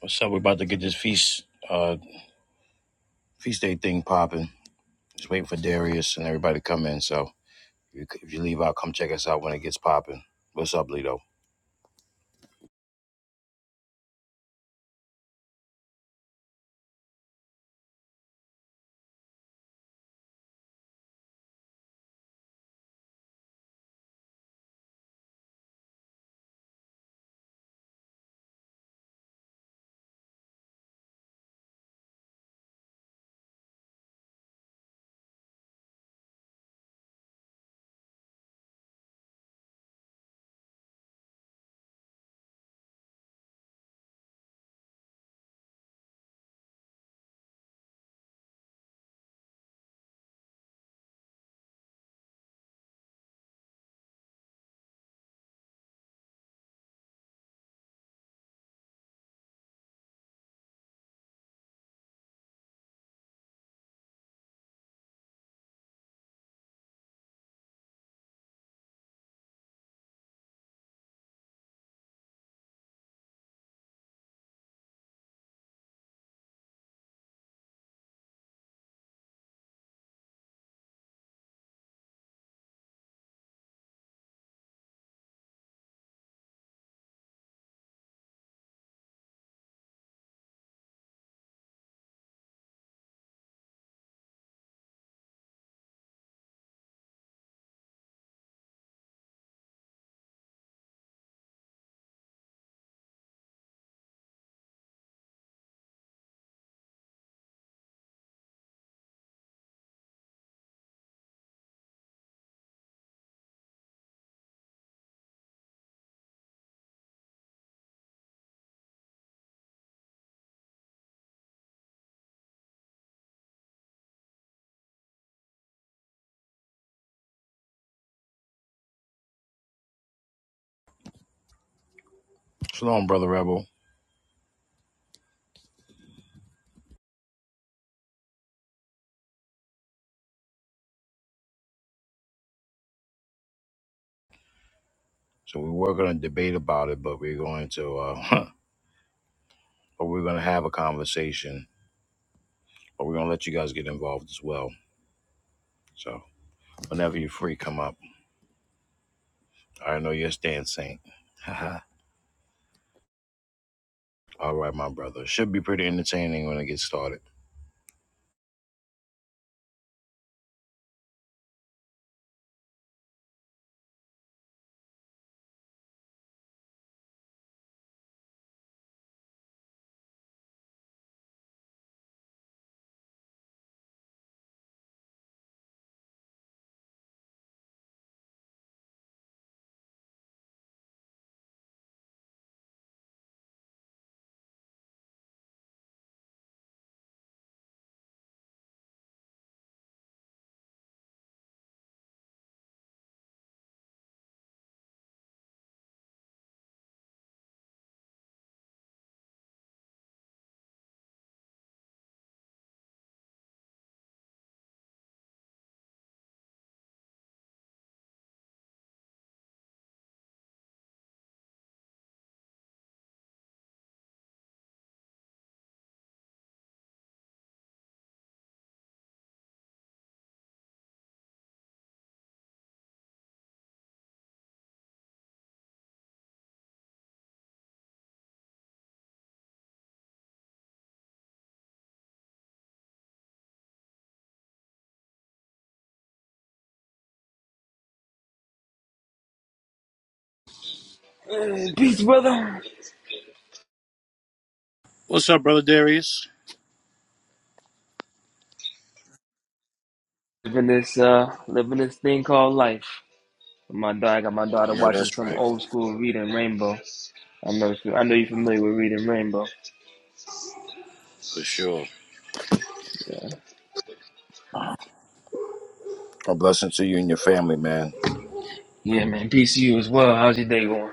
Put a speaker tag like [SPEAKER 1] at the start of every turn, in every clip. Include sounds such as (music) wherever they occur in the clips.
[SPEAKER 1] What's up? We're about to get this feast uh feast day thing popping. Just waiting for Darius and everybody to come in. So if you, if you leave out, come check us out when it gets popping. What's up, Lido? Shalom, brother Rebel. So we're working on a debate about it, but we're going to uh (laughs) but we're gonna have a conversation. But we're gonna let you guys get involved as well. So whenever you're free, come up. I know your stance, Saint. (laughs) Haha. All right, my brother. Should be pretty entertaining when it gets started.
[SPEAKER 2] Peace, brother.
[SPEAKER 1] What's up, brother Darius?
[SPEAKER 2] Living this uh living this thing called life. My daughter I got my
[SPEAKER 1] I
[SPEAKER 2] daughter
[SPEAKER 1] know
[SPEAKER 2] watching
[SPEAKER 1] that's
[SPEAKER 2] some
[SPEAKER 1] right,
[SPEAKER 2] old school reading Rainbow. I know she- I know you're familiar with reading Rainbow.
[SPEAKER 1] for sure. A blessing to you and your family, man.
[SPEAKER 2] Yeah, man. Peace to you as well. How's your day going?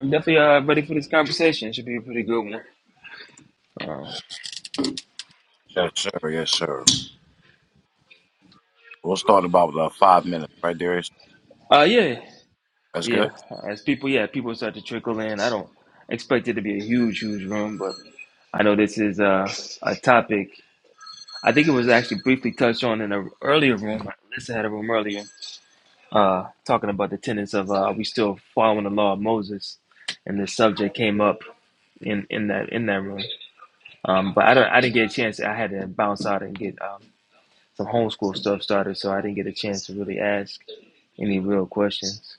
[SPEAKER 2] I'm definitely uh ready for this conversation. Should be a pretty good one. Um,
[SPEAKER 1] Yes, sir. Yes, sir. We'll start about uh, five minutes, right, Darius?
[SPEAKER 2] uh yeah.
[SPEAKER 1] That's
[SPEAKER 2] Yeah.
[SPEAKER 1] good.
[SPEAKER 2] As people yeah, people start to trickle in. I don't expect it to be a huge, huge room, but I know this is uh, a topic. I think it was actually briefly touched on in an earlier room. Alyssa had a room earlier uh, talking about the tenets of uh, we still following the law of Moses, and this subject came up in, in that in that room. Um, but I don't I didn't get a chance. I had to bounce out and get um, some homeschool stuff started, so I didn't get a chance to really ask any real questions.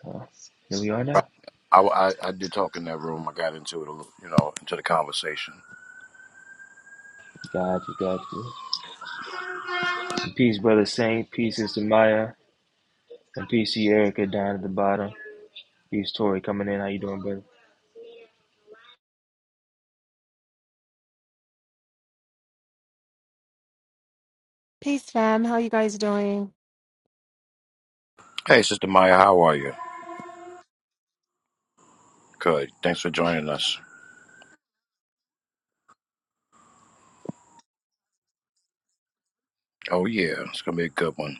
[SPEAKER 2] So here we are
[SPEAKER 1] Right.
[SPEAKER 2] now.
[SPEAKER 1] I, I I did talk in that room. I got into it, a little, you know, into the conversation.
[SPEAKER 2] Got you, got you. And peace, brother Saint. Peace, sister Maya. And peace to you, Erica down at the bottom. Peace, Tori coming in. How you doing, brother?
[SPEAKER 3] Peace, fam. How you guys doing?
[SPEAKER 1] Hey, Sister Maya, how are you? Good. Thanks for joining us. Oh yeah, it's gonna be a good one.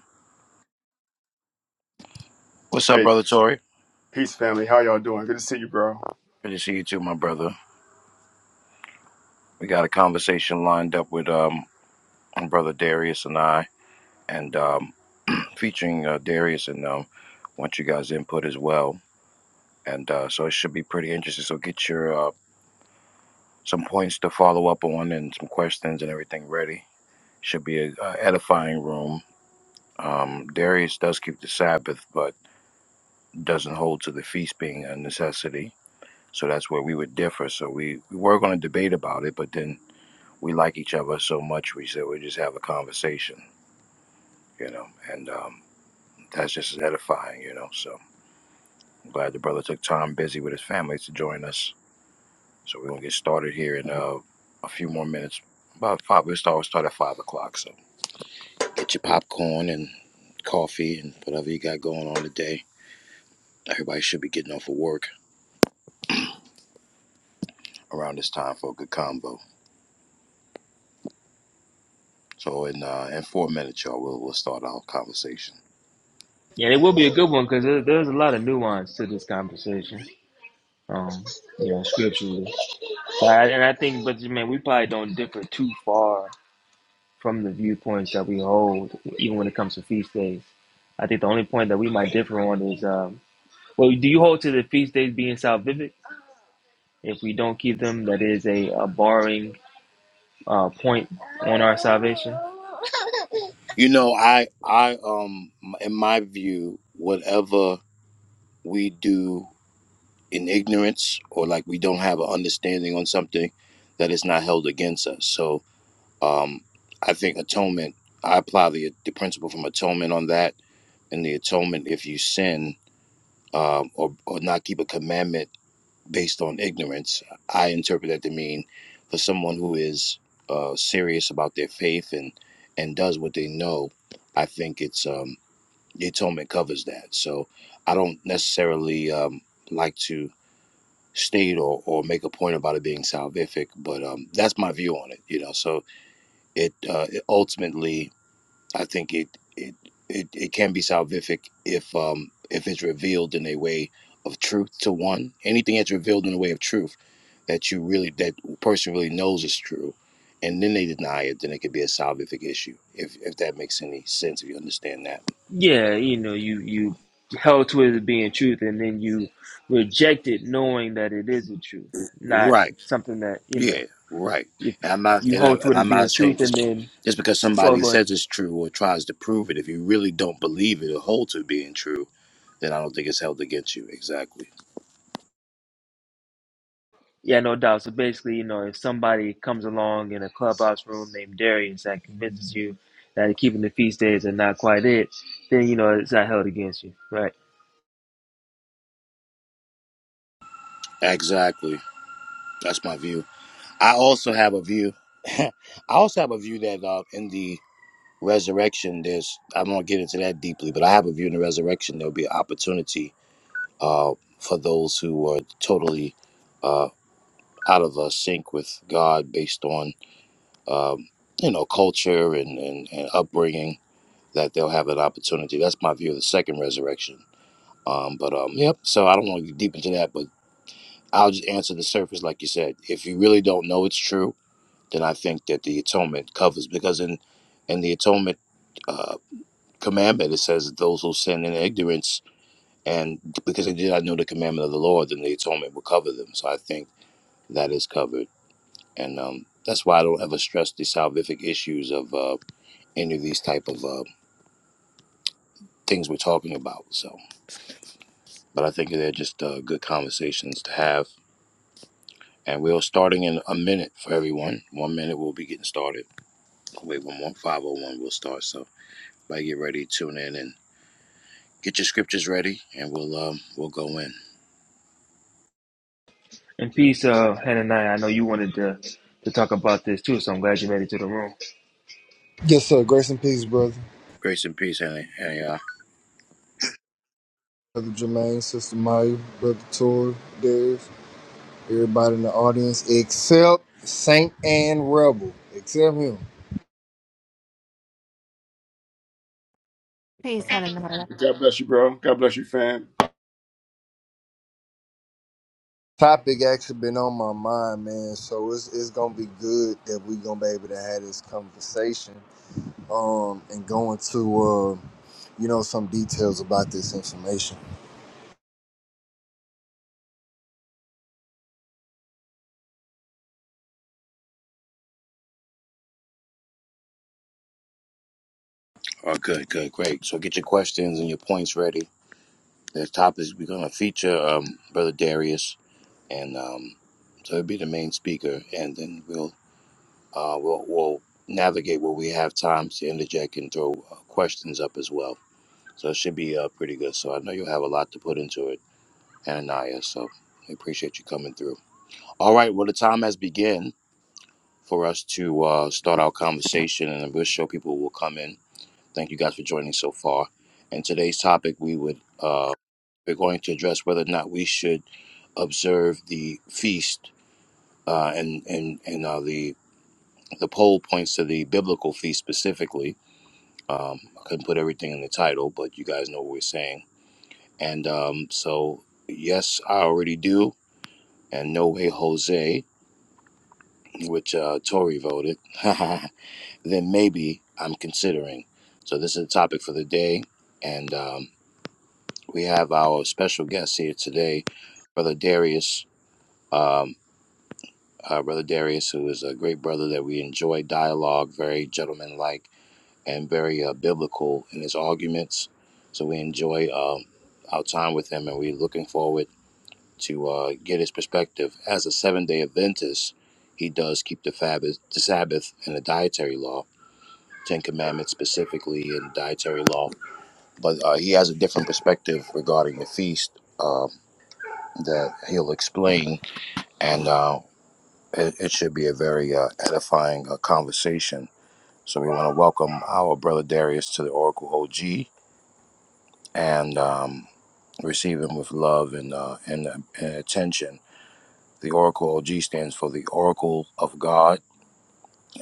[SPEAKER 1] What's up,
[SPEAKER 4] Hey,
[SPEAKER 1] brother Tori?
[SPEAKER 4] peace, family. How y'all doing? Good to see you, bro.
[SPEAKER 1] Good to see you too, my brother. We got a conversation lined up with um brother Darius and I, and um (clears throat) featuring uh, Darius and um want you guys input as well. And uh, so it should be pretty interesting. So get your uh, some points to follow up on and some questions and everything ready. Should be a, a edifying room. Um, Darius does keep the Sabbath, but doesn't hold to the feast being a necessity. So that's where we would differ. So we, we were going to debate about it, but then we like each other so much, we said we just have a conversation, you know, and um, that's just as edifying, you know. So I'm glad the brother took time busy with his family to join us. So we're going to get started here in uh, a few more minutes. About five, we'll start, we'll start at five o'clock. So. Get your popcorn and coffee and whatever you got going on today. Everybody should be getting off of work around this time for a good combo. So in uh, in four minutes, y'all, we'll we'll start our conversation.
[SPEAKER 2] Yeah, it will be a good one because there, there's a lot of nuance to this conversation. Um, you know, scripturally. So I- and I think, but man, we probably don't differ too far from the viewpoints that we hold, even when it comes to feast days. I think the only point that we might differ on is, um, well, do you hold to the feast days being salvific? If we don't keep them, that is a, a barring uh, point on our salvation.
[SPEAKER 1] You know, I I um in my view, whatever we do in ignorance or like we don't have an understanding on something, that is not held against us. So um, I think atonement. I apply the the principle from atonement on that, and the atonement if you sin. um, or, or not keep a commandment based on ignorance. I interpret that to mean for someone who is uh, serious about their faith and and does what they know. I think it's um, the atonement covers that. So I don't necessarily um, like to state or, or make a point about it being salvific, but um, that's my view on it. You know, so it, uh, it ultimately. I think it it it, it can be salvific if um if it's revealed in a way of truth to one. Anything that's revealed in a way of truth that you really that person really knows is true, and then they deny it, then it could be a salvific issue. If if that makes any sense, if you understand that.
[SPEAKER 2] Yeah, you know, you you held to it as being truth, and then you reject it, knowing that it is the truth, not
[SPEAKER 1] Right.
[SPEAKER 2] something that you
[SPEAKER 1] Yeah.
[SPEAKER 2] know.
[SPEAKER 1] Right.
[SPEAKER 2] If
[SPEAKER 1] And I'm not
[SPEAKER 2] you
[SPEAKER 1] and, I,
[SPEAKER 2] hold to it
[SPEAKER 1] and
[SPEAKER 2] as
[SPEAKER 1] I'm
[SPEAKER 2] being
[SPEAKER 1] not saying
[SPEAKER 2] truth, and
[SPEAKER 1] just
[SPEAKER 2] then
[SPEAKER 1] just because
[SPEAKER 2] well,
[SPEAKER 1] somebody
[SPEAKER 2] go ahead.
[SPEAKER 1] says it's true or tries to prove it, if you really don't believe it or hold to it being true, then I don't think it's held against you. Exactly.
[SPEAKER 2] Yeah, no doubt. So basically, you know, if somebody comes along in a clubhouse room named Darius that convinces you that keeping the feast days are not quite it, then you know it's not held against you, right?
[SPEAKER 1] Exactly. That's my view. I also have a view. (laughs) I also have a view that uh, in the resurrection, there's. I won't get into that deeply, but I have a view in the resurrection. There'll be an opportunity uh, for those who are totally uh, out of uh, sync with God, based on um, you know culture and, and, and upbringing. That they'll have an opportunity. That's my view of the second resurrection. Um, but um, yep. So I don't want to get deep into that, but I'll just answer the surface, like you said. If you really don't know, it's true then I think that the atonement covers because in in the atonement uh, commandment it says that those who sin in ignorance and because they did not know the commandment of the Lord, then the atonement will cover them. So I think that is covered, and um, that's why I don't ever stress the salvific issues of uh, any of these type of uh, things we're talking about. So, but I think they're just uh, good conversations to have. And we're starting in a minute for everyone. One minute we'll be getting started. Wait, one more five oh one we'll start. So, everybody get ready, tune in, and Get your scriptures ready, and we'll um we'll go in.
[SPEAKER 2] And peace, uh, Hananiah. I know you wanted to to talk about this too, so I'm glad you made it to the room.
[SPEAKER 5] Yes, sir. Grace and peace, brother.
[SPEAKER 1] Grace and peace, honey. Hey, uh,
[SPEAKER 5] Brother Jermaine, Sister Maya, Brother Tor, Dave, everybody in the audience, except Saint and Rebel, except him.
[SPEAKER 3] Peace, Helen. and Hannah.
[SPEAKER 4] God bless you, bro. God bless you, fam.
[SPEAKER 5] Topic actually been on my mind, man. So it's it's gonna be good that we gonna be able to have this conversation, um, and go into uh, you know, some details about this information.
[SPEAKER 1] oh, good, good, great. So get your questions and your points ready. The topic is we're gonna feature um brother Darius, and um so he'll be the main speaker, and then we'll uh we'll we'll navigate where we have time to interject and throw uh, questions up as well. So it should be uh pretty good. So I know you'll have a lot to put into it, Ananias. So we appreciate you coming through. All right, well the time has begun. for us to uh, start our conversation, and we'll show people will come in. Thank you guys for joining so far. And today's topic, we would uh, we're going to address whether or not we should observe the feast, uh, and and and uh, the the poll points to the biblical feast specifically. Um, I couldn't put everything in the title, but you guys know what we're saying. And um, so, yes, I already do. And no way, Jose, which uh, Tory voted. (laughs) then maybe I'm considering. So this is the topic for the day, and um, we have our special guest here today, Brother Darius. Um, uh, brother Darius, who is a great brother that we enjoy dialogue, very gentlemanlike and very uh, biblical in his arguments. So we enjoy um our time with him, and we're looking forward to uh, get his perspective. As a seven-day Adventist, he does keep the Sabbath, the Sabbath, and the dietary law Ten Commandments specifically and dietary law. But uh, he has a different perspective regarding the feast uh, that he'll explain, and uh, it, it should be a very uh, edifying uh, conversation. So we want to welcome our brother Darius to the Oracle OG and um, receive him with love and, uh, and, uh, and attention. The Oracle OG stands for the Oracle of God.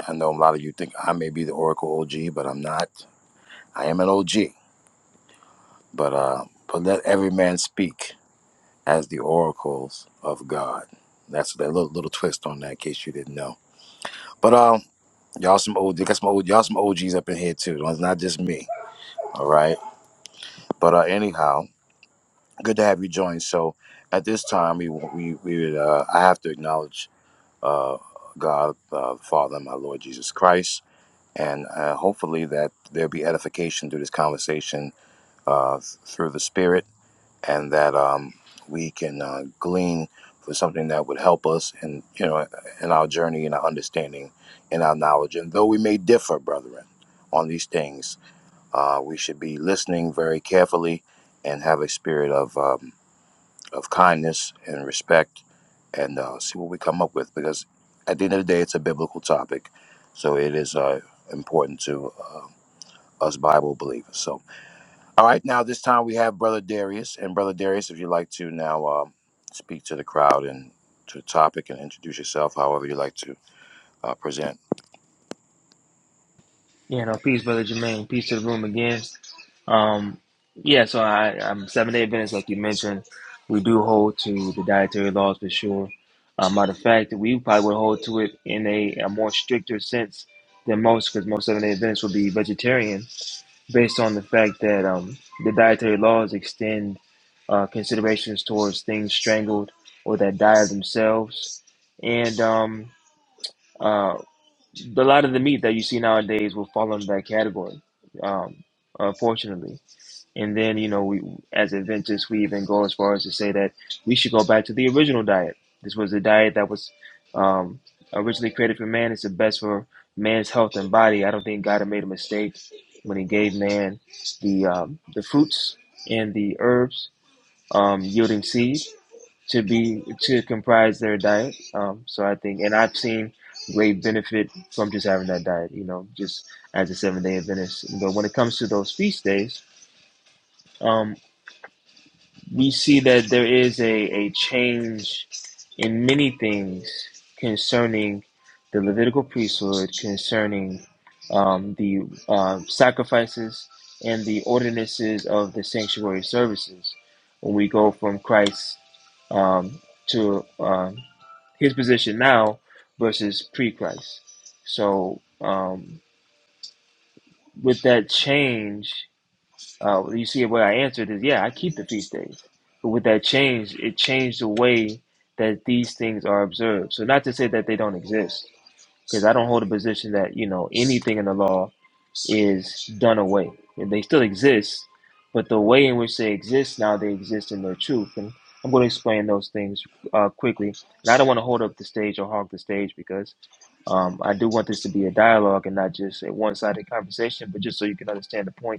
[SPEAKER 1] I know a lot of you think I may be the Oracle OG, but I'm not. I am an OG, but uh, but let every man speak. as the oracles of God. That's that little little twist on that, in case you didn't know. But um, y'all some old, got some old, y'all some OGs up in here too. It's not just me, all right. But uh, anyhow, good to have you join. So at this time, we we we would, uh, I have to acknowledge uh God, uh, the Father, and my Lord Jesus Christ, and uh, hopefully that there'll be edification through this conversation uh through the Spirit and that um, we can uh, glean for something that would help us in you know in our journey and our understanding in our knowledge. And though we may differ, brethren, on these things, uh, we should be listening very carefully and have a spirit of um, of kindness and respect, and uh, see what we come up with. Because at the end of the day, it's a biblical topic, so it is uh, important to uh, us Bible believers. So. All right, now this time we have Brother Darius. And Brother Darius, if you'd like to now um, speak to the crowd and to the topic and introduce yourself however you like to uh, present.
[SPEAKER 2] You know, peace, brother Jermaine. Peace to the room again. Um, yeah, so I, I'm seven day Adventist, like you mentioned. We do hold to the dietary laws for sure. Uh, matter of fact, we probably would hold to it in a, a more stricter sense than most, because most seven day Adventists will be vegetarian, based on the fact that um, the dietary laws extend uh, considerations towards things strangled or that die of themselves, and um, uh, a lot of the meat that you see nowadays will fall under that category, um, unfortunately. And then, you know, we as Adventists, we even go as far as to say that we should go back to the original diet. This was the diet that was um, originally created for man. It's the best for man's health and body. I don't think God had made a mistake when He gave man the um, the fruits and the herbs um, yielding seed to be to comprise their diet. Um, so I think, and I've seen great benefit from just having that diet. You know, just as a seven day Adventist. But when it comes to those feast days. um, we see that there is a, a change in many things concerning the Levitical priesthood, concerning um, the uh, sacrifices and the ordinances of the sanctuary services. When we go from Christ um, to um, his position now versus pre Christ. So, um, with that change, uh, you see, what I answered is, yeah, I keep the feast days. But with that change, it changed the way that these things are observed. So not to say that they don't exist, because I don't hold a position that you know anything in the law is done away. And They still exist, but the way in which they exist now, they exist in their truth. And I'm going to explain those things uh, quickly. And I don't want to hold up the stage or hog the stage because um, I do want this to be a dialogue and not just a one-sided conversation, but just so you can understand the point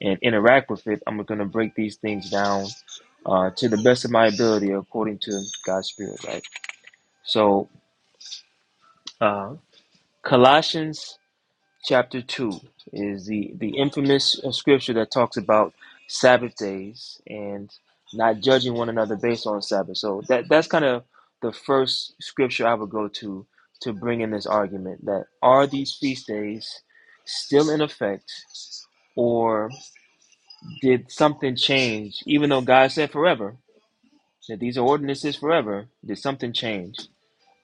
[SPEAKER 2] and interact with it, I'm going to break these things down uh, to the best of my ability according to God's Spirit, right? So, uh, Colossians chapter 2 is the, the infamous uh, scripture that talks about Sabbath days and not judging one another based on Sabbath. So, that, that's kind of the first scripture I would go to to bring in this argument that are these feast days still in effect? or Did something change? Even though God said forever, that these are ordinances forever, did something change?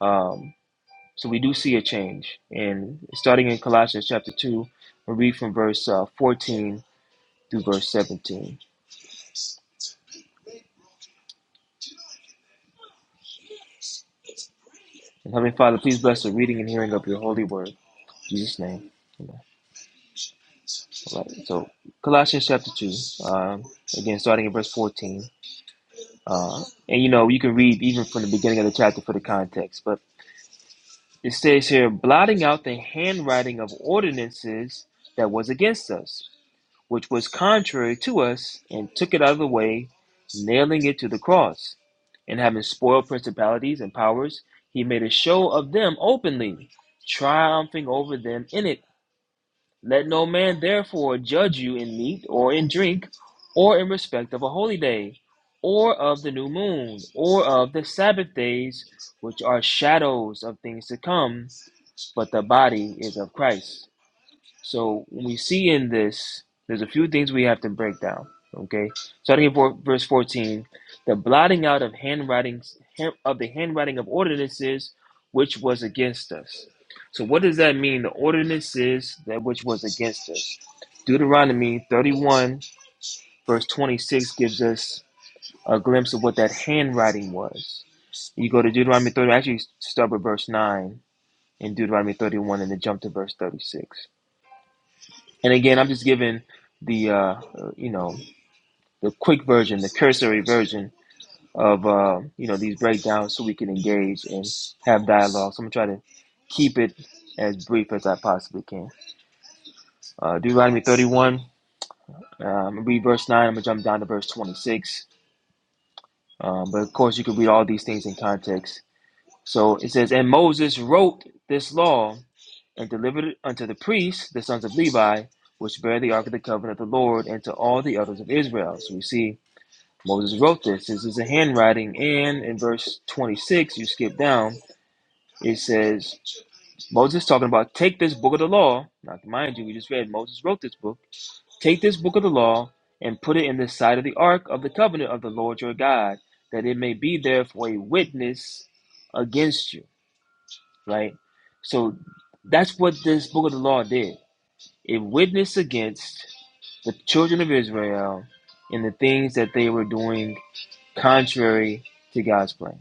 [SPEAKER 2] Um, so we do see a change. And starting in Colossians chapter 2, we'll read from verse uh, 14 through verse 17. And Heavenly Father, please bless the reading and hearing of your holy word. In Jesus' name. Amen. All right. So Colossians chapter 2, um, again, starting in verse 14. Uh, and you know, you can read even from the beginning of the chapter for the context, but It says here, blotting out the handwriting of ordinances that was against us, which was contrary to us, and took it out of the way, nailing it to the cross. And having spoiled principalities and powers, he made a show of them openly, triumphing over them in it. Let no man therefore judge you in meat or in drink, or in respect of a holy day, or of the new moon, or of the Sabbath days, which are shadows of things to come but the body is of Christ. So we see in this, there's a few things we have to break down. Okay, starting at verse 14, the blotting out of handwritings of the handwriting of ordinances which was against us. So what does that mean? The ordinances that which was against us. Deuteronomy 31 verse 26 gives us a glimpse of what that handwriting was. You go to Deuteronomy 30. Actually, start with verse nine in Deuteronomy 31 and then jump to verse 36. And again, I'm just giving the, uh, uh, you know, the quick version, the cursory version of, uh, you know, these breakdowns so we can engage and have dialogue. So I'm going to try to keep it as brief as I possibly can. Uh, Deuteronomy 31, uh, I'm going to read verse 9. I'm going to jump down to verse 26. Um, but of course, you can read all these things in context. So it says, And Moses wrote this law and delivered it unto the priests, the sons of Levi, which bear the ark of the covenant of the Lord, and to all the others of Israel. So we see Moses wrote this. This is a handwriting, and in verse 26, you skip down, it says, Moses talking about take this book of the law. Now, mind you, we just read Moses wrote this book. Take this book of the law and put it in the side of the ark of the covenant of the Lord your God, that it may be there for a witness against you. Right? So that's what this book of the law did it witnessed against the children of Israel in the things that they were doing contrary to God's plan.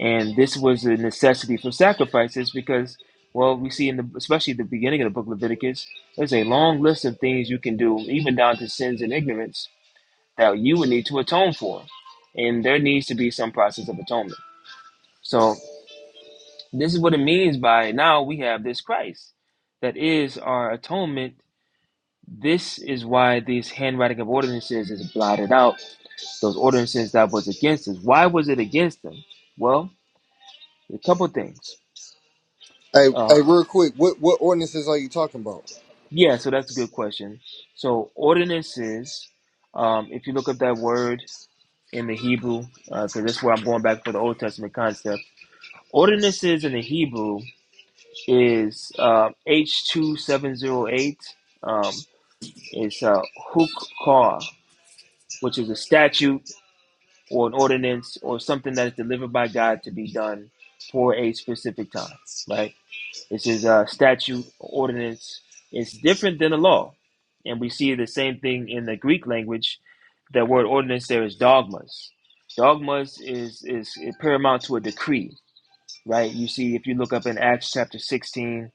[SPEAKER 2] And this was a necessity for sacrifices because, well, we see in the especially the beginning of the book of Leviticus, there's a long list of things you can do, even down to sins and ignorance, that you would need to atone for. And there needs to be some process of atonement. So this is what it means by now we have this Christ that is our atonement This is why these handwriting of ordinances is blotted out. Those ordinances that was against us. Why was it against them? Well, a couple things.
[SPEAKER 5] Hey,
[SPEAKER 2] Uh,
[SPEAKER 5] hey, real quick, what what ordinances are you talking about?
[SPEAKER 2] yeah, so that's a good question. So ordinances, um, if you look up that word in the Hebrew, because uh, that's where I'm going back for the Old Testament concept. Ordinances in the Hebrew is uh, H2708. Um, it's uh, hukah, which is a statute or an ordinance or something that is delivered by God to be done for a specific time, right? This is a statute, ordinance. It's different than a law. And we see the same thing in the Greek language. The word ordinance there is dogmas. Dogmas is, is paramount to a decree, right? You see, if you look up in Acts chapter 16,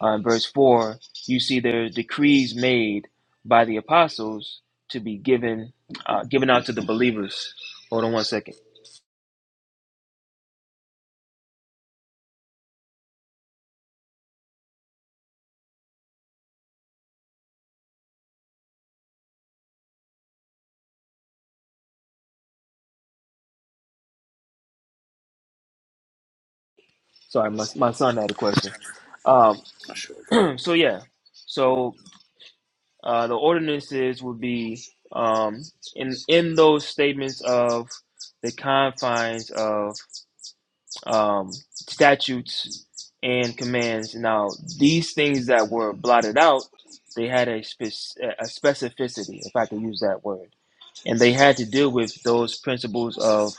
[SPEAKER 2] uh, verse 4, you see there are decrees made by the apostles to be given uh, given out to the believers. Hold on one second. Sorry, my my son had a question. Um,
[SPEAKER 1] Sure, go ahead.
[SPEAKER 2] (clears throat) so yeah, so uh, the ordinances would be um, in in those statements of the confines of um, statutes and commands. Now, these things that were blotted out, they had a, spec- a specificity, if I can use that word, and they had to deal with those principles of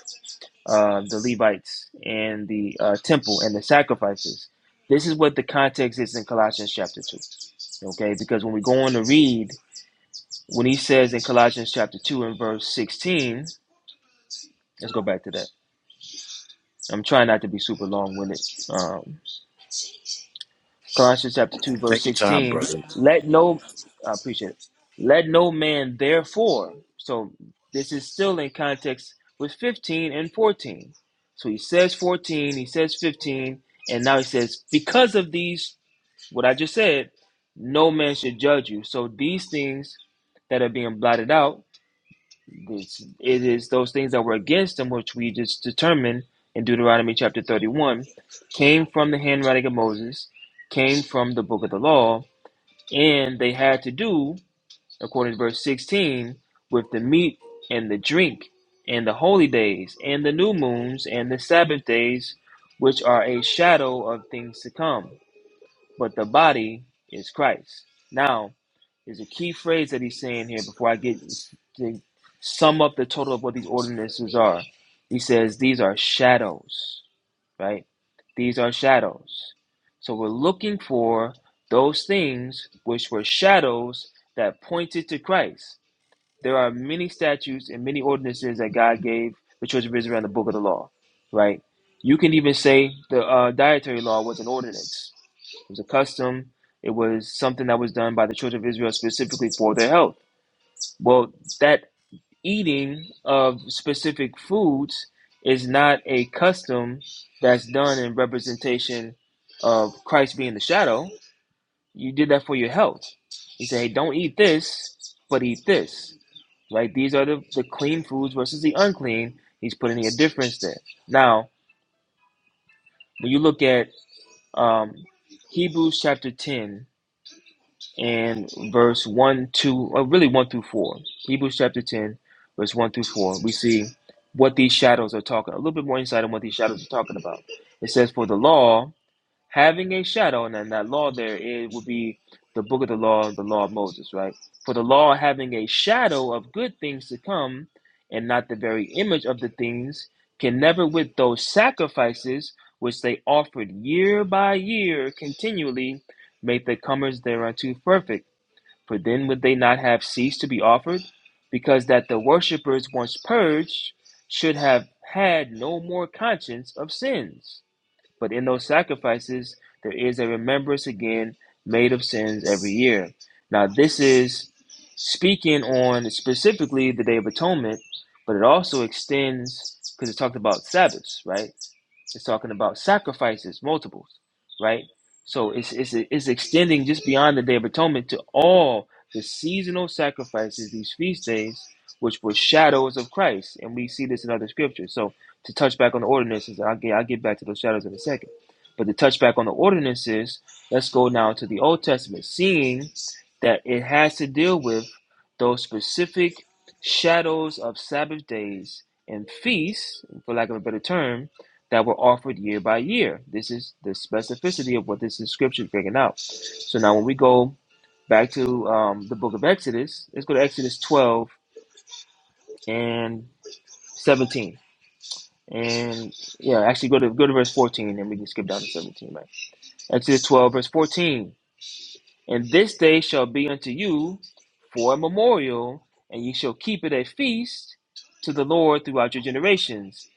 [SPEAKER 2] uh, the Levites and the uh, temple and the sacrifices. This is what the context is in Colossians chapter 2. Okay, because when we go on to read, when he says in Colossians chapter 2 and verse 16, let's go back to that. I'm trying not to be super long winded Colossians chapter 2, verse
[SPEAKER 1] Take your time,
[SPEAKER 2] 16.
[SPEAKER 1] brother.
[SPEAKER 2] Let no, I appreciate it. Let no man therefore, so this is still in context with 15 and 14. So he says 14, he says 15, and now he says, because of these, what I just said, no man should judge you. So these things that are being blotted out this, it is those things that were against him, which we just determined in Deuteronomy chapter 31, came from the handwriting of Moses, came from the book of the law, and they had to do, according to verse 16, with the meat and the drink, and the holy days, and the new moons, and the Sabbath days, which are a shadow of things to come but the body is Christ. Now, there's a key phrase that he's saying here before I get to sum up the total of what these ordinances are. He says these are shadows, right? These are shadows. So we're looking for those things which were shadows that pointed to Christ. There are many statutes and many ordinances that God gave the children of Israel in the book of the law, right? You can even say the uh, dietary law was an ordinance it was a custom. It was something that was done by the children of Israel specifically for their health. Well, that eating of specific foods is not a custom that's done in representation of Christ being the shadow. You did that for your health. He said, hey, don't eat this, but eat this. Right? These are the, the clean foods versus the unclean. He's putting a difference there. Now, when you look at um, Hebrews chapter 10 and verse 1 2 or really 1 through 4 hebrews chapter 10 verse 1 through 4 we see what these shadows are talking a little bit more insight on what these shadows are talking about it says for the law having a shadow, and then that law there is would be the book of the law, the law of Moses, right? For the law having a shadow of good things to come, and not the very image of the things, can never with those sacrifices which they offered year by year continually make the comers thereunto perfect. For then would they not have ceased to be offered, because that the worshippers once purged should have had no more conscience of sins. But in those sacrifices, there is a remembrance again made of sins every year. Now, this is speaking on specifically the Day of Atonement, but it also extends because it talked about Sabbaths, right? It's talking about sacrifices, multiples, right? So it's, it's, it's extending just beyond the Day of Atonement to all the seasonal sacrifices, these feast days, which were shadows of Christ. And we see this in other scriptures. So to touch back on the ordinances. I'll get, I'll get back to those shadows in a second. But to touch back on the ordinances, let's go now to the Old Testament, seeing that it has to deal with those specific shadows of Sabbath days and feasts, for lack of a better term, that were offered year by year. This is the specificity of what this inscription is bringing out. So now when we go back to um, the book of Exodus, let's go to Exodus 12 and 17 and yeah, actually go to go to verse 14 and we can skip down to 17, right? Exodus 12, verse 14. And this day shall be unto you for a memorial, and ye shall keep it a feast to the Lord throughout your generations.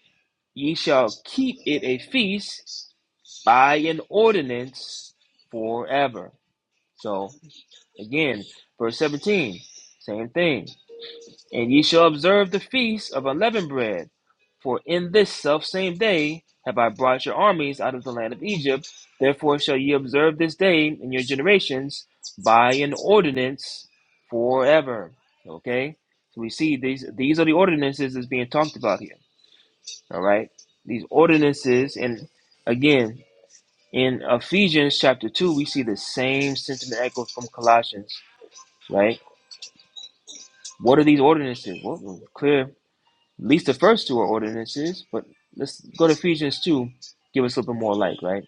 [SPEAKER 2] Ye shall keep it a feast by an ordinance forever. So again, verse 17, same thing. And ye shall observe the feast of unleavened bread, for in this selfsame day have I brought your armies out of the land of Egypt. Therefore shall ye observe this day in your generations by an ordinance forever. Okay? So we see these these are the ordinances that's being talked about here. All right? These ordinances, and again, in Ephesians chapter 2, we see the same sentiment echoed from Colossians, right? What are these ordinances? Well, well, clear At least the first two are ordinances, but let's go to Ephesians 2, give us a little bit more light, right?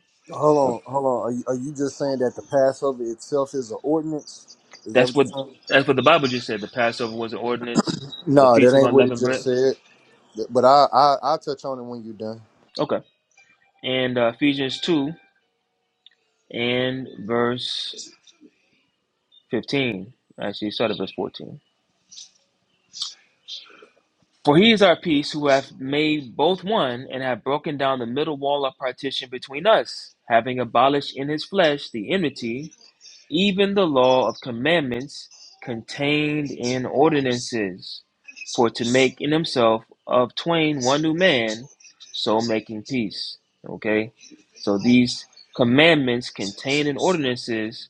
[SPEAKER 2] Uh,
[SPEAKER 5] Hold on, hold on. Are you, are you just saying that the Passover itself is an ordinance? Is that
[SPEAKER 2] That's
[SPEAKER 5] what you're
[SPEAKER 2] what
[SPEAKER 5] saying?
[SPEAKER 2] that's what the Bible just said. The Passover was an ordinance, the
[SPEAKER 5] No, that
[SPEAKER 2] Feast of
[SPEAKER 5] ain't what it
[SPEAKER 2] Unleavened
[SPEAKER 5] just
[SPEAKER 2] Bread.
[SPEAKER 5] said. But I, I I'll touch on it when you're done.
[SPEAKER 2] Okay. And uh, Ephesians 2 and verse 15. Actually, start at verse 14. For he is our peace, who hath made both one, and have broken down the middle wall of partition between us, having abolished in his flesh the enmity even the law of commandments contained in ordinances, for to make in himself of twain one new man, so making peace. Okay? So these commandments contained in ordinances,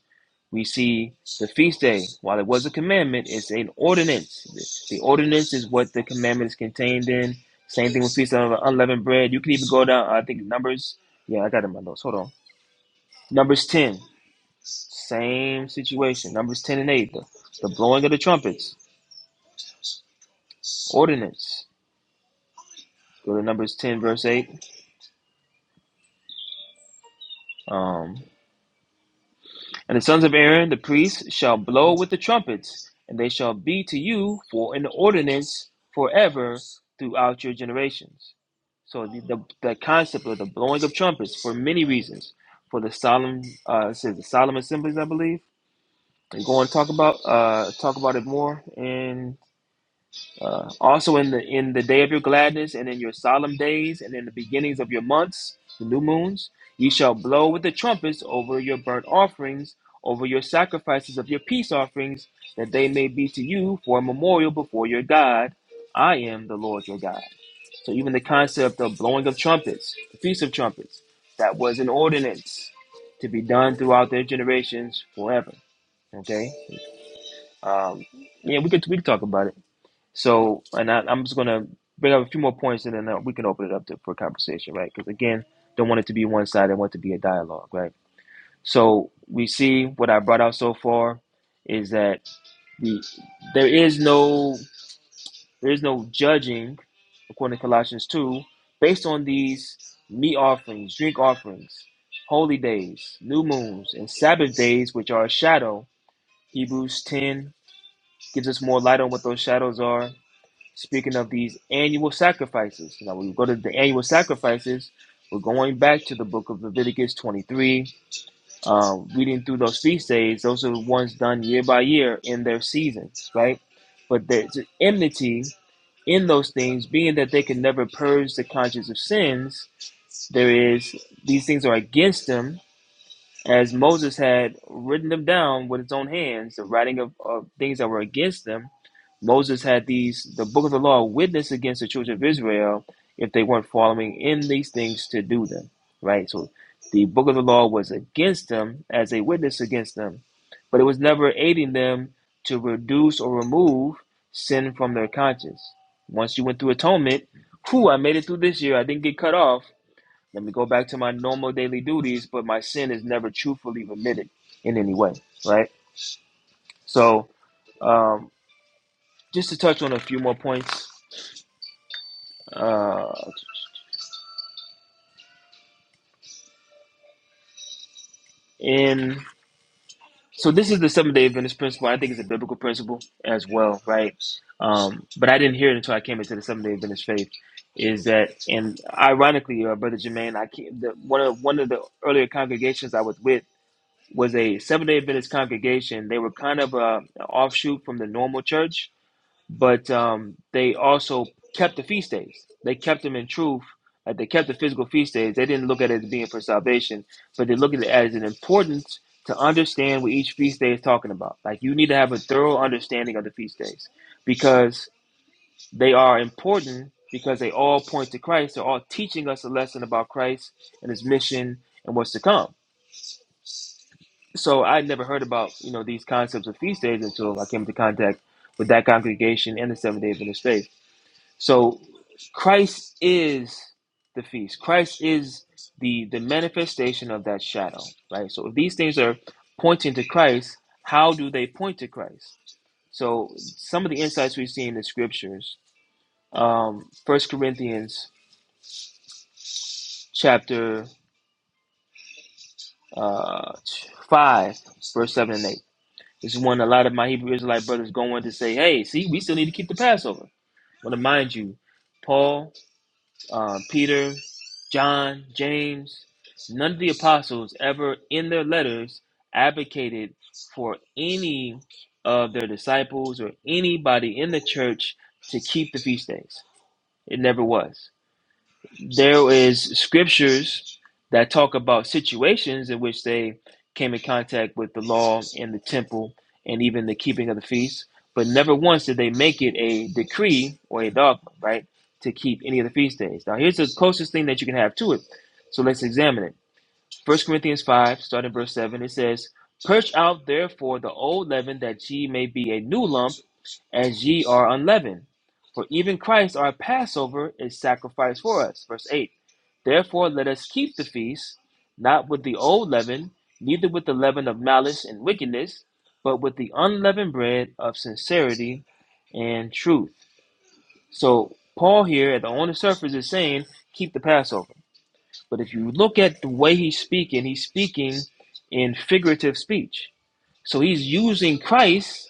[SPEAKER 2] we see the feast day, while it was a commandment, it's an ordinance. The ordinance is what the commandment is contained in. Same thing with feast of unleavened bread. You can even go down, I think, Numbers. Yeah, I got it in my notes. Hold on. Numbers 10. Same situation. Numbers 10 and 8. The, the blowing of the trumpets. Ordinance. Go to Numbers 10, verse 8. Um, and the sons of Aaron, the priests, shall blow with the trumpets, and they shall be to you for an ordinance forever throughout your generations. So the, the, the concept of the blowing of trumpets for many reasons. For the solemn, uh, it says the solemn assemblies, I believe. And go and talk about uh, talk about it more in Uh, also in the in the day of your gladness and in your solemn days and in the beginnings of your months, the new moons, ye shall blow with the trumpets over your burnt offerings, over your sacrifices of your peace offerings, that they may be to you for a memorial before your God. I am the Lord your God. So even the concept of blowing of trumpets, the feast of trumpets, that was an ordinance to be done throughout their generations forever. Okay. Um, yeah, we could we could talk about it. So, and I, I'm just gonna bring up a few more points, and then uh, we can open it up to, for conversation, right? Because again, don't want it to be one sided. I want it to be a dialogue, right? So we see what I brought out so far is that the there is no there is no judging, according to Colossians two, based on these meat offerings, drink offerings, holy days, new moons, and Sabbath days, which are a shadow. Hebrews ten gives us more light on what those shadows are Speaking of these annual sacrifices, now we go to the annual sacrifices. We're going back to the book of Leviticus 23, uh, reading through those feast days. Those are the ones done year by year in their seasons, right? But there's an enmity in those things, being that they can never purge the conscience of sins. There is these things are against them, as Moses had written them down with his own hands, the writing of, of things that were against them. Moses had these, the book of the law, witness against the children of Israel if they weren't following in these things to do them, right? So the book of the law was against them as a witness against them, but it was never aiding them to reduce or remove sin from their conscience. Once you went through atonement, whew, I made it through this year. I didn't get cut off. Let me go back to my normal daily duties, but my sin is never truthfully remitted in any way, right? So, um, just to touch on a few more points. Uh, in so this is the Seventh Day Adventist principle. I think it's a biblical principle as well, right? Um, but I didn't hear it until I came into the Seventh Day Adventist faith. Is that and ironically, uh, Brother Jermaine, I can't, the, one of one of the earlier congregations I was with was a Seventh Day Adventist congregation. They were kind of a, an offshoot from the normal church, but um, they also kept the feast days. They kept them in truth. Like they kept the physical feast days. They didn't look at it as being for salvation, but they looked at it as an importance to understand what each feast day is talking about. Like you need to have a thorough understanding of the feast days because they are important because they all point to Christ. They're all teaching us a lesson about Christ and his mission and what's to come. So I never heard about, you know, these concepts of feast days until I came into contact with that congregation and the Seventh day Adventist faith. So Christ is the feast. Christ is the the manifestation of that shadow, right? So if these things are pointing to Christ, how do they point to Christ? So some of the insights we see in the scriptures, um, 1 Corinthians chapter uh, 5, verse 7 and 8. This is one a lot of my Hebrew Israelite brothers go on to say, hey, see, we still need to keep the Passover. I want to mind you, Paul uh, Peter, John, James, none of the apostles ever in their letters advocated for any of their disciples or anybody in the church to keep the feast days. It never was there is scriptures that talk about situations in which they came in contact with the law and the temple and even the keeping of the feast but never once did they make it a decree or a dogma right to keep any of the feast days now here's the closest thing that you can have to it so let's examine it First corinthians 5 starting verse 7 it says purge out therefore the old leaven that ye may be a new lump as ye are unleavened. For even Christ our Passover is sacrificed for us. Verse 8. Therefore let us keep the feast, not with the old leaven, neither with the leaven of malice and wickedness, but with the unleavened bread of sincerity and truth. So Paul here at the on the surface is saying, keep the Passover. But if you look at the way he's speaking, he's speaking in figurative speech. So he's using Christ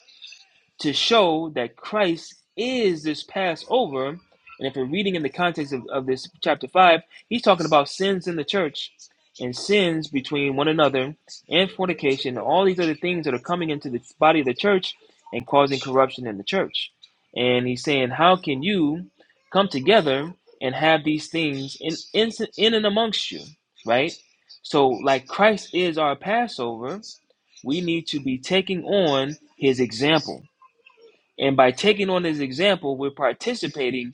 [SPEAKER 2] to show that Christ is this Passover. And if we're reading in the context of, of this chapter 5, he's talking about sins in the church and sins between one another and fornication, and all these other things that are coming into the body of the church and causing corruption in the church. And he's saying, How can you come together and have these things in, in, in and amongst you, right? So, like Christ is our Passover, we need to be taking on his example and by taking on his example, we're participating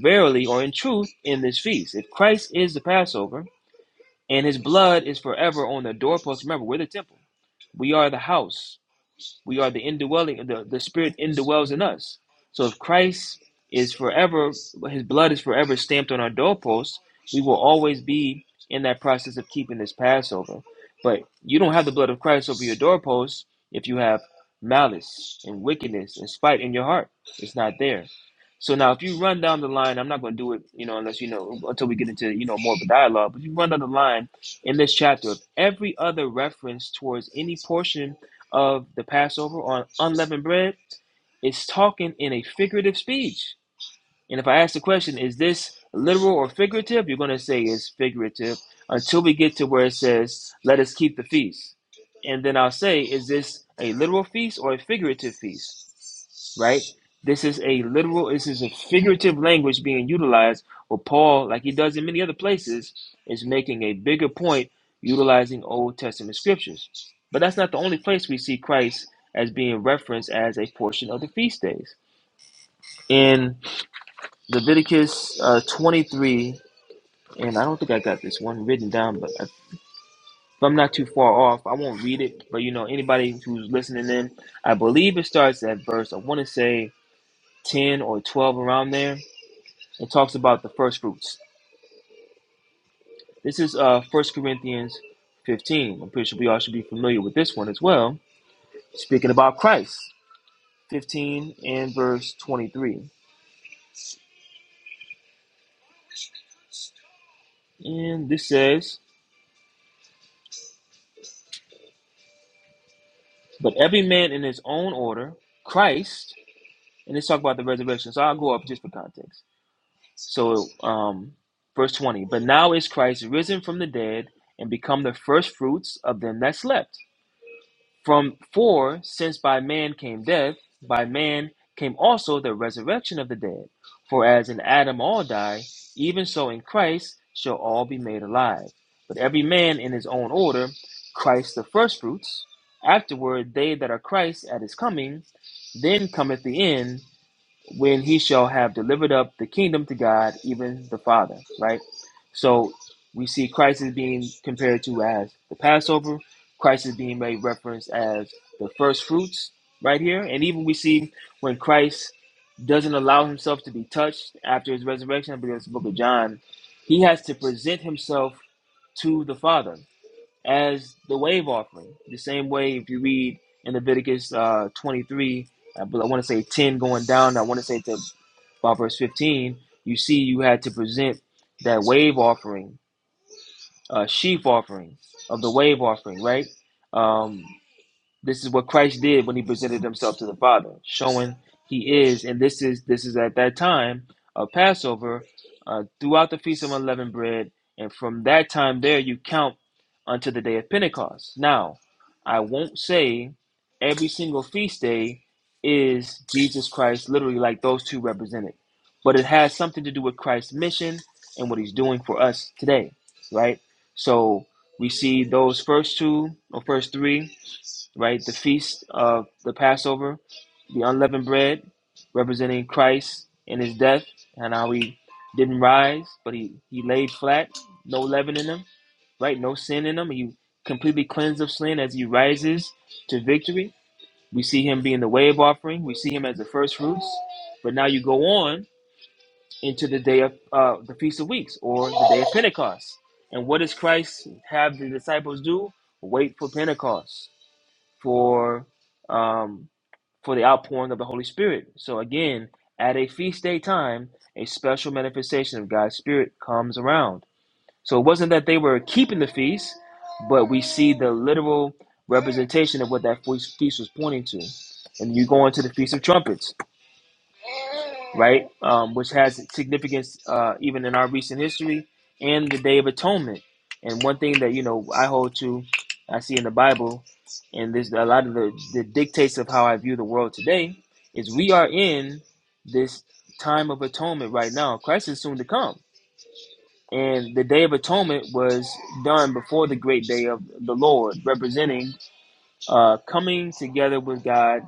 [SPEAKER 2] verily or in truth in this feast. If Christ is the Passover and his blood is forever on the doorpost, remember, we're the temple, we are the house. We are the indwelling, the, the spirit indwells in us. So if Christ is forever, his blood is forever stamped on our doorposts, we will always be in that process of keeping this Passover. But you don't have the blood of Christ over your doorposts if you have malice and wickedness and spite in your heart. It's not there. So now, if you run down the line, I'm not going to do it, you know, unless you know until we get into you know more of a dialogue. But if you run down the line in this chapter of every other reference towards any portion of the Passover on unleavened bread is talking in a figurative speech. And if I ask the question, is this literal or figurative? You're going to say it's figurative until we get to where it says, let us keep the feast. And then I'll say, is this a literal feast or a figurative feast? right? This is a literal, this is a figurative language being utilized where Paul, like he does in many other places, is making a bigger point utilizing Old Testament scriptures. But that's not the only place we see Christ as being referenced as a portion of the feast days. In Leviticus uh, 23, and I don't think I got this one written down, but if I'm not too far off, I won't read it. But you know, anybody who's listening in, I believe it starts at verse, I want to say 10 or 12 around there and talks about the first fruits. This is uh First Corinthians 15. I'm pretty sure we all should be familiar with this one as well. Speaking about Christ, 15 and verse 23. And this says, But every man in his own order, Christ, and let's talk about the resurrection. So I'll go up just for context. So um verse 20, but now is Christ risen from the dead and become the first fruits of them that slept. From for since by man came death, by man came also the resurrection of the dead. For as in Adam all die, even so in Christ shall all be made alive. But every man in his own order, Christ the firstfruits, afterward they that are Christ at his coming, then cometh the end, when he shall have delivered up the kingdom to God, even the Father, right? So we see Christ is being compared to as the Passover. Christ is being made reference as the first fruits right here. And even we see when Christ doesn't allow himself to be touched after his resurrection, I believe it's the book of John, he has to present himself to the Father as the wave offering. The same way, if you read in Leviticus uh, 23, I want to say 10 going down, I want to say to about verse 15, you see you had to present that wave offering, uh, sheaf offering of the wave offering, right? Um, this is what Christ did when he presented himself to the Father, showing he is, and this is this is at that time of Passover, uh, throughout the Feast of Unleavened Bread, and from that time there you count unto the day of Pentecost. Now, I won't say every single feast day is Jesus Christ, literally like those two represented, but it has something to do with Christ's mission and what he's doing for us today, right? So we see those first two or first three right? The feast of the Passover, the unleavened bread, representing Christ and his death, and how he didn't rise, but he, he laid flat, no leaven in him, right? No sin in him. He completely cleansed of sin as he rises to victory. We see him being the wave offering, we see him as the first fruits. But now you go on into the day of uh, the Feast of Weeks or the day of Pentecost. And what does Christ have the disciples do? Wait for Pentecost for um, for the outpouring of the Holy Spirit. So again, at a feast day time, a special manifestation of God's Spirit comes around. So it wasn't that they were keeping the feast, but we see the literal representation of what that feast feast was pointing to. And you go into the Feast of Trumpets right? Um, which has significance uh, even in our recent history and the Day of Atonement. And one thing that you know I hold to, I see in the Bible, and there's a lot of the, the dictates of how I view the world today is we are in this time of atonement right now. Christ is soon to come. And the Day of Atonement was done before the great day of the Lord, representing uh, coming together with God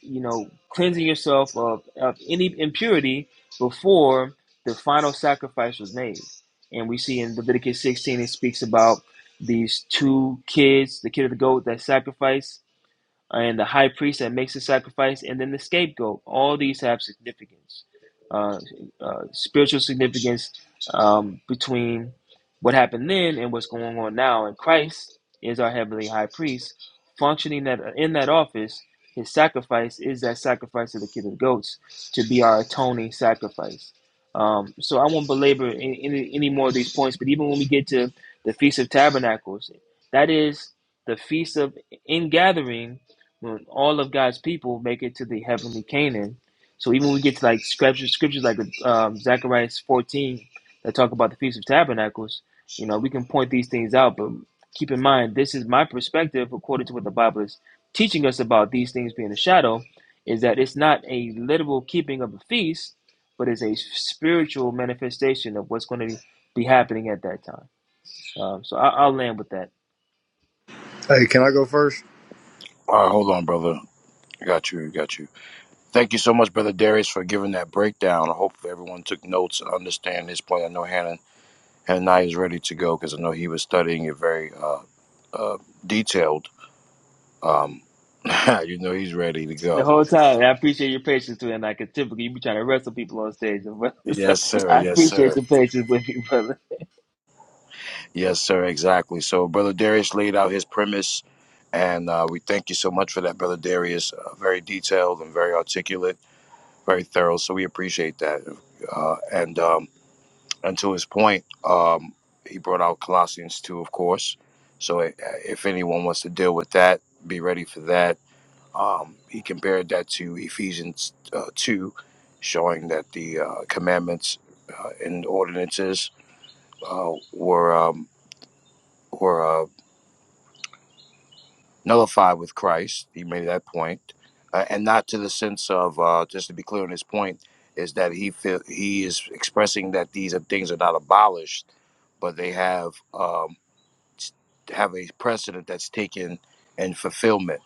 [SPEAKER 2] you know, cleansing yourself of, of any impurity before the final sacrifice was made. And we see in Leviticus 16, it speaks about these two kids, the kid of the goat that sacrificed and the high priest that makes the sacrifice, and then the scapegoat. All these have significance, uh, uh, spiritual significance um, between what happened then and what's going on now. And Christ is our heavenly high priest, functioning that in that office. His sacrifice is that sacrifice of the kid of goats to be our atoning sacrifice. Um, so I won't belabor any, any, any more of these points, but even when we get to the Feast of Tabernacles, that is the Feast of Ingathering the- all of God's people make it to the heavenly Canaan. So even when we get to like scriptures, scriptures like um, Zechariah 14 that talk about the Feast of Tabernacles, you know, we can point these things out. But keep in mind, this is my perspective according to what the Bible is teaching us about these things being a shadow, is that it's not a literal keeping of a feast, but it's a spiritual manifestation of what's going to be, be happening at that time. Um, so I, I'll land with that.
[SPEAKER 5] Hey, can I go first?
[SPEAKER 1] All right, hold on, brother. I Got you, I got you. Thank you so much, Brother Darius, for giving that breakdown. I hope everyone took notes and understand this point. I know Hannah, Hannah I is ready to go because I know he was studying it very uh, uh, detailed. Um, (laughs) you know he's ready to
[SPEAKER 2] the
[SPEAKER 1] go.
[SPEAKER 2] whole time. I appreciate your patience too. And I can typically you be trying to wrestle people on stage, and brother. (laughs) So
[SPEAKER 1] Yes, sir.
[SPEAKER 2] I
[SPEAKER 1] Yes, sir.
[SPEAKER 2] appreciate your patience with me, brother.
[SPEAKER 1] Yes, sir, exactly. So, Brother Darius laid out his premise, and uh, we thank you so much for that, Brother Darius. Uh, very detailed and very articulate, very thorough. So, we appreciate that. Uh, and, um, and to his point, um, he brought out Colossians 2, of course. So, i if anyone wants to deal with that, be ready for that. Um, he compared that to Ephesians uh, 2, showing that the uh, commandments uh, and ordinances uh, were. Um, were uh, nullified with Christ. He made that point, uh, and not to the sense of uh, just to be clear on his point is that he feel, he is expressing that these are, things are not abolished, but they have um, have a precedent that's taken in fulfillment.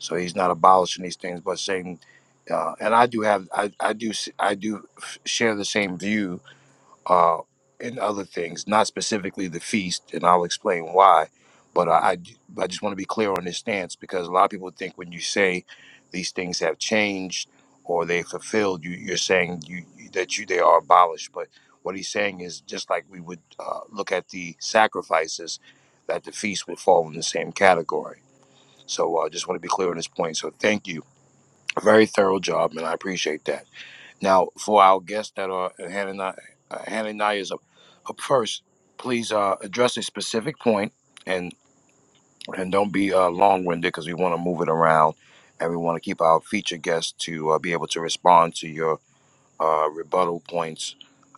[SPEAKER 1] So he's not abolishing these things, but saying, uh, and I do have I, I do I do share the same view uh, and other things, not specifically the feast, and I'll explain why. But I, I, j- I just want to be clear on this stance because a lot of people think when you say these things have changed or they fulfilled, you, you're saying you, you- that you they are abolished. But what he's saying is just like we would uh, look at the sacrifices, that the feast would fall in the same category. So I uh, just want to be clear on this point. So thank you. Very thorough job, man. I appreciate that. Now, for our guests that are Hananiah, uh, Hananiah is a, a person, please uh, address a specific point and and don't be uh, long winded because we want to move it around and we want to keep our feature guests to uh, be able to respond to your uh, rebuttal points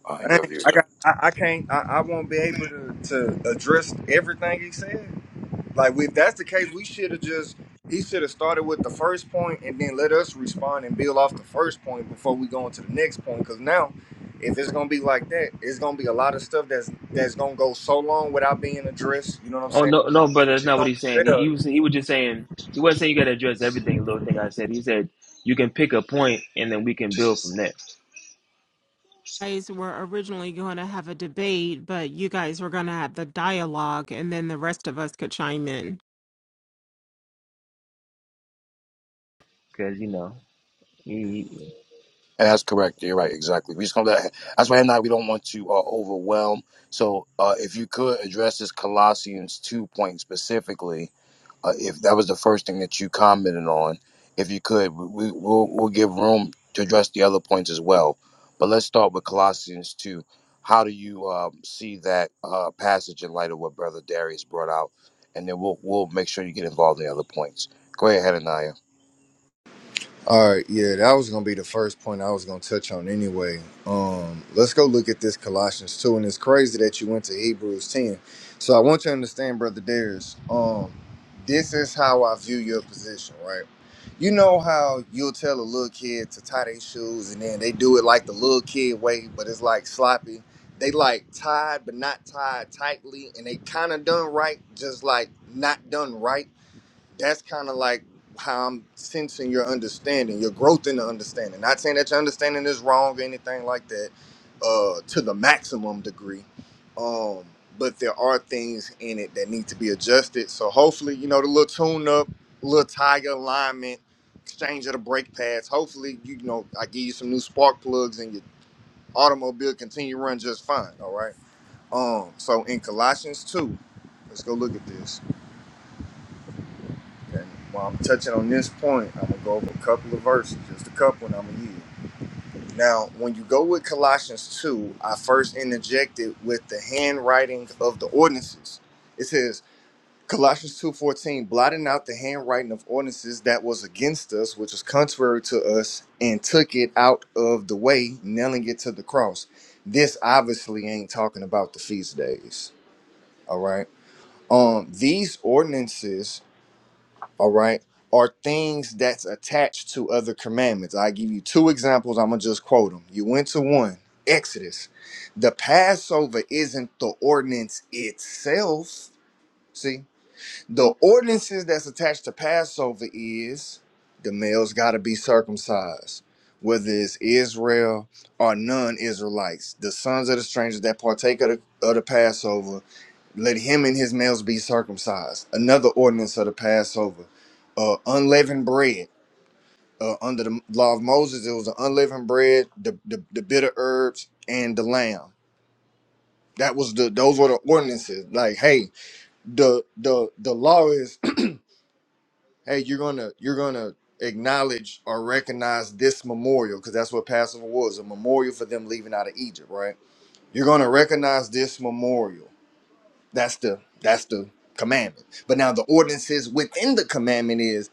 [SPEAKER 1] uh, and
[SPEAKER 5] Dang,
[SPEAKER 1] your views.
[SPEAKER 5] I
[SPEAKER 1] Sure.
[SPEAKER 5] got. I, I can't. I, I won't be able to, to address everything he said. Like, if that's the case, we should have just. He should have started with the first point and then let us respond and build off the first point before we go into the next point. Because now, if it's gonna be like that, it's gonna be a lot of stuff that's that's gonna go so long without being addressed. You know what I'm
[SPEAKER 2] Oh
[SPEAKER 5] saying?
[SPEAKER 2] no, no, brother, that's
[SPEAKER 5] It's
[SPEAKER 2] not what
[SPEAKER 5] gonna
[SPEAKER 2] he's saying. He,
[SPEAKER 5] fail.
[SPEAKER 2] he was he was just saying he wasn't saying you got to address everything little thing I said. He said you can pick a point and then we can build from there
[SPEAKER 3] guys were originally going to have a debate, but you guys were going to have the dialogue, and then the rest of us could chime in.
[SPEAKER 2] because you know he, he-
[SPEAKER 1] And That's correct. You're right. Exactly. We just gonna let, that's why Hananiah we don't want to uh, overwhelm. So uh, if you could address this Colossians two point specifically, uh, if that was the first thing that you commented on, if you could, we, we'll, we'll give room to address the other points as well. But let's start with Colossians 2. How do you um, see that uh, passage in light of what Brother Darius brought out? And then we'll, we'll make sure you get involved in the other points. Go ahead, Hananiah.
[SPEAKER 5] All right, yeah, that was gonna be the first point I was gonna touch on anyway. Um, let's go look at this Colossians two, and it's crazy that you went to Hebrews ten. So I want you to understand, brother Darius. Um, this is how I view your position, right? You know how you'll tell a little kid to tie their shoes, and then they do it like the little kid way, but it's like sloppy. They like tied, but not tied tightly, and they kind of done right, just like not done right that's kind of like how I'm sensing your understanding, your growth in the understanding. Not saying that your understanding is wrong or anything like that, uh, to the maximum degree. Um, but there are things in it that need to be adjusted. So hopefully, you know, the little tune up, little tire alignment, exchange of the brake pads. Hopefully, you know, I give you some new spark plugs and your automobile continue to run just fine. All right. Um, so in Colossians two, let's go look at this. And while I'm touching on this point, I'm gonna go over a couple of verses, just a couple, and I'm gonna yield. Now, when you go with Colossians 2, I first interjected with the handwriting of the ordinances. It says, Colossians 2:14, blotting out the handwriting of ordinances that was against us, which was contrary to us, and took it out of the way, nailing it to the cross. This obviously ain't talking about the feast days. All right. Um, these ordinances all right, are things that's attached to other commandments. I give you two examples. I'm gonna just quote them. You went to one, Exodus. The Passover isn't the ordinance itself. See, the ordinances that's attached to Passover is the males got to be circumcised, whether it's Israel or non-Israelites. The sons of the strangers that partake of the, of the Passover let him and his males be circumcised. Another ordinance of the Passover, uh, unleavened bread. Uh, under the law of Moses, it was the unleavened bread, the, the the bitter herbs, and the lamb. That was the those were the ordinances. Like, hey, the the the law is, (clears throat) hey, you're gonna you're gonna acknowledge or recognize this memorial because that's what Passover was, a memorial for them leaving out of Egypt, right? You're gonna recognize this memorial That's the that's the commandment. But now the ordinances within the commandment is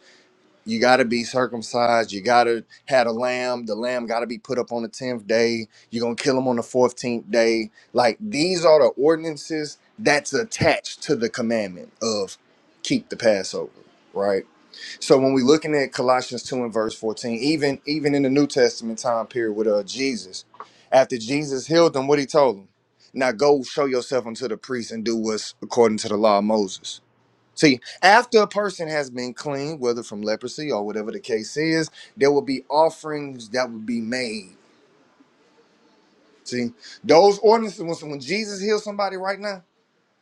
[SPEAKER 5] you gotta be circumcised, you gotta have a lamb, the lamb gotta be put up on the tenth day, you're gonna kill him on the fourteenth day. Like these are the ordinances that's attached to the commandment of keep the Passover, right? So when we're looking at Colossians 2 and verse 14, even even in the New Testament time period with uh Jesus, after Jesus healed them, what he told them? Now go show yourself unto the priest and do what's according to the law of Moses. See, after a person has been clean, whether from leprosy or whatever the case is, there will be offerings that will be made. See, those ordinances, when when Jesus heals somebody right now,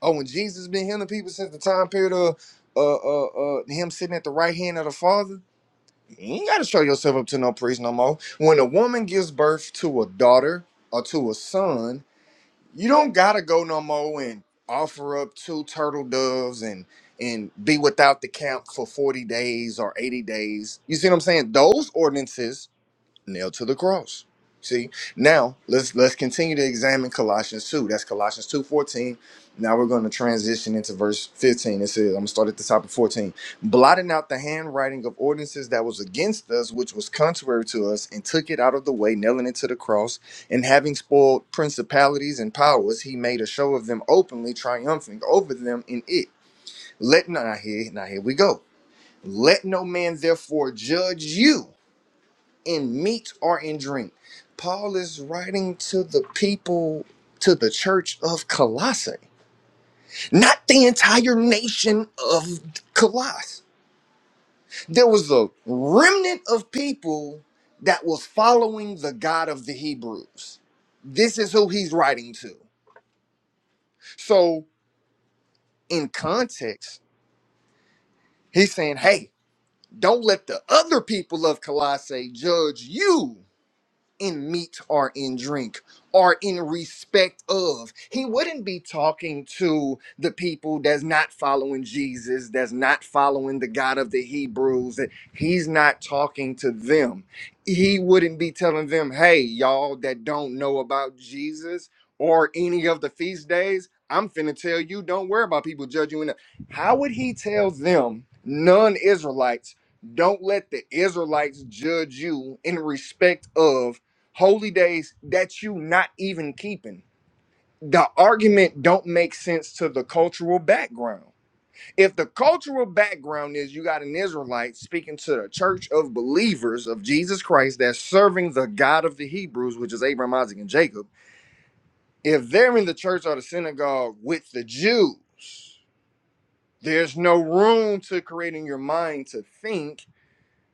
[SPEAKER 5] or when Jesus been healing people since the time period of uh, uh, uh, him sitting at the right hand of the Father, you ain't gotta show yourself up to no priest no more. When a woman gives birth to a daughter or to a son, you don't gotta go no more and offer up two turtle doves and and be without the camp for 40 days or 80 days. You see what I'm saying? Those ordinances nailed to the cross. See? Now let's let's continue to examine Colossians 2. That's Colossians 2 14. Now we're going to transition into verse 15. It says, I'm gonna start at the top of 14. Blotting out the handwriting of ordinances that was against us, which was contrary to us, and took it out of the way, nailing it to the cross, and having spoiled principalities and powers, he made a show of them openly, triumphing over them in it. Let not here, now here we go. Let no man therefore judge you in meat or in drink. Paul is writing to the people, to the church of Colossae, not the entire nation of Colossae. There was a remnant of people that was following the God of the Hebrews. This is who he's writing to. So, in context, he's saying, hey, don't let the other people of Colossae judge you in meat or in drink or in respect of. He wouldn't be talking to the people that's not following Jesus, that's not following the God of the Hebrews. that He's not talking to them. He wouldn't be telling them, hey, y'all that don't know about Jesus or any of the feast days, I'm finna tell you, don't worry about people judging you. enough." How would he tell them, non Israelites, don't let the Israelites judge you in respect of holy days that you not even keeping. The argument don't make sense to the cultural background. If the cultural background is you got an Israelite speaking to the church of believers of Jesus Christ that's serving the God of the Hebrews, which is Abraham, Isaac, and Jacob, if they're in the church or the synagogue with the Jews, there's no room to create in your mind to think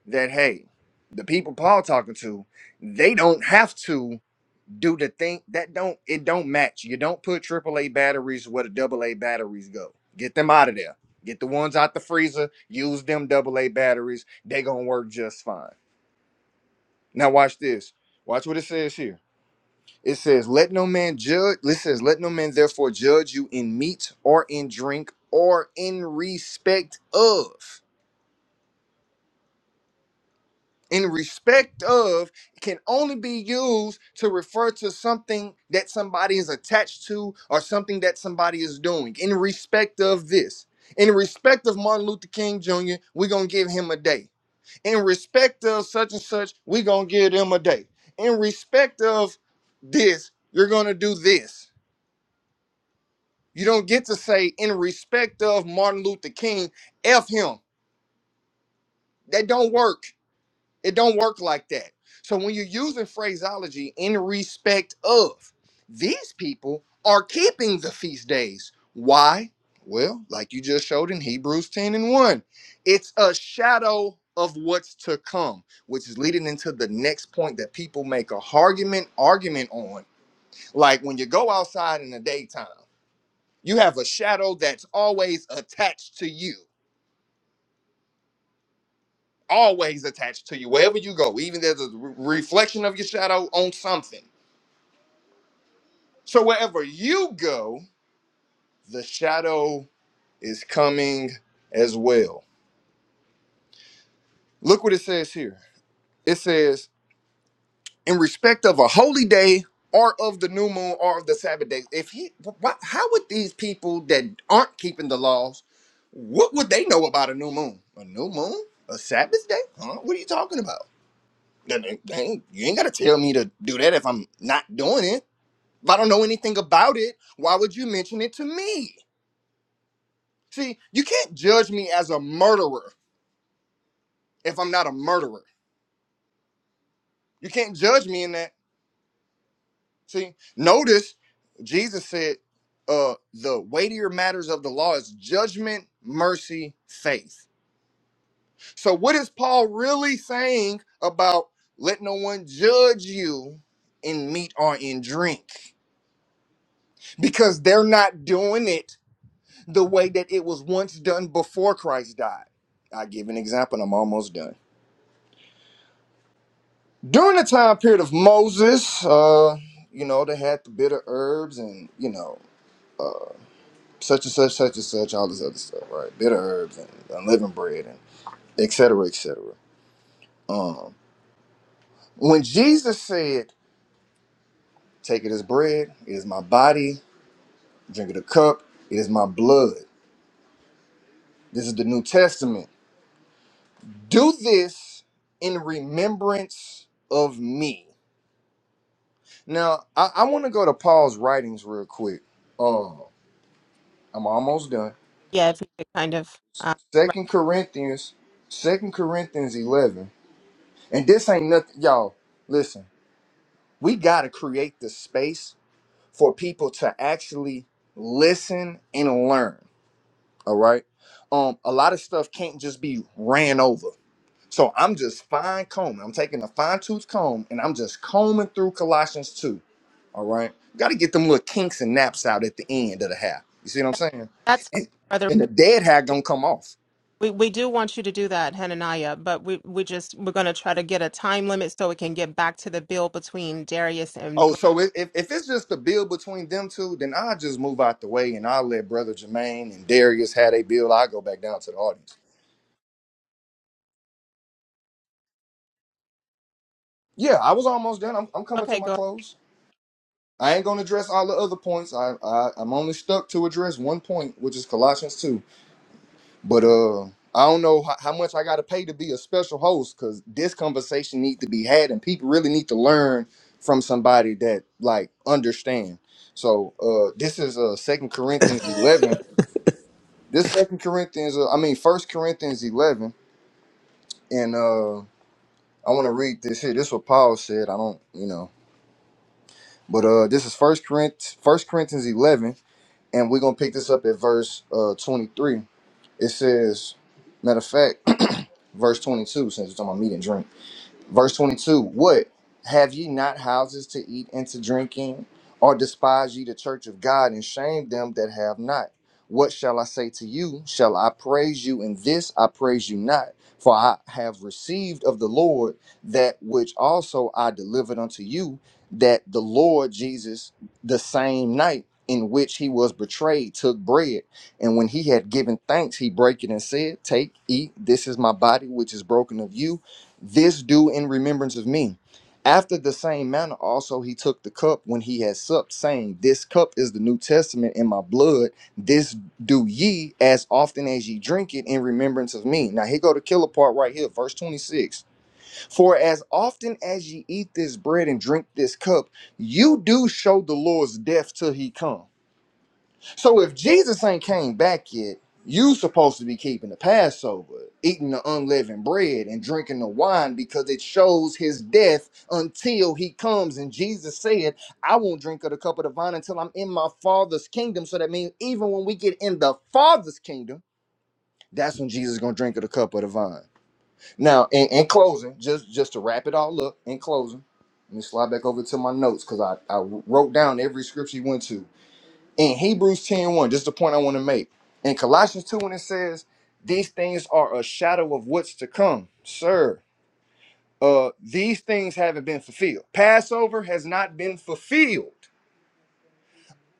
[SPEAKER 5] that, hey, the people Paul talking to, they don't have to do the thing that don't it don't match. You don't put AAA batteries where the AA batteries go. Get them out of there. Get the ones out the freezer. Use them AA batteries. They gonna work just fine. Now watch this. Watch what it says here. It says, "Let no man judge." It says, "Let no man therefore judge you in meat or in drink or in respect of." in respect of can only be used to refer to something that somebody is attached to or something that somebody is doing in respect of this in respect of martin luther king jr we're gonna give him a day in respect of such and such we're gonna give them a day in respect of this you're gonna do this you don't get to say in respect of martin luther king f him that don't work It don't work like that. So when you're using phraseology in respect of these people are keeping the feast days. Why? Well, like you just showed in Hebrews 10 and 1, it's a shadow of what's to come, which is leading into the next point that people make a argument argument on. Like when you go outside in the daytime, you have a shadow that's always attached to you. always attached to you wherever you go even there's a re- reflection of your shadow on something so wherever you go the shadow is coming as well look what it says here it says in respect of a holy day or of the new moon or of the sabbath day if he what, how would these people that aren't keeping the laws what would they know about a new moon a new moon a sabbath day huh what are you talking about They- they- they ain't- you ain't got to tell me to do that if i'm not doing it If I don't know anything about it, why would you mention it to me? See, you can't judge me as a murderer if I'm not a murderer. You can't judge me in that. See, notice Jesus said, uh, the weightier matters of the law is judgment, mercy, faith. So, what is Paul really saying about let no one judge you in meat or in drink? Because they're not doing it the way that it was once done before Christ died. I give an example, and I'm almost done. During the time period of Moses, uh, you know, they had the bitter herbs and, you know, such and such, such and such, all this other stuff, right? Bitter herbs and unleavened bread and et cetera, et cetera. Um, when Jesus said, Take it as bread, it is my body, drink it a cup, it is my blood. This is the New Testament. Do this in remembrance of me Now, I, I want to go to Paul's writings real quick. Uh, I'm almost done.
[SPEAKER 3] Yeah, if you could kind of. Uh, right.
[SPEAKER 5] Second Corinthians, Second Corinthians 11. And this ain't nothing, y'all. Listen, we got to create the space for people to actually listen and learn. All right. Um, a lot of stuff can't just be ran over. So I'm just fine combing. I'm taking a fine tooth comb and I'm just combing through Colossians 2 All right. Got to get them little kinks and naps out at the end of the hair. You see what I'm saying?
[SPEAKER 3] That's fine,
[SPEAKER 5] And,
[SPEAKER 3] brother.
[SPEAKER 5] and the dead hair gonna come off.
[SPEAKER 3] We, we do want you to do that, Hananiah, but we, we just, we're going to try to get a time limit so we can get back to the bill between Darius and.
[SPEAKER 5] Oh,
[SPEAKER 3] Bre-
[SPEAKER 5] so if, if if it's just a bill between them two, then I'll just move out the way and I'll let Brother Jermaine and Darius have they bill. I'll go back down to the audience. Yeah, I was almost done. I'm, I'm coming to
[SPEAKER 3] Okay,
[SPEAKER 5] my
[SPEAKER 3] go ahead.
[SPEAKER 5] close. I ain't gonna address all the other points. I, I I'm only stuck to address one point, which is Colossians 2. But uh, I don't know how, how much I got to pay to be a special host because this conversation need to be had, and people really need to learn from somebody that like understand. So uh, this is uh Second Corinthians eleven. This Second Corinthians, uh, I mean First Corinthians eleven, and uh, I want to read this here. This is what Paul said. I don't, you know, but uh, this is First Corinthians, First Corinthians eleven, and we're gonna pick this up at verse uh twenty three. It says, matter of fact, (clears throat) verse twenty two, since it's on my meat and drink. Verse 22 What? Have ye not houses to eat and to drink in? Or despise ye the church of God and shame them that have not? What shall I say to you? Shall I praise you in this? I praise you not. For I have received of the Lord that which also I delivered unto you, that the Lord Jesus, the same night in which he was betrayed, took bread. And when he had given thanks, he brake it and said, Take, eat, this is my body, which is broken of you this do in remembrance of me. After the same manner, also he took the cup when he had supped, saying, This cup is the New Testament in my blood. This do ye as often as ye drink it in remembrance of me. Now here go the killer part right here, verse 26. For as often as ye eat this bread and drink this cup, you do show the Lord's death till he come. So if Jesus ain't came back yet, you supposed to be keeping the Passover, eating the unleavened bread and drinking the wine because it shows his death until he comes. And Jesus said, I won't drink of the cup of the vine until I'm in my father's kingdom. So that means even when we get in the father's kingdom, that's when Jesus is gonna drink of the cup of the vine. Now, in, in closing, just just to wrap it all up, in closing, let me slide back over to my notes because I, I wrote down every scripture he went to in Hebrews ten one, 1, this is the point I want to make. In Colossians 2, when it says, These things are a shadow of what's to come. Sir, uh, these things haven't been fulfilled. Passover has not been fulfilled.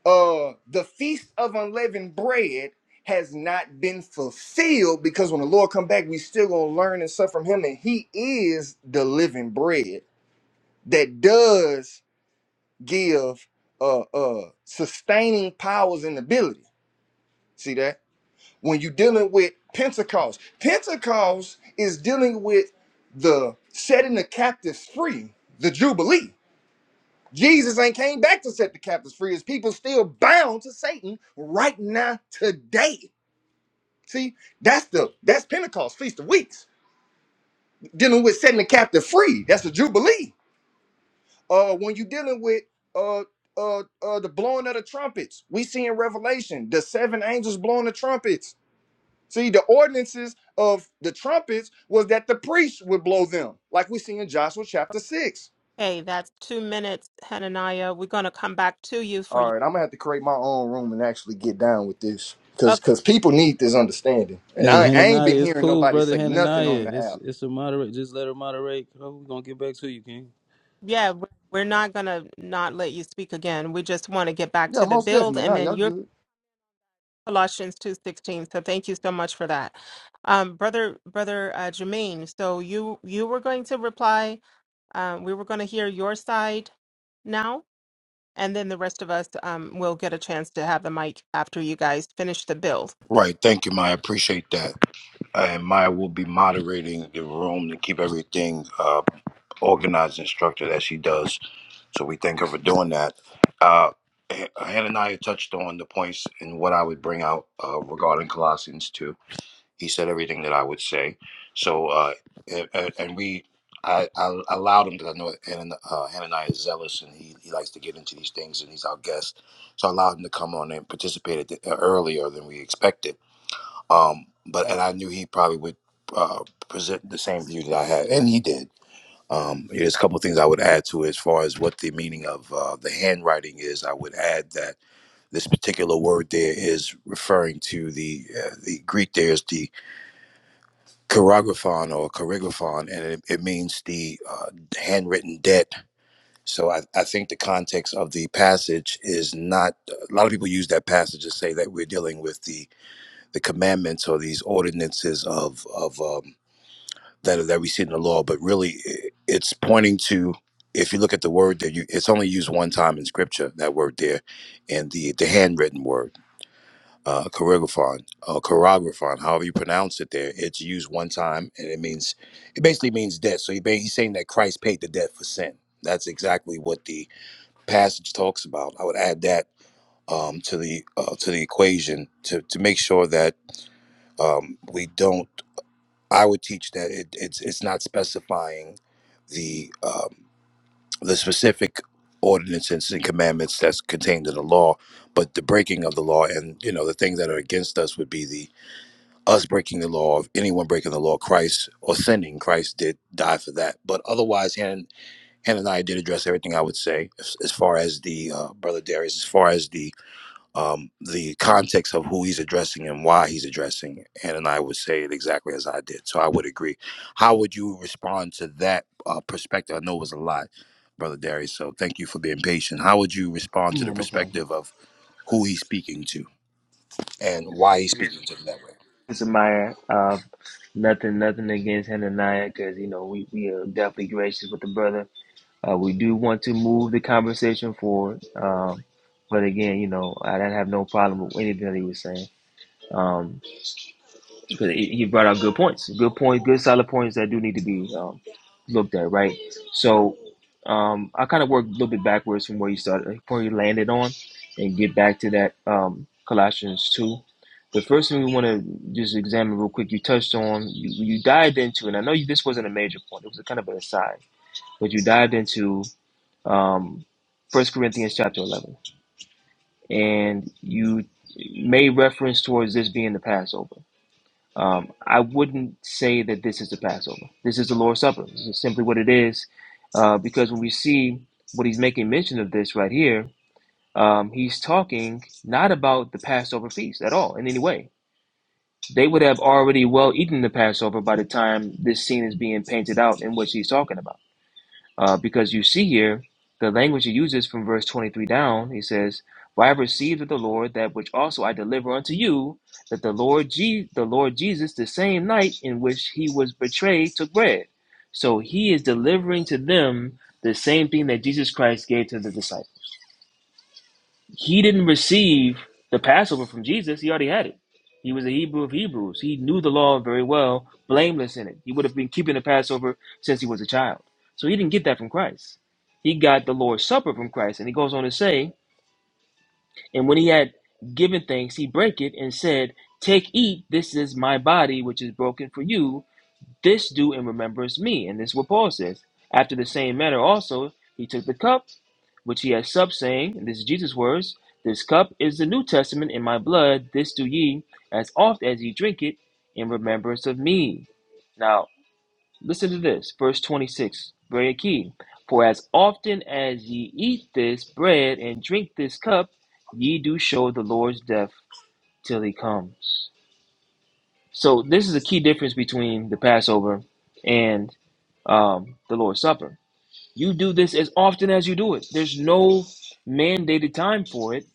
[SPEAKER 5] Uh, the feast of unleavened bread has not been fulfilled because when the Lord come back, we still gonna learn and suffer from him, and he is the living bread that does give uh uh sustaining powers and ability. See that? when you're dealing with Pentecost. Pentecost is dealing with the setting the captives free, the Jubilee. Jesus ain't came back to set the captives free. His people still bound to Satan right now today. See, that's the that's Pentecost, Feast of Weeks, dealing with setting the captive free. That's the Jubilee. Uh, when you're dealing with uh uh uh the blowing of the trumpets, we see in Revelation the seven angels blowing the trumpets See, the ordinances of the trumpets was that the priests would blow them, like we see in Joshua chapter 6.
[SPEAKER 3] Hey, that's two minutes, Hananiah. We're going to come back to you for
[SPEAKER 5] All
[SPEAKER 3] you.
[SPEAKER 5] right, I'm gonna have to create my own room and actually get down with this. Cause cause people need this understanding. And
[SPEAKER 6] Hey,
[SPEAKER 5] I, I ain't
[SPEAKER 6] Hananiah,
[SPEAKER 5] been
[SPEAKER 6] it's
[SPEAKER 5] hearing
[SPEAKER 6] cool,
[SPEAKER 5] nobody
[SPEAKER 6] brother
[SPEAKER 5] say nothing on
[SPEAKER 6] Hananiah.
[SPEAKER 5] the
[SPEAKER 6] It's
[SPEAKER 5] app.
[SPEAKER 6] it's a moderate. Just let her moderate. Oh, We're gonna get back to you, King.
[SPEAKER 3] Yeah, we- we're not going to not let you speak again. We just want to get back
[SPEAKER 5] Yeah,
[SPEAKER 3] to the
[SPEAKER 5] most
[SPEAKER 3] build
[SPEAKER 5] definitely.
[SPEAKER 3] and
[SPEAKER 5] No,
[SPEAKER 3] then
[SPEAKER 5] y'all
[SPEAKER 3] your
[SPEAKER 5] good.
[SPEAKER 3] Colossians 2:16. So thank you so much for that. Um, brother brother uh, Jermaine, so you you were going to reply. Um, we were going to hear your side now and then the rest of us um, will get a chance to have the mic after you guys finish the build.
[SPEAKER 1] Right. Thank you, Maya. Appreciate that. and Maya will be moderating the room to keep everything uh, organized and structured as she does. So we thank her for doing that. Uh, H- Hananiah touched on the points and what I would bring out uh, regarding Colossians 2. He said everything that I would say. So, uh, and, and and we, I, I allowed him because I know Hanan- uh, Hananiah is zealous and he, he likes to get into these things and he's our guest. So I allowed him to come on and participate at the, earlier than we expected um, but and I knew he probably would uh, present the same view that I had, and he did. Um, there's a couple of things I would add to it as far as what the meaning of uh, the handwriting is. I would add that this particular word there is referring to the uh, the Greek. There's the choreographon or choreographon, and it, it means the uh, handwritten debt. So I, I think the context of the passage is not. A lot of people use that passage to say that we're dealing with the the commandments or these ordinances of of um, that that we see in the law, but really i- it's pointing to if you look at the word there, you, it's only used one time in scripture, that word there, and the, the handwritten word, uh, choreographon, uh, choreographon, however you pronounce it there, it's used one time and it means, it basically means debt. So he, ba- he's saying that Christ paid the debt for sin. That's exactly what the passage talks about. I would add that um, to the uh, to the equation to, to make sure that um, we don't. I would teach that it, it's it's not specifying the um, the specific ordinances and commandments that's contained in the law, but the breaking of the law and you know the things that are against us would be the us breaking the law of anyone breaking the law, Christ or sinning. Christ did die for that, but otherwise, Hannah, Hannah and I did address everything I would say as, as far as the uh, brother Darius, as far as the um, the context of who he's addressing and why he's addressing it. And, and I would say it exactly as I did. So I would agree. How would you respond to that uh, perspective? I know it was a lot, Brother Darius. So thank you for being patient. How would you respond to the
[SPEAKER 2] yeah no problem.
[SPEAKER 1] perspective of who he's speaking to and why he's speaking to them that way?
[SPEAKER 2] Mr. Meyer, uh, nothing, nothing against Hananiah because you know we we are definitely gracious with the brother Uh, we do want to move the conversation forward. Um, but again, you know, I didn't have no problem with anything that he was saying. Um, because he he brought out good points, good points, good solid points that do need to be um, looked at, right? So um, I kind of worked a little bit backwards from where you started, like, where you landed on, and get back to that um, Colossians 2. The first thing we want to just examine real quick, you touched on, you, you dived into, and I know you, this wasn't a major point, it was a kind of an aside, but you dived into um, 1 Corinthians chapter 11. And you made reference towards this being the Passover. Um, I wouldn't say that this is the Passover. This is the Lord's Supper. This is simply what it is. Uh, because when we see what he's making mention of this right here, um, he's talking not about the Passover feast at all in any way. They would have already well eaten the Passover by the time this scene is being painted out in which he's talking about. Uh, because you see here the language he uses from verse 23 down, he says, For I have received of the Lord that which also I deliver unto you, that the Lord, Je- the Lord Jesus, the same night in which he was betrayed, took bread. So he is delivering to them the same thing that Jesus Christ gave to the disciples. He didn't receive the Passover from Jesus. He already had it. He was a Hebrew of Hebrews. He knew the law very well, blameless in it. He would have been keeping the Passover since he was a child. So he didn't get that from Christ. He got the Lord's Supper from Christ. And he goes on to say, and when he had given thanks, he brake it and said, Take, eat, this is my body, which is broken for you. This do in remembrance me. And this is what Paul says. After the same manner also, he took the cup which he has supped, saying, and This is Jesus' words, This cup is the New Testament in my blood, this do ye, as oft as ye drink it, in remembrance of me. Now, listen to this, verse 26, very key. For as often as ye eat this bread and drink this cup, ye do show the Lord's death till he comes. So, this is a key difference between the Passover and um, the Lord's Supper you do this as often as you do it. There's no mandated time for it,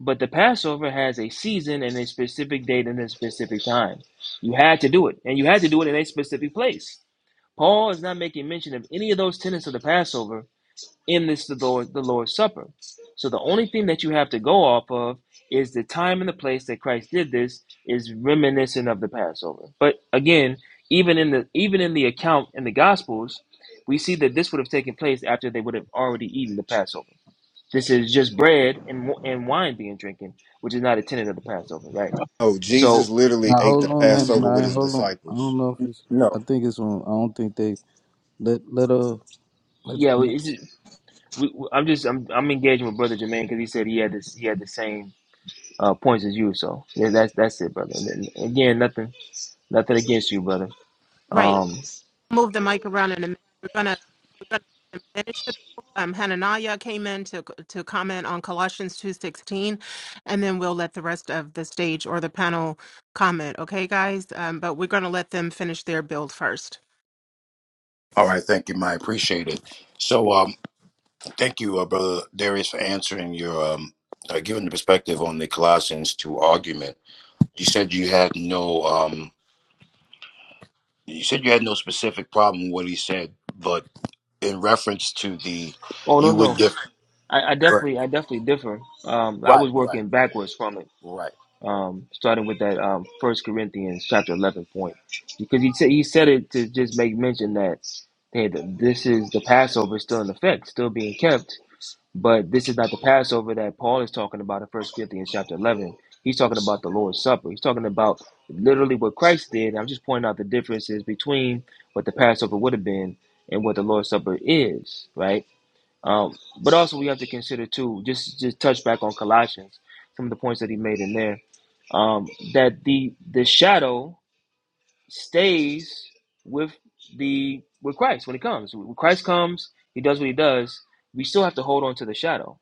[SPEAKER 2] but the Passover has a season and a specific date and a specific time. You had to do it, and you had to do it in a specific place. Paul is not making mention of any of those tenets of the Passover in this the Lord the Lord's Supper. So the only thing that you have to go off of is the time and the place that Christ did this is reminiscent of the Passover. But again, even in the even in the account in the Gospels, we see that this would have taken place after they would have already eaten the Passover. This is just bread and and wine being drinking, which is not a tenet of the Passover, right?
[SPEAKER 5] Oh, Jesus
[SPEAKER 2] So
[SPEAKER 5] literally
[SPEAKER 6] Now
[SPEAKER 5] ate the
[SPEAKER 6] hold on,
[SPEAKER 5] Passover with
[SPEAKER 6] Hananiah.
[SPEAKER 5] his
[SPEAKER 6] Hold on. I don't
[SPEAKER 5] disciples.
[SPEAKER 6] know if it's.
[SPEAKER 5] No,
[SPEAKER 6] I think it's on. I don't think they let let uh.
[SPEAKER 2] yeah,
[SPEAKER 6] Let,
[SPEAKER 2] it's, we, we- I'm just I'm, I'm engaging with Brother Jermaine because he said he had this he had the same uh, points as you. So yeah, that's that's it, brother. And, and again, nothing nothing against you, brother.
[SPEAKER 3] Right.
[SPEAKER 2] Um,
[SPEAKER 3] move the mic around in a minute. We're gonna we're gonna let them finish the bill. Um, Hananaya came in to to comment on Colossians two sixteen, and then we'll let the rest of the stage or the panel comment. Okay, guys. Um, but we're gonna let them finish their build first.
[SPEAKER 1] All right. Thank you, my appreciate it. So um, thank you, uh, Brother Darius, for answering your. Um, uh, giving the perspective on the Colossians 2 argument, you said you had no. Um, You said you had no specific problem with what he said, but in reference to the,
[SPEAKER 2] oh no
[SPEAKER 1] you would
[SPEAKER 2] no,
[SPEAKER 1] give.
[SPEAKER 2] I, I
[SPEAKER 1] Right,
[SPEAKER 2] definitely I definitely differ. Um, I
[SPEAKER 1] right,
[SPEAKER 2] was
[SPEAKER 1] right.
[SPEAKER 2] working backwards from it.
[SPEAKER 1] right.
[SPEAKER 2] um, starting with that um, First Corinthians chapter eleven point, because he said he said it to just make mention that hey, th- this is the Passover is still in effect, still being kept, but this is not the Passover that Paul is talking about in First Corinthians chapter eleven. He's talking about the Lord's Supper. He's talking about literally what Christ did. I'm just pointing out the differences between what the Passover would have been and what the Lord's Supper is, right? Um, but also we have to consider too, just just touch back on Colossians, some of the points that he made in there, um, that the the shadow stays with the with Christ when he comes. When Christ comes, he does what he does. We still have to hold on to the shadow.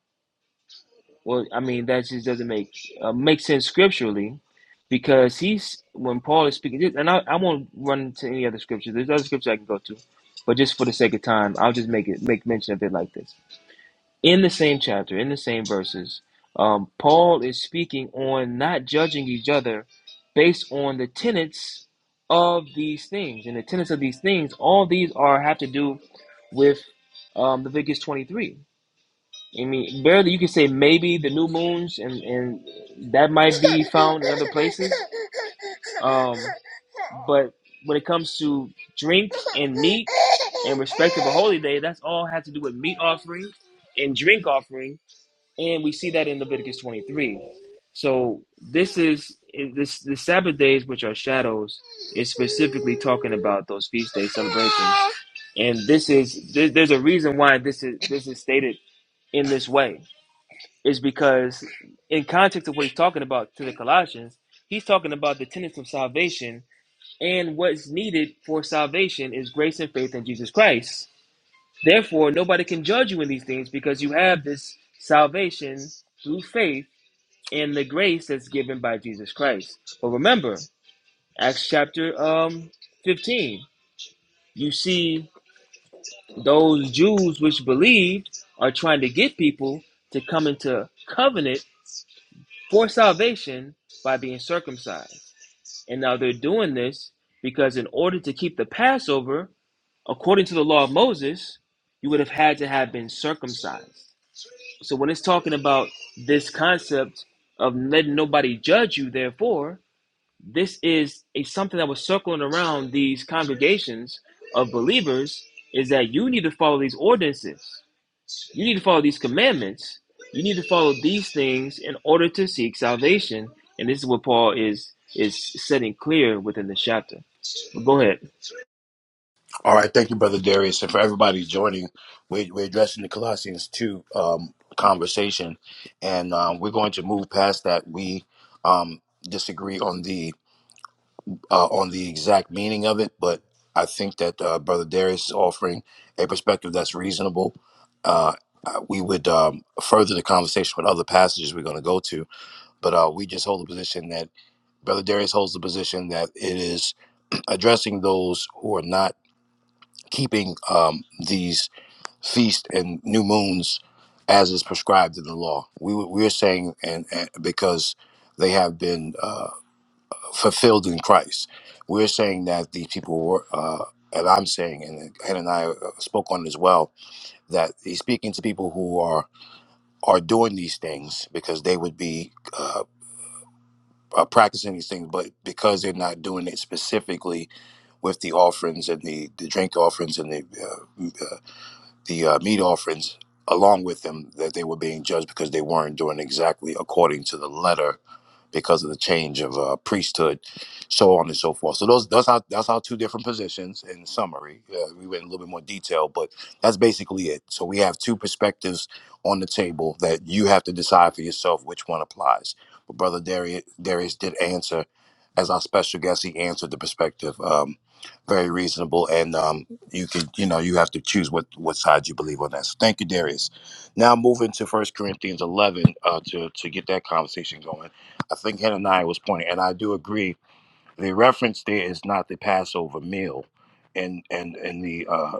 [SPEAKER 2] Well, I mean that just doesn't make uh, make sense scripturally, because he's when Paul is speaking, and I, I won't run to any other scriptures. There's other scriptures I can go to, but just for the sake of time, I'll just make it make mention of it like this in the same chapter, in the same verses, um, Paul is speaking on not judging each other based on the tenets of these things. And the tenets of these things, all these are have to do with um, Leviticus 23. I mean, barely you can say maybe the new moons, and, and that might be found in other places. Um, but when it comes to drink and meat and respect of a holy day, that's all has to do with meat offering and drink offering and we see that in Leviticus 23. So this is this the Sabbath days, which are shadows, is specifically talking about those feast day celebrations, and this is there, there's a reason why this is this is stated in this way is because in context of what he's talking about to the Colossians, he's talking about the tenets of salvation and what's needed for salvation is grace and faith in Jesus Christ. Therefore, nobody can judge you in these things because you have this salvation through faith and the grace that's given by Jesus Christ. But remember, Acts chapter um 15, you see those Jews which believed are trying to get people to come into covenant for salvation by being circumcised. And now they're doing this because in order to keep the Passover, according to the law of Moses, you would have had to have been circumcised. So when it's talking about this concept of letting nobody judge you, therefore, this is a something that was circling around these congregations of believers is that you need to follow these ordinances you need to follow these commandments you need to follow these things in order to seek salvation and this is what paul is is setting clear within the chapter but go ahead
[SPEAKER 1] All right. Thank you, brother Darius, and for everybody joining. We're, we're addressing the Colossians two um, conversation, and um, we're going to move past that. We um, disagree on the uh, on the exact meaning of it, but I think that uh, brother Darius is offering a perspective that's reasonable. Uh, uh, we would um, further the conversation with other passages we're going to go to but uh, we just hold the position that Brother Darius holds the position that it is (clears throat) addressing those who are not keeping um, these feasts and new moons as is prescribed in the law. We we are saying and, and because they have been uh, fulfilled in Christ, we're saying that these people were. Uh, and I'm saying, and Hananiah spoke on it as well, that he's speaking to people who are are doing these things because they would be uh, uh, practicing these things, but because they're not doing it specifically with the offerings and the, the drink offerings and the uh, uh, the uh, meat offerings along with them, that they were being judged because they weren't doing exactly according to the letter because of the change of uh, priesthood, so on and so forth. So those that's our that's our two different positions in summary. Uh, we went in a little bit more detail, but that's basically it. So we have two perspectives on the table that you have to decide for yourself which one applies. But brother Darius, Darius did answer as our special guest. He answered the perspective. Um, very reasonable, and um, you could, you know, you have to choose what what side you believe on that. So, thank you, Darius. Now, moving to First Corinthians eleven uh, to to get that conversation going. I think Hananiah was pointing, and I do agree. The reference there is not the Passover meal, and and and the uh,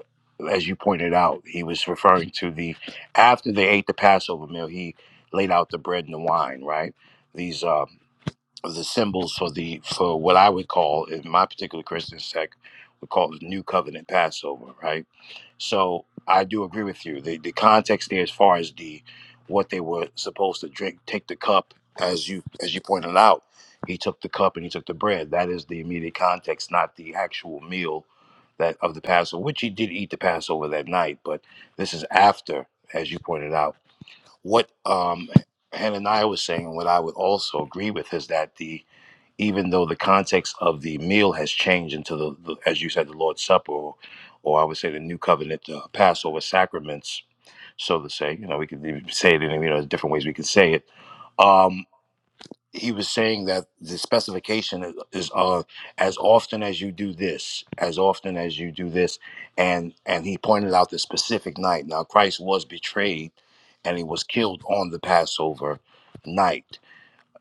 [SPEAKER 1] as you pointed out, he was referring to the after they ate the Passover meal, he laid out the bread and the wine, right? These uh, the symbols for the for what I would call in my particular Christian sect would call the New Covenant Passover, right? So I do agree with you. The the context there, as far as the what they were supposed to drink, take the cup, as you as you pointed out, he took the cup and he took the bread. That is the immediate context, not the actual meal that of the Passover, which he did eat the Passover that night. But this is after, as you pointed out, what um, Hananiah was saying, and what I would also agree with is that the even though the context of the meal has changed into the, the as you said, the Lord's Supper, or, or I would say the New Covenant uh, Passover sacraments, so to say. You know, we could even say it in you know there's different ways we could say it. Um, he was saying that the specification is, is uh, as often as you do this, as often as you do this, and and he pointed out the specific night. Now Christ was betrayed, and he was killed on the Passover night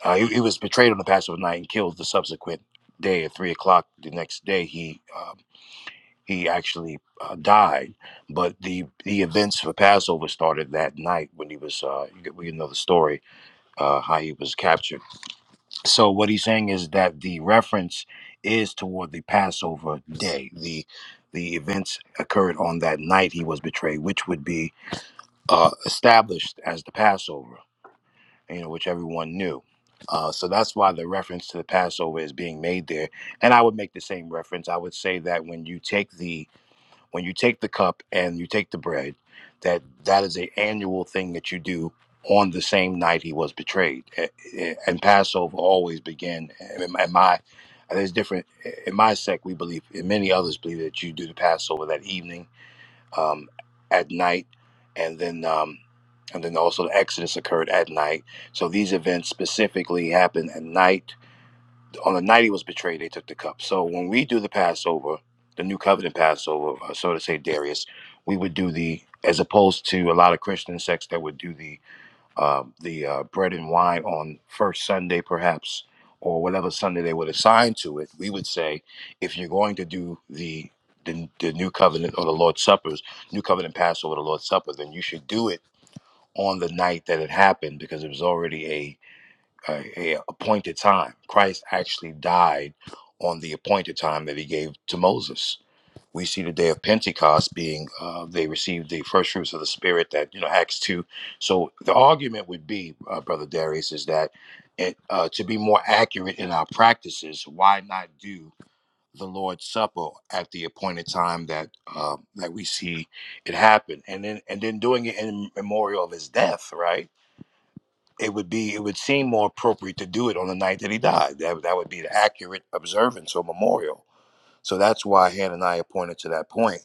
[SPEAKER 1] uh, he, he was betrayed on the Passover night and killed the subsequent day at three o'clock the next day. He um, he actually uh, died, but the the events for Passover started that night when he was. Uh, you- we know the story uh, how he was captured. So what he's saying is that the reference is toward the Passover day. The the events occurred on that night he was betrayed, which would be uh, established as the Passover you know, which everyone knew. Uh, so that's why the reference to the Passover is being made there. And I would make the same reference. I would say that when you take the when you take the cup and you take the bread, that that is a annual thing that you do on the same night he was betrayed. Eh, eh, And Passover always began. eh, In my, in my there's different eh, in my sect we believe, and many others believe that you do the Passover that evening um, at night, and then um, and then also the Exodus occurred at night. So these events specifically happened at night. On the night he was betrayed, they took the cup. So when we do the Passover, the New Covenant Passover, uh, so to say, Darius, we would do the as opposed to a lot of Christian sects that would do the uh, the uh, bread and wine on first Sunday, perhaps, or whatever Sunday they would assign to it, we would say, if you're going to do the the, the new covenant or the Lord's Supper's new covenant Passover, the Lord's Supper, then you should do it on the night that it happened because it was already a, a, a appointed time. Christ actually died on the appointed time that he gave to Moses we see the day of Pentecost being uh, they received the first fruits of the Spirit that, you know, Acts 2. So the argument would be, uh, Brother Darius, is that it, uh, to be more accurate in our practices, why not do the Lord's Supper at the appointed time that uh, that we see it happen, and then and then doing it in memorial of His death, right? It would be it would seem more appropriate to do it on the night that He died. That that would be the accurate observance or memorial so that's why Hananiah pointed to that point.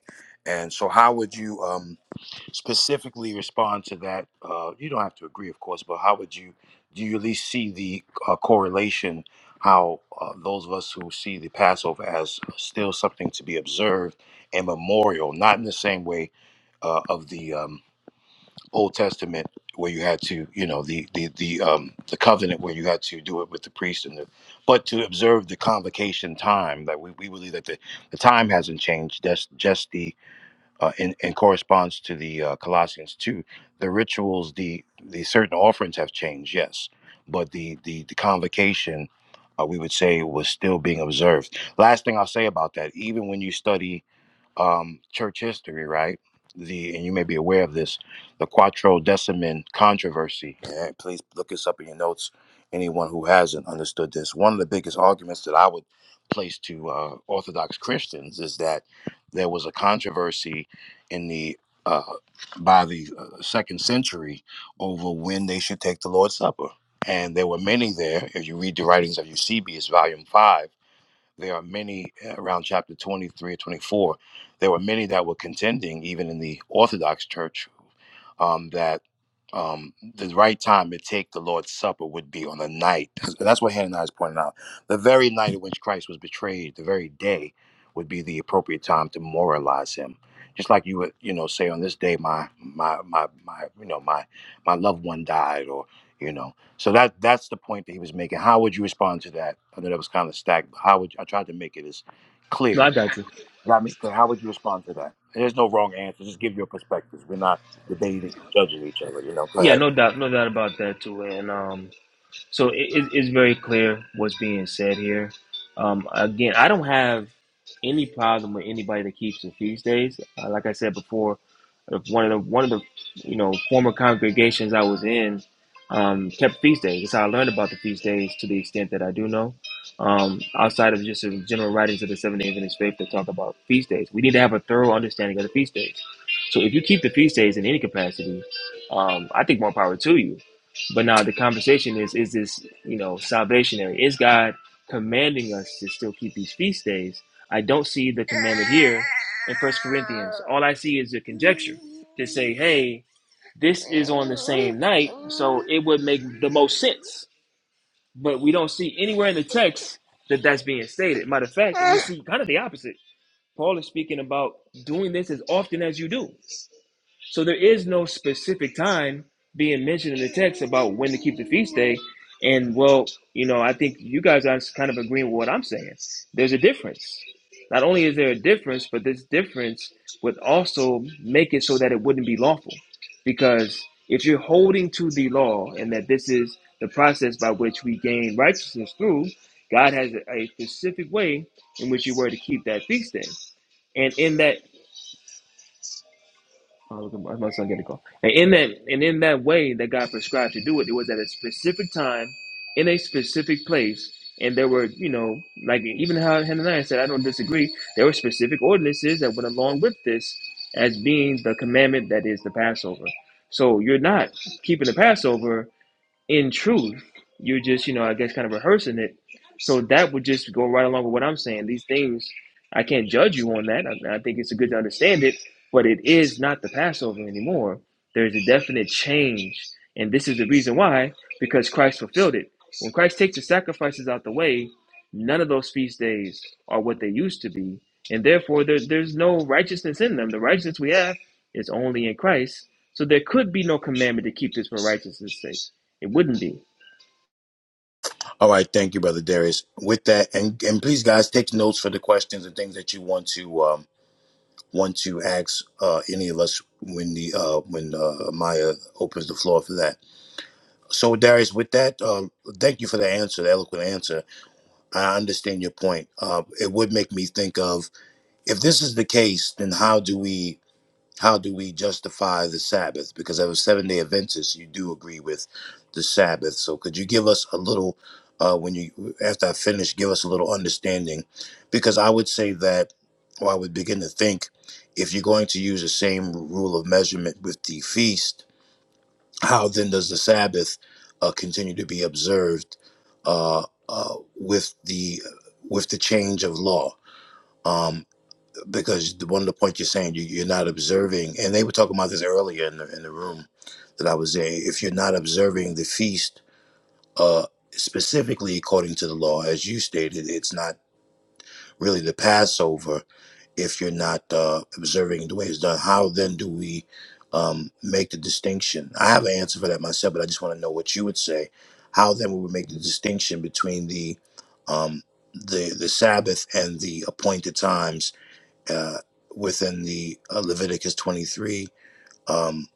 [SPEAKER 1] And so, how would you um, specifically respond to that? Uh, you don't have to agree, of course, but how would you do? You at least see the uh, correlation. How uh, those of us who see the Passover as still something to be observed and memorial, not in the same way uh, of the um, Old Testament where you had to, you know, the the the um the covenant where you had to do it with the priest and the but to observe the convocation time that we, we believe that the, the time hasn't changed. That's just the uh in, in corresponds to the uh, Colossians two. The rituals, the the certain offerings have changed, yes. But the the, the convocation uh, we would say was still being observed. Last thing I'll say about that, even when you study um, church history, right? The and you may be aware of this, the Quattro Decimin controversy. Yeah, please look this up in your notes. Anyone who hasn't understood this, one of the biggest arguments that I would place to uh, Orthodox Christians is that there was a controversy in the uh, by the uh, second century over when they should take the Lord's Supper, and there were many there. If you read the writings of Eusebius, Volume Five there are many uh, around chapter 23 or 24. There were many that were contending, even in the Orthodox Church, um, that um, the right time to take the Lord's Supper would be on the night. (laughs) That's what Hannah is pointing out. The very night in which Christ was betrayed, the very day would be the appropriate time to memorialize him. Just like you would, you know, say on this day, my, my, my, my, you know, my, my loved one died, or, you know. So that that's the point that he was making. How would you respond to that? I know that was kind of stacked, but how would I tried to make it as
[SPEAKER 2] no
[SPEAKER 1] clear?
[SPEAKER 2] i got you
[SPEAKER 1] I mean, how would you respond to that? There's no wrong answer. Just give your perspectives. We're not debating and judging each other. You know, go
[SPEAKER 2] yeah
[SPEAKER 1] ahead.
[SPEAKER 2] no doubt no doubt about that too and um So it, it- it's very clear what's being said here. Um, again, I don't have any problem with anybody that keeps the feast days. Uh, like I said before, uh, one of the one of the you know former congregations I was in um, kept feast days. That's how I learned about the feast days to the extent that I do know. Um, outside of just the general writings of the Seventh Day Adventist faith that talk about feast days, we need to have a thorough understanding of the feast days. So if you keep the feast days in any capacity, um, I think more power to you but now the conversation is is this, you know, salvationary? Is God commanding us to still keep these feast days? I don't see the commandment here in First Corinthians. All I see is a conjecture to say, hey, this is on the same night, so it would make the most sense. But we don't see anywhere in the text that that's being stated. Matter of fact, we see kind of the opposite. Paul is speaking about doing this as often as you do. So there is no specific time being mentioned in the text about when to keep the feast day. And well, you know, I think you guys are kind of agreeing with what I'm saying. There's a difference. Not only is there a difference, but this difference would also make it so that it wouldn't be lawful. Because if you're holding to the law and that this is the process by which we gain righteousness through, God has a specific way in which you were to keep that feast day. And in that Oh, look at my, my son getting a call. And in that and in that way that God prescribed to do it, it was at a specific time, in a specific place, and there were, you know, like even how Hananiah said, I don't disagree. There were specific ordinances that went along with this as being the commandment that is the Passover. So you're not keeping the Passover in truth. You're just, you know, I guess kind of rehearsing it. So that would just go right along with what I'm saying. These things, I can't judge you on that. I, I think it's good to understand it, but it is not the Passover anymore. There's a definite change. And this is the reason why, because Christ fulfilled it. When Christ takes the sacrifices out the way, none of those feast days are what they used to be. And therefore, there, there's no righteousness in them. The righteousness we have is only in Christ. So there could be no commandment to keep this for righteousness' sake. It wouldn't be.
[SPEAKER 1] All right, thank you, brother Darius. With that, and and please, guys, take notes for the questions and things that you want to. once you ask uh, any of us when the uh, when uh, Maya opens the floor for that. So Darius, with that, uh, thank you for the answer, the eloquent answer. I understand your point. Uh, it would make me think of if this is the case, then how do we? How do we justify the Sabbath? Because as a seven day Adventist, you do agree with the Sabbath. So could you give us a little, uh, when you, after I finish, give us a little understanding? Because I would say that, or I would begin to think, if you're going to use the same rule of measurement with the feast, how then does the Sabbath uh, continue to be observed uh, uh, with the with the change of law? Um, because the- one of the points you're saying you, you're not observing, and they were talking about this earlier in the in the room that I was in. If you're not observing the feast, uh, specifically according to the law, as you stated, it's not really the Passover if you're not uh, observing the way it's done. How then do we um, make the distinction? I have an answer for that myself, but I just want to know what you would say. How then would we make the distinction between the um, the the Sabbath and the appointed times? uh, within the uh, Leviticus 23, um,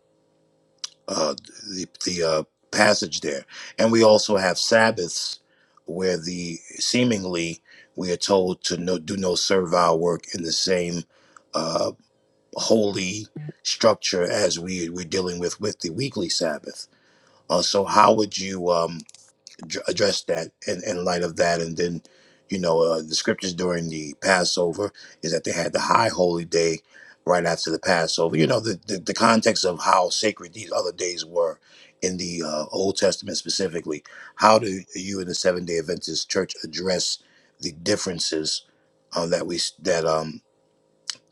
[SPEAKER 1] uh, the, the uh, passage there. And we also have Sabbaths where the seemingly we are told to no, do no servile work in the same uh, holy structure as we, we're dealing with with the weekly Sabbath. Uh, so how would you? um, dr- address that in, in light of that. And then, you know, uh, the scriptures during the Passover is that they had the high holy day right after the Passover. You know, the, the, the context of how sacred these other days were in the uh, Old Testament specifically. How do you in the Seven Day Adventist Church address the differences uh, that we s- that um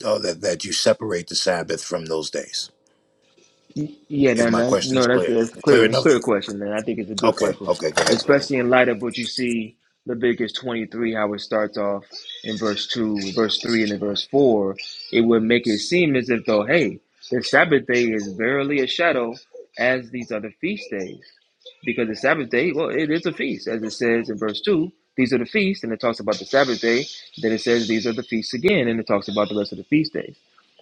[SPEAKER 1] uh, that that you separate the Sabbath from those days?
[SPEAKER 2] Yeah,
[SPEAKER 1] If
[SPEAKER 2] no,
[SPEAKER 1] my
[SPEAKER 2] no,
[SPEAKER 1] question is
[SPEAKER 2] no that's,
[SPEAKER 1] clear,
[SPEAKER 2] that's
[SPEAKER 1] clear
[SPEAKER 2] clear, a
[SPEAKER 1] enough?
[SPEAKER 2] clear question, and I think it's a good
[SPEAKER 1] Okay,
[SPEAKER 2] question,
[SPEAKER 1] okay, go ahead, brother.
[SPEAKER 2] especially in light of what you see Leviticus 23, how it starts off in verse 2, verse 3, and in verse 4. It would make it seem as if, though, hey, the Sabbath day is verily a shadow as these other feast days, because the Sabbath day, well, it is a feast, as it says in verse 2. These are the feasts, and it talks about the Sabbath day. Then it says these are the feasts again, and it talks about the rest of the feast days.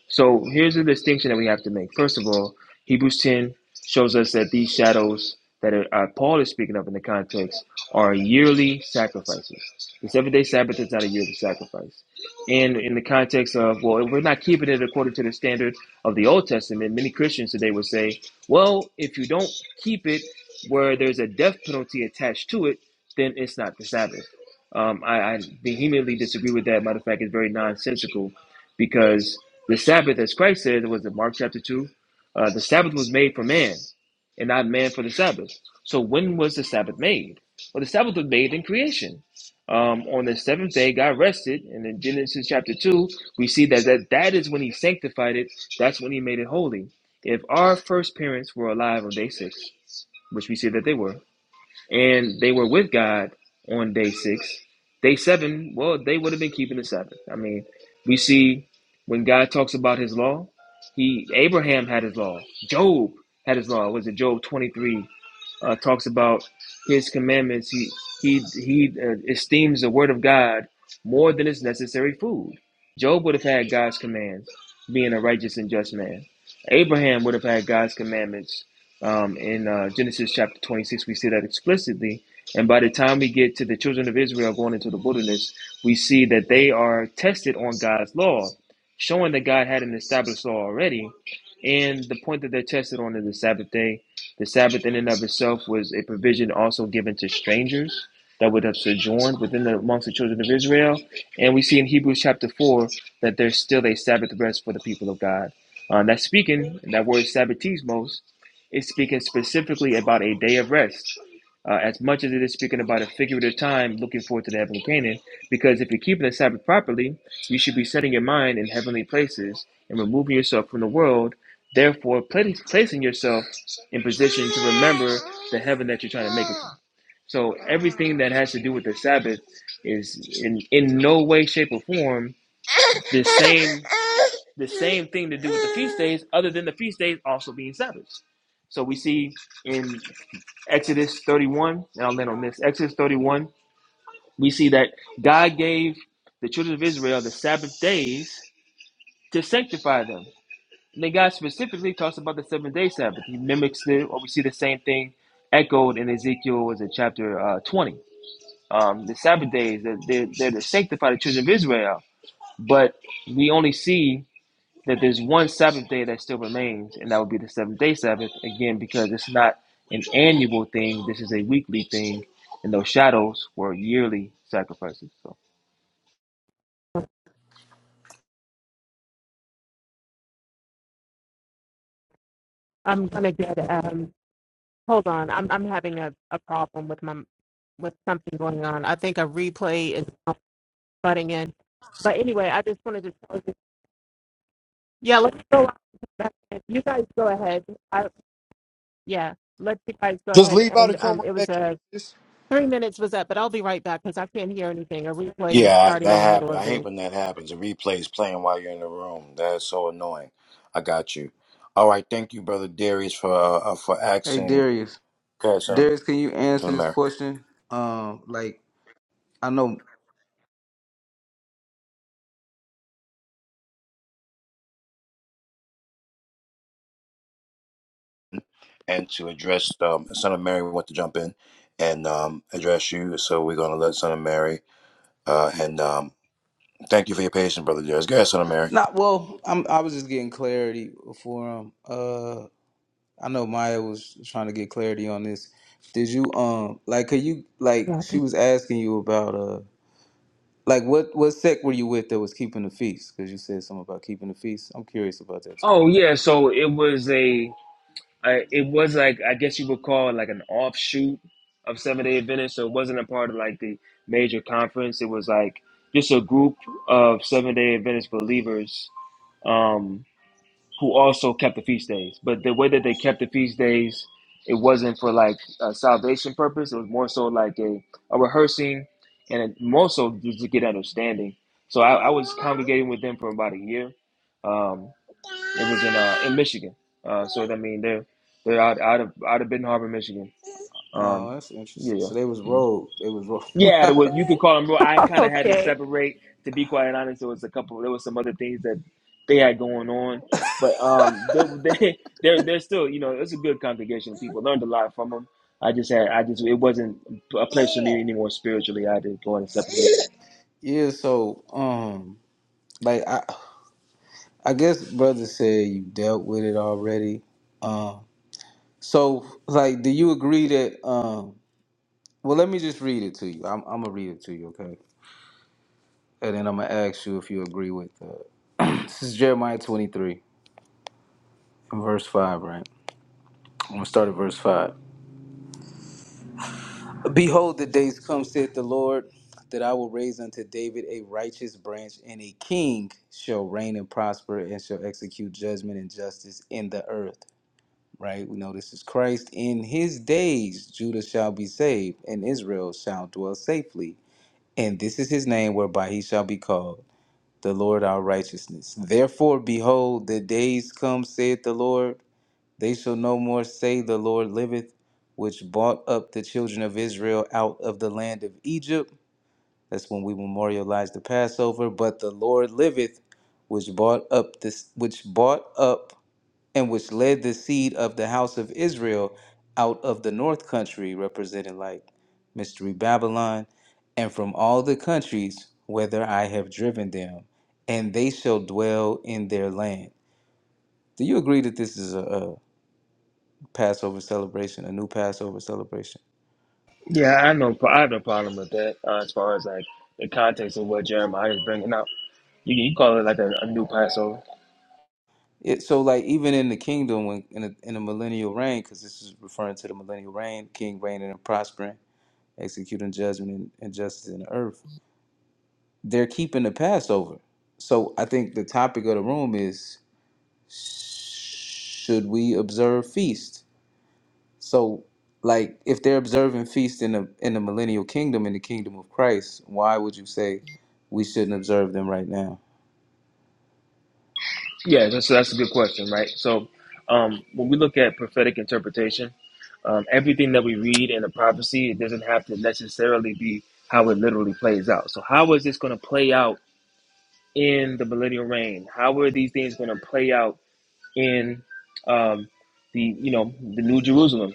[SPEAKER 2] So here's the distinction that we have to make. First of all, Hebrews 10 shows us that these shadows that are, uh, Paul is speaking of in the context are yearly sacrifices. The seven day Sabbath is not a yearly sacrifice. And in the context of, well, if we're not keeping it according to the standard of the Old Testament, many Christians today would say, well, if you don't keep it where there's a death penalty attached to it, then it's not the Sabbath. Um, I, I vehemently disagree with that. Matter of fact, it's very nonsensical because the Sabbath, as Christ said, was in Mark chapter 2, uh, the Sabbath was made for man and not man for the Sabbath. So when was the Sabbath made? Well, the Sabbath was made in creation. Um, on the seventh day, God rested. And in Genesis chapter 2, we see that, that that is when he sanctified it. That's when he made it holy. If our first parents were alive on day six, which we see that they were, and they were with God on day six. Day seven, well, they would have been keeping the Sabbath. I mean, we see when God talks about His law, he Abraham had His law, Job had His law. Was it Job twenty three? uh, talks about his commandments. He he he uh, esteems the word of God more than its necessary food. Job would have had God's commands, being a righteous and just man. Abraham would have had God's commandments. Um, in uh, Genesis chapter 26, we see that explicitly. And by the time we get to the children of Israel going into the wilderness, we see that they are tested on God's law, showing that God had an established law already. And the point that they're tested on is the Sabbath day the Sabbath in and of itself was a provision also given to strangers that would have sojourned within the amongst the children of Israel. And we see in Hebrews chapter four that there's still a Sabbath rest for the people of God. Um, that's speaking, that word sabbatismos is speaking specifically about a day of rest uh, as much as it is speaking about a figurative time, looking forward to the heavenly Canaan, because if you're keeping the Sabbath properly, you should be setting your mind in heavenly places and removing yourself from the world, therefore placing yourself in position to remember the heaven that you're trying to make. It. from. So everything that has to do with the Sabbath is in, in no way, shape, or form the same the same thing to do with the feast days, other than the feast days also being Sabbaths. So we see in Exodus 31, and I'll land on this. Exodus 31, we see that God gave the children of Israel the Sabbath days to sanctify them. And then God specifically talks about the 7 day Sabbath. He mimics it, or we see the same thing echoed in Ezekiel, was it chapter uh, 20? Um, the Sabbath days, they're, they're, they're to sanctify the children of Israel. But we only see that there's one Sabbath day that still remains, and that would be the seventh day Sabbath, again, because it's not an annual thing, this is a weekly thing, and those shadows were yearly sacrifices. So.
[SPEAKER 3] I'm gonna get um. Hold on, I'm I'm having a, a problem with my with something going on. I think a replay is butting in. But anyway, I just wanted to tell you. Yeah, let's go. You guys go ahead. I, Yeah, let you guys go
[SPEAKER 5] just
[SPEAKER 3] ahead
[SPEAKER 5] leave out
[SPEAKER 3] and
[SPEAKER 5] and come
[SPEAKER 3] um, it
[SPEAKER 5] right
[SPEAKER 3] was
[SPEAKER 5] back in.
[SPEAKER 3] a
[SPEAKER 5] This
[SPEAKER 3] three minutes was up, but I'll be right back because I can't hear anything. A replay is
[SPEAKER 1] Yeah,
[SPEAKER 3] starting in
[SPEAKER 1] that
[SPEAKER 3] the middle
[SPEAKER 1] happened.
[SPEAKER 3] of
[SPEAKER 1] I hate
[SPEAKER 3] this.
[SPEAKER 1] when that happens. The replay's playing while you're in the room. That's so annoying. I got you. All right, thank you, brother Darius, for uh, for
[SPEAKER 6] hey,
[SPEAKER 1] asking
[SPEAKER 6] Darius.
[SPEAKER 1] go ahead, son of,
[SPEAKER 6] Darius, can you
[SPEAKER 1] son
[SPEAKER 6] answer
[SPEAKER 1] of
[SPEAKER 6] this
[SPEAKER 1] Mary
[SPEAKER 6] question? Um, like I know
[SPEAKER 1] and to address um, son of Mary. We want to jump in and um, address you, so we're gonna let son of Mary uh, and um, thank you for your patience, brother Darius. Go ahead, son of Mary.
[SPEAKER 6] not well. I'm. I was just getting clarity for um. Uh, I know Maya was trying to get clarity on this. Did you um like? Could you like?
[SPEAKER 3] Yeah, I
[SPEAKER 6] She
[SPEAKER 3] think-
[SPEAKER 6] was asking you about uh. Like what what sect were you with that was keeping the feast? Because you said something about keeping the feast. I'm curious about that too.
[SPEAKER 2] Oh, yeah, so it was a, I it was like, I guess you would call it like an offshoot of Seventh day Adventists, so it wasn't a part of like the major conference, it was like just a group of Seventh day Adventist believers. um, who also kept the feast days. But the way that they kept the feast days, it wasn't for like a salvation purpose. It was more so like a, a rehearsing and it, more so just to get understanding. So I, I was congregating with them for about a year. Um, it was in uh, in Michigan. Uh, so I mean they're they're out out of out of Benton Harbor, Michigan.
[SPEAKER 6] Oh,
[SPEAKER 2] Um,
[SPEAKER 6] that's interesting.
[SPEAKER 2] yeah.
[SPEAKER 6] So they was
[SPEAKER 2] yeah.
[SPEAKER 6] rogue. They was rogue.
[SPEAKER 2] Yeah, there was, you could call them. real- I
[SPEAKER 3] (laughs)
[SPEAKER 2] kind of had to
[SPEAKER 3] Okay.
[SPEAKER 2] separate. To be quite honest, there was a couple. There was some other things that they had going on, but um, they they (laughs) they're, they're still you know it's a good congregation. of People learned a lot from them. I just had I just it wasn't a place for me anymore spiritually. I had to go and separate.
[SPEAKER 6] (laughs) yeah. So um, like I I guess brother said you dealt with it already. Um, so like, do you agree that um? Well, let me just read it to you. I'm I'm gonna read it to you, okay? And then I'm gonna ask you if you agree with. Uh, (clears throat) this is Jeremiah 23, verse five, right? I'm gonna start at verse five. Behold, the days come, saith the Lord, that I will raise unto David a righteous branch, and a king shall reign and prosper, and shall execute judgment and justice in the earth. Right? We know this is Christ. In his days, Judah shall be saved, and Israel shall dwell safely. And this is his name whereby he shall be called, the Lord our righteousness. Therefore, behold, the days come, saith the Lord they shall no more say, The Lord liveth, which brought up the children of Israel out of the land of Egypt. That's when we memorialize the Passover. But the Lord liveth, which brought up this, which brought up and which led the seed of the house of Israel out of the north country, represented like mystery Babylon, and from all the countries whither I have driven them, and they shall dwell in their land. Do you agree that this is a, a Passover celebration, a new Passover celebration.
[SPEAKER 2] Yeah, I know. I have no problem with that uh, as far as like the context of what Jeremiah is bringing out. You you call it like a, a new Passover.
[SPEAKER 6] It, so, like even in the kingdom, when in a, in a millennial reign, because this is referring to the millennial reign, king reigning and prospering, executing judgment and, and justice in the earth, they're keeping the Passover. So, I think the topic of the room is: Should we observe feast? So, like, if they're observing feast in the in the millennial kingdom, in the kingdom of Christ, why would you say we shouldn't observe them right now?
[SPEAKER 2] Yeah, that's, that's a good question, right? So, um, when we look at prophetic interpretation, um, everything that we read in a prophecy, it doesn't have to necessarily be how it literally plays out. So, how is this going to play out in the millennial reign? How are these things going to play out in um, the you know the New Jerusalem?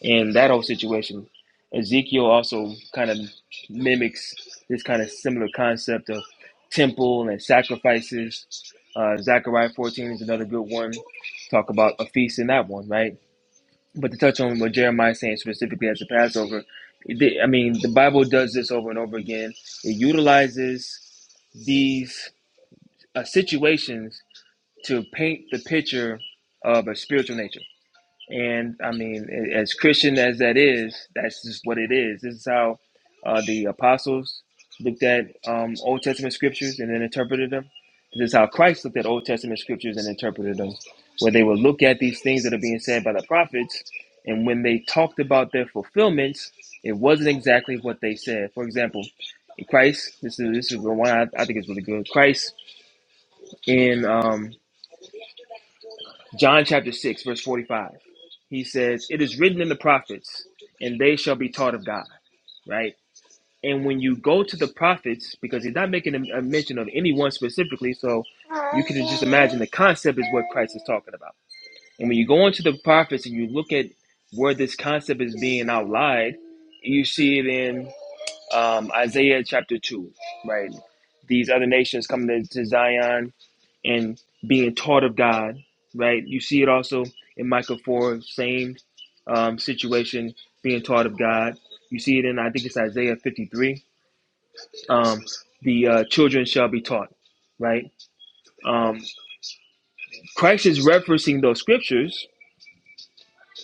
[SPEAKER 2] in that whole situation, Ezekiel also kind of mimics this kind of similar concept of temple and sacrifices. Uh, Zechariah 14 is another good one. Talk about a feast in that one, right? But to touch on what Jeremiah is saying specifically as the Passover, it did- I mean, the Bible does this over and over again. It utilizes these uh, situations to paint the picture of a spiritual nature and I mean, a- as Christian as that is, that's just what it is. This is how uh, the apostles looked at um, Old Testament scriptures and then interpreted them. This is how Christ looked at Old Testament scriptures and interpreted them, where they would look at these things that are being said by the prophets, and when they talked about their fulfillments, it wasn't exactly what they said. For example, Christ, this is this is the one I, I think is really good. Christ in um, John chapter 6, verse 45. He says, It is written in the prophets, and they shall be taught of God, right? And when you go to the prophets, because he's not making a, a mention of anyone specifically, so you can just imagine the concept is what Christ is talking about. And when you go into the prophets and you look at where this concept is being outlined, you see it in um, Isaiah chapter 2, right? These other nations coming to Zion, and being taught of God, right? You see it also in Micah 4, same um, situation, being taught of God. You see it in, I think it's Isaiah 53, um, the uh, children shall be taught, right? Um, Christ is referencing those scriptures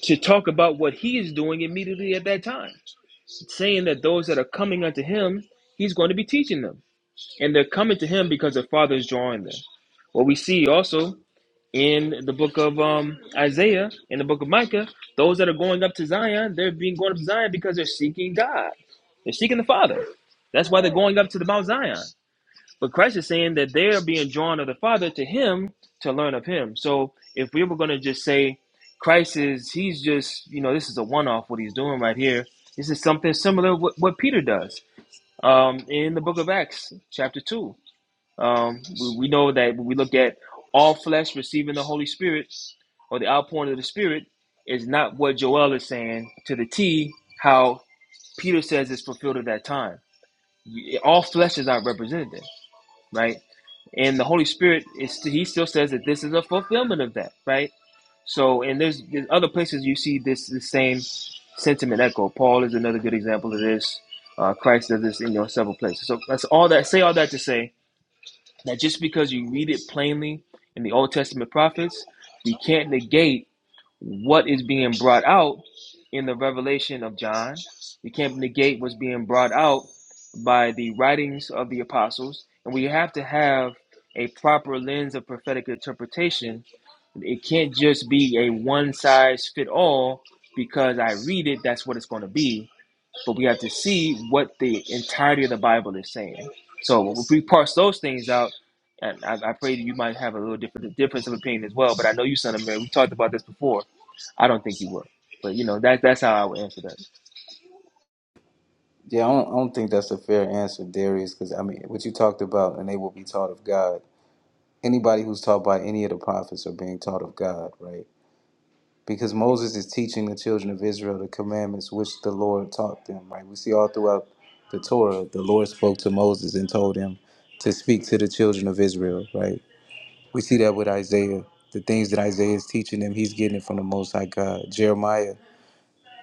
[SPEAKER 2] to talk about what he is doing immediately at that time, saying that those that are coming unto him, he's going to be teaching them. And they're coming to him because the Father is drawing them. What we see also in the book of um, Isaiah, in the book of Micah, those that are going up to Zion, they're being going up to Zion because they're seeking God. They're seeking the Father. That's why they're going up to the Mount Zion. But Christ is saying that they are being drawn of the Father to Him to learn of Him. So if we were going to just say Christ is, He's just, you know, this is a one off what He's doing right here. This is something similar to what, what Peter does um, in the book of Acts, chapter 2. Um, we, we know that when we look at all flesh receiving the Holy Spirit or the outpouring of the Spirit is not what Joel is saying to the T, how Peter says it's fulfilled at that time. All flesh is not represented, there, right? And the Holy Spirit is he still says that this is a fulfillment of that, right? So, and there's, there's other places you see this the same sentiment echo. Paul is another good example of this. Uh, Christ does this in you know, several places. So that's all that. Say all that to say that just because you read it plainly in the Old Testament prophets, we can't negate what is being brought out in the revelation of John. We can't negate what's being brought out by the writings of the apostles. And we have to have a proper lens of prophetic interpretation. It can't just be a one size fit all because I read it, that's what it's going to be but we have to see what the entirety of the Bible is saying. So if we parse those things out, and I, I pray that you might have a little different difference of opinion as well. But I know you, son of man, we talked about this before. I don't think you will. But you know that that's how I would answer that.
[SPEAKER 6] Yeah, I don't, I don't think that's a fair answer, Darius, because I mean, what you talked about, and they will be taught of God. Anybody who's taught by any of the prophets are being taught of God, right? Because Moses is teaching the children of Israel the commandments which the Lord taught them, right? We see all throughout the Torah, the Lord spoke to Moses and told him to speak to the children of Israel, right? We see that with Isaiah. The things that Isaiah is teaching them, he's getting it from the Most High God. Jeremiah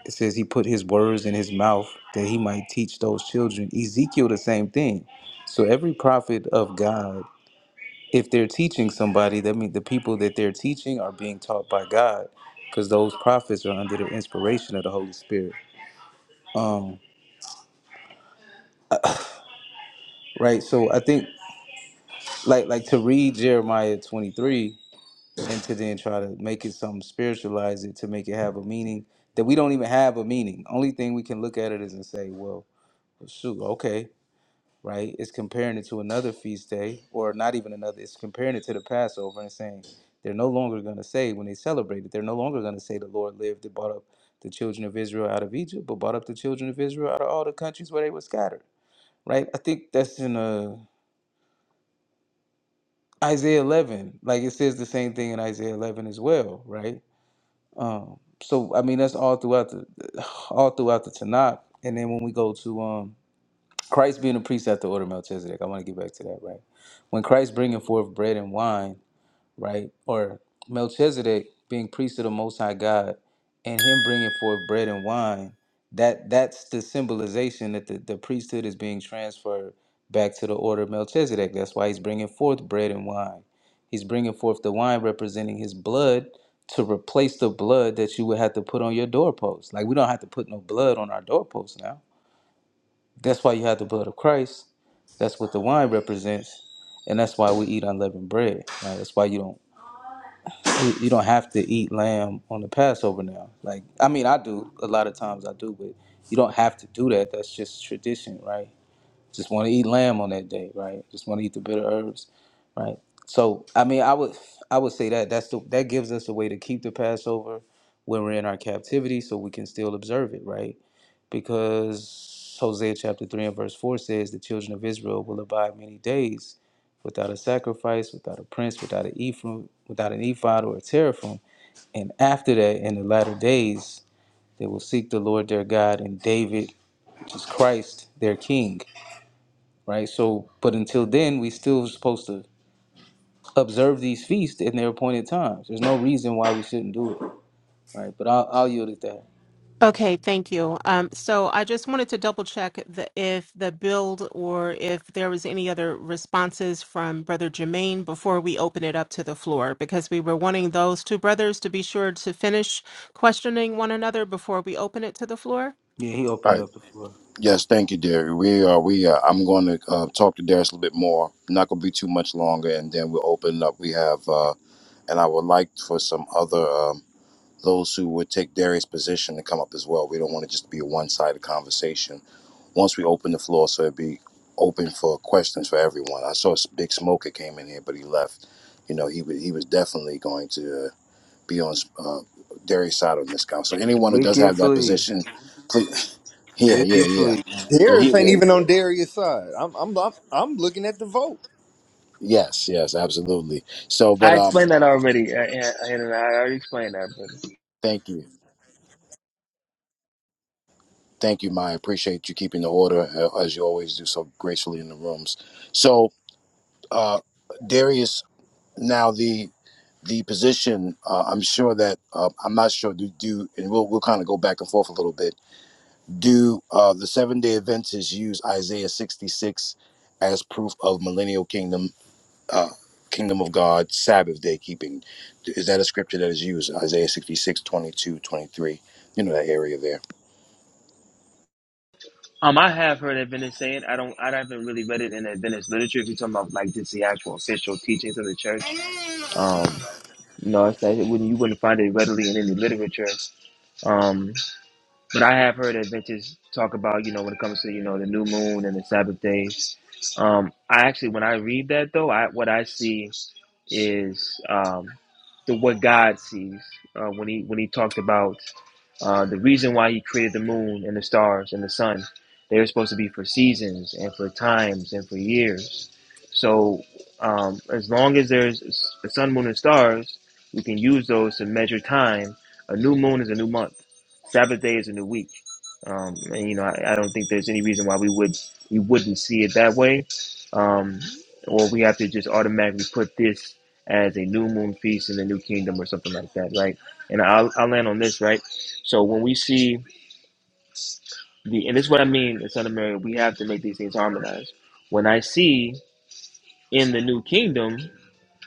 [SPEAKER 6] it says he put his words in his mouth that he might teach those children. Ezekiel, the same thing. So every prophet of God, if they're teaching somebody, that means the people that they're teaching are being taught by God, because those prophets are under the inspiration of the Holy Spirit. Um, right. So I think like like to read Jeremiah 23 and to then try to make it something spiritualize it to make it have a meaning that we don't even have a meaning. Only thing we can look at it is and say, well, shoot, okay. right? It's comparing it to another feast day, or not even another. It's comparing it to the Passover and saying they're no longer going to say when they celebrate it, they're no longer going to say the Lord lived and brought up the children of Israel out of Egypt, but brought up the children of Israel out of all the countries where they were scattered, right? I think that's in uh, Isaiah 11. Like it says the same thing in Isaiah 11 as well, right? Um, so I mean that's all throughout the all throughout the Tanakh, and then when we go to um Christ being a priest after order of Melchizedek. I want to get back to that, right? When Christ bringing forth bread and wine, right, or Melchizedek being priest of the Most High God, and him bringing forth bread and wine, that that's the symbolization that the, the priesthood is being transferred back to the order of Melchizedek. That's why he's bringing forth bread and wine. He's bringing forth the wine representing his blood to replace the blood that you would have to put on your doorpost. Like we don't have to put no blood on our doorpost now that's why you have the blood of Christ. That's what the wine represents, and that's why we eat unleavened bread. Right? That's why you don't you you don't have to eat lamb on the Passover now. Like I mean, I do a lot of times I do, but you don't have to do that. That's just tradition, right? Just want to eat lamb on that day, right? Just want to eat the bitter herbs, right? So I mean, I would I would say that that's the that gives us a way to keep the Passover when we're in our captivity, so we can still observe it, right? Because Hosea chapter three and verse four says the children of Israel will abide many days without a sacrifice, without a prince, without an ephraim, without an ephod or a teraphim, and after that, in the latter days, they will seek the Lord their God and David, which is Christ, their King right? So, but until then, we still supposed to observe these feasts in their appointed times. There's no reason why we shouldn't do it, right? But I'll, I'll yield it that.
[SPEAKER 3] Okay, thank you. Um, so I just wanted to double check the, if the build or if there was any other responses from Brother Jermaine before we open it up to the floor, because we were wanting those two brothers to be sure to finish questioning one another before we open it to the floor.
[SPEAKER 6] Yeah, he
[SPEAKER 1] All
[SPEAKER 6] opened
[SPEAKER 1] right.
[SPEAKER 6] up the floor.
[SPEAKER 1] Yes, thank you, Darius. We are. We. Are, I'm going to uh, talk to Darius a little bit more. Not going to be too much longer, and then we'll open up. We have. and I would like for some other um, those who would take Darius' position to come up as well. We don't want it just to be a one-sided conversation. Once we open the floor, so it'd be open for questions for everyone. I saw Big Smoker came in here, but he left. You know, he was he was definitely going to uh, be on uh, Darius' side on this count. So anyone who does
[SPEAKER 6] Wicked
[SPEAKER 1] have that
[SPEAKER 6] flea,
[SPEAKER 1] position, please, (laughs) yeah, yeah,
[SPEAKER 6] wicked
[SPEAKER 1] yeah.
[SPEAKER 6] flea.
[SPEAKER 1] And
[SPEAKER 5] Harris
[SPEAKER 1] he,
[SPEAKER 5] ain't
[SPEAKER 1] yeah,
[SPEAKER 5] even on Darius' side. I'm I'm I'm, I'm looking at the vote.
[SPEAKER 1] yes, yes, absolutely. So, but
[SPEAKER 2] I
[SPEAKER 1] um,
[SPEAKER 2] explained that already, uh, and and I already explained that. But,
[SPEAKER 1] thank you. Thank you, Maya. Appreciate you keeping the order uh, as you always do so gracefully in the rooms. So, uh, Darius, now the the position. Uh, I'm sure that uh, I'm not sure. Do do and we'll we'll kind of go back and forth a little bit. Do uh, the seven day Adventists use Isaiah 66 as proof of millennial kingdom uh, kingdom of God Sabbath day keeping? Is that a scripture that is used? Isaiah 66, twenty-two, 23. You know that area there.
[SPEAKER 2] um, I have heard Adventist saying I don't. I haven't really read it in the Adventist literature. If you're talking about like just the actual official teachings of the church, um, no, it's, it wouldn't. You wouldn't find it readily in any literature. Um, But I have heard Adventists talk about, you know, when it comes to, you know, the new moon and the Sabbath day. Um, I actually, when I read that though, I what I see is um, the what God sees uh, when he when he talked about uh, the reason why he created the moon and the stars and the sun. They were supposed to be for seasons and for times and for years. So um, as long as there's s- the sun, moon, and stars, we can use those to measure time. A new moon is a new month Sabbath day is a new week, um, and you know I, I don't think there's any reason why we would we wouldn't see it that way, um, or we have to just automatically put this as a new moon feast in the new kingdom or something like that, right? And I'll, I'll land on this, right? So when we see the and this is what I mean, the Son of Mary, we have to make these things harmonized. When I see in the new kingdom,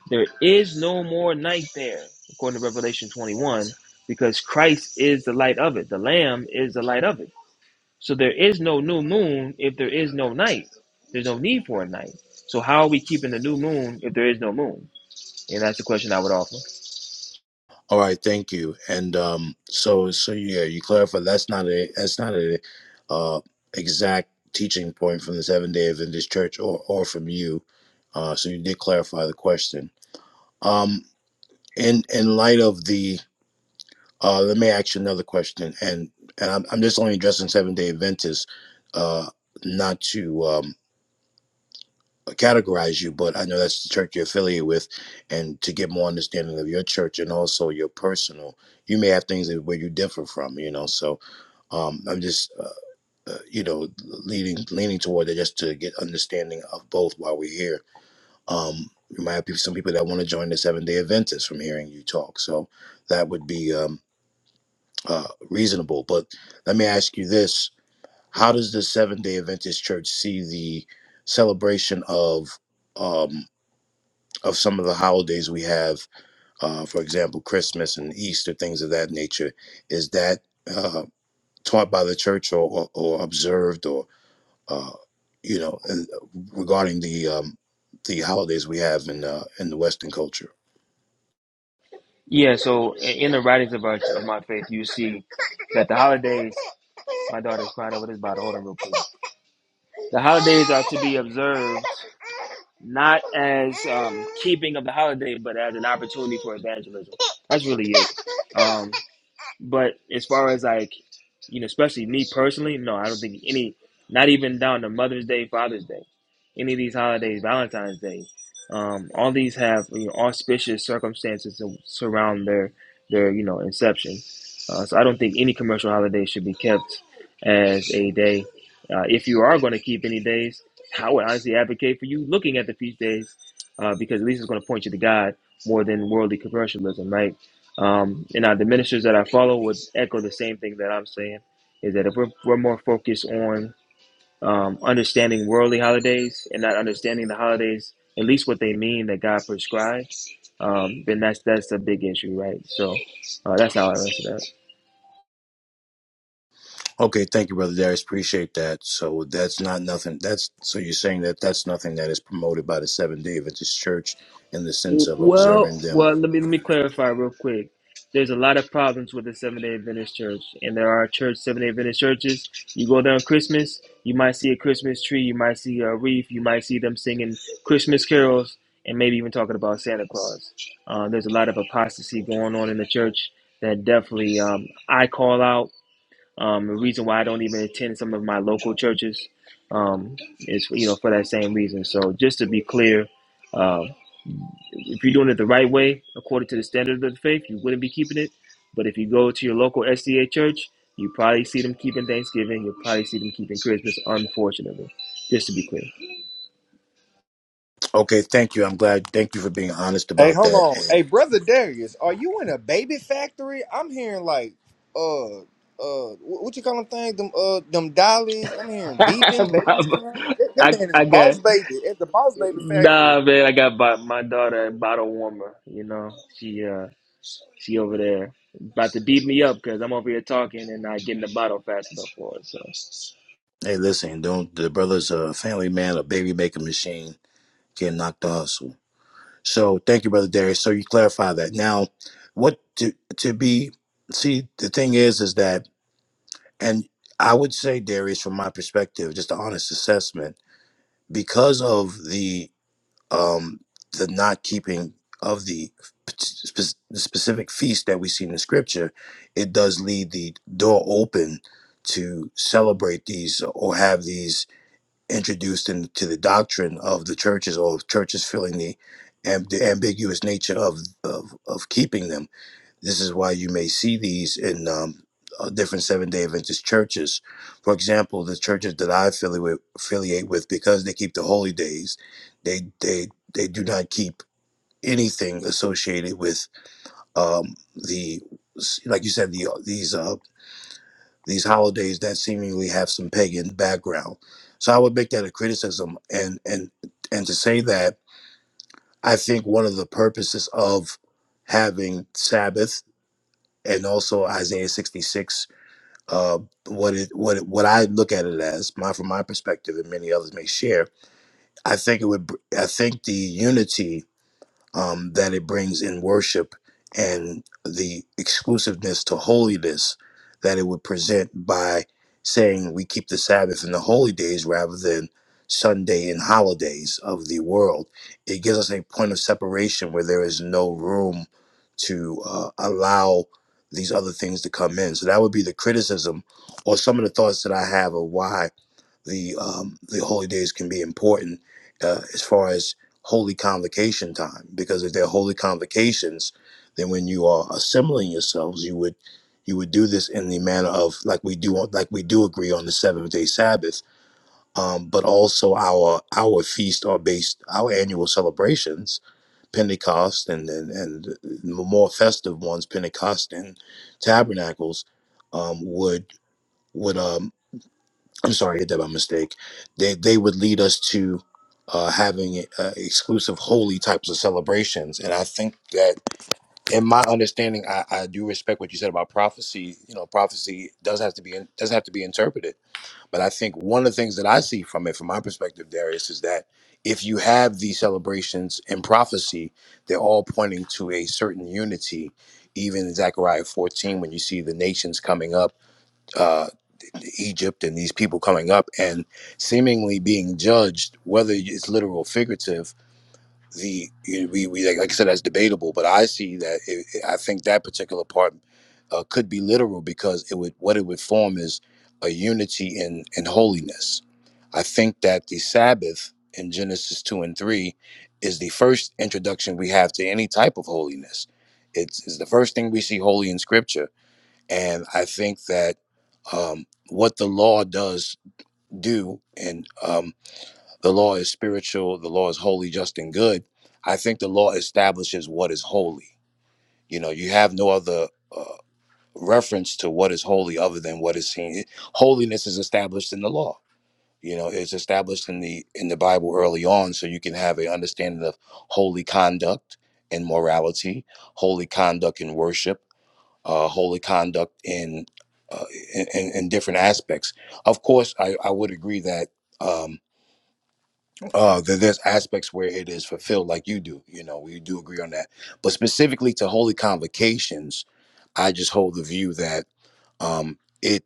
[SPEAKER 2] there is no more night there, according to Revelation 21, because Christ is the light of it. The Lamb is the light of it So there is no new moon if there is no night. There's no need for a night. So how are we keeping the new moon if there is no moon? And that's the question I would offer.
[SPEAKER 1] All right, thank you. And um, so so yeah, you clarify that's not a that's not a uh, exact teaching point from the Seven Day Adventist Church or or from you. Uh, so you did clarify the question. Um, in in light of the uh, let me ask you another question, and and I'm, I'm just only addressing Seven Day Adventists, uh, not to um, categorize you, but I know that's the church you're affiliated with. And to get more understanding of your church and also your personal, you may have things that, where you differ from, you know. So um, I'm just, uh, uh, you know, leaning leaning toward it just to get understanding of both while we're here. Um, you might have people, some people that want to join the Seven Day Adventists from hearing you talk, so that would be um, uh, reasonable. But let me ask you this: How does the Seven Day Adventist Church see the celebration of? um? of some of the holidays we have, uh, for example, Christmas and Easter, things of that nature, is that uh, taught by the church or, or, or observed or, uh, you know, and regarding the um, the holidays we have in uh, in the Western culture.
[SPEAKER 2] Yeah. So in the writings of, our, of my faith, you see that the holidays. My daughter's crying over this bottle. Hold on, real quick. The holidays are to be observed not as um, keeping of the holiday, but as an opportunity for evangelism. That's really it. Um, But as far as like, you know, especially me personally, no, I don't think any, not even down to Mother's Day, Father's Day, any of these holidays, Valentine's Day, um, all these have you know, auspicious circumstances to surround their their you know inception. Uh, so I don't think any commercial holiday should be kept as a day. Uh, if you are going to keep any days, I would honestly advocate for you looking at the feast days uh, because at least it's going to point you to God more than worldly commercialism, right? Um, and now the ministers that I follow would echo the same thing that I'm saying is that if we're, we're more focused on um, understanding worldly holidays and not understanding the holidays, at least what they mean that God prescribed, um, then that's that's a big issue, right? So uh, that's how I answer that.
[SPEAKER 1] Okay, thank you, brother Darius. Appreciate that. So that's not nothing. That's so you're saying that that's nothing that is promoted by the Seventh Day Adventist Church in the sense of
[SPEAKER 2] Well,
[SPEAKER 1] observing them.
[SPEAKER 2] well, let me let me clarify real quick. There's a lot of problems with the Seventh Day Adventist Church, and there are church Seventh Day Adventist churches. You go there on Christmas, you might see a Christmas tree, you might see a wreath, you might see them singing Christmas carols, and maybe even talking about Santa Claus. Uh, there's a lot of apostasy going on in the church that definitely um, I call out. Um, the reason why I don't even attend some of my local churches um, is you know for that same reason. So just to be clear. uh, if you're doing it the right way, according to the standard of the faith, you wouldn't be keeping it. But if you go to your local SDA church, you probably see them keeping Thanksgiving. You'll probably see them keeping Christmas, unfortunately. Just to be clear.
[SPEAKER 1] Okay, thank you. I'm glad. Thank you for being honest
[SPEAKER 5] Hey,
[SPEAKER 1] about
[SPEAKER 5] hold on.
[SPEAKER 1] that.
[SPEAKER 5] Hey, brother Darius, are you in a baby factory? I'm hearing like uh uh wh- what you call them things? Them uh them dollies. I'm
[SPEAKER 2] (laughs)
[SPEAKER 5] hearing beeping, babies crying. That, that
[SPEAKER 2] I,
[SPEAKER 5] man is
[SPEAKER 2] I got
[SPEAKER 5] boss baby at the boss baby factory.
[SPEAKER 2] nah, man. I got my, my daughter a bottle warmer. You know, she uh she over there about to beat me up because I'm over here talking and I getting the bottle fast enough for her. So
[SPEAKER 1] Hey, listen, don't the brother's a family man, a baby making machine, getting knocked off. So, so thank you, brother Darius. So you clarify that. Now, what to to be? See, the thing is, is that, and I would say, Darius, from my perspective, just an honest assessment, because of the um the not keeping of the spe- the specific feast that we see in the scripture, it does leave the door open to celebrate these or have these introduced into the doctrine of the churches or churches feeling the, amb- the ambiguous nature of, of, of keeping them. This is why you may see these in um, uh, different Seven day Adventist churches. For example, the churches that I affiliate with, affiliate with because they keep the holy days, they, they, they do not keep anything associated with um, the, like you said, the, uh, these. Uh, these holidays that seemingly have some pagan background. So I would make that a criticism and and and to say that I think one of the purposes of having Sabbath and also Isaiah 66 uh, what it what it, what I look at it as my from my perspective and many others may share I think it would br- I think the unity um, that it brings in worship and the exclusiveness to holiness that it would present by saying we keep the Sabbath and the holy days rather than Sunday and holidays of the world. It gives us a point of separation where there is no room to uh, allow these other things to come in. So that would be the criticism or some of the thoughts that I have of why the um, the holy days can be important uh, as far as holy convocation time because if they're holy convocations then when you are assembling yourselves you would you would do this in the manner of like we do on like we do agree on the seventh day sabbath um, but also our our feast are based our annual celebrations pentecost and and, and the more festive ones pentecost and tabernacles um, would would um, I'm sorry, I hit that by mistake. They they would lead us to uh, having uh, exclusive holy types of celebrations, and I think that, in my understanding, I, I do respect what you said about prophecy. You know, prophecy does have to be doesn't have to be interpreted, but I think one of the things that I see from it, from my perspective, Darius, is that if you have these celebrations in prophecy, they're all pointing to a certain unity. Even in Zechariah 14, when you see the nations coming up uh, Egypt and these people coming up and seemingly being judged, whether it's literal or figurative. The we, we like, like I said, that's debatable. But I see that it- I think that particular part uh, could be literal because it would what it would form is a unity in in holiness. I think that the Sabbath in Genesis two and three is the first introduction we have to any type of holiness. It's, it's the first thing we see holy in Scripture and I think that um, what the law does do, and um, the law is spiritual, the law is holy, just, and good. I think the law establishes what is holy. You know, you have no other uh, reference to what is holy other than what is seen. Holiness is established in the law. You know, it's established in the in the Bible early on, so you can have an understanding of holy conduct and morality, holy conduct in worship uh, holy conduct in, uh, in, in different aspects. Of course, I, I would agree that um, uh, that there's aspects where it is fulfilled, like you do. You know, we do agree on that. But specifically to holy convocations, I just hold the view that um, it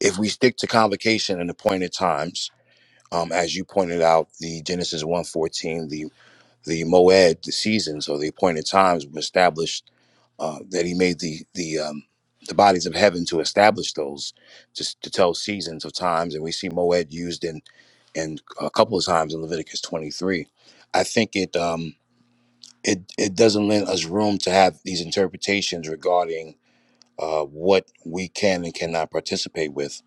[SPEAKER 1] if we stick to convocation and appointed times, um, as you pointed out, the Genesis 1:14, the moed, the seasons or the appointed times, were established. Uh, that he made the the um, the bodies of heaven to establish those, just to tell seasons of times, and we see moed used in in a couple of times in Leviticus 23. I think it um, it it doesn't lend us room to have these interpretations regarding uh, what we can and cannot participate with,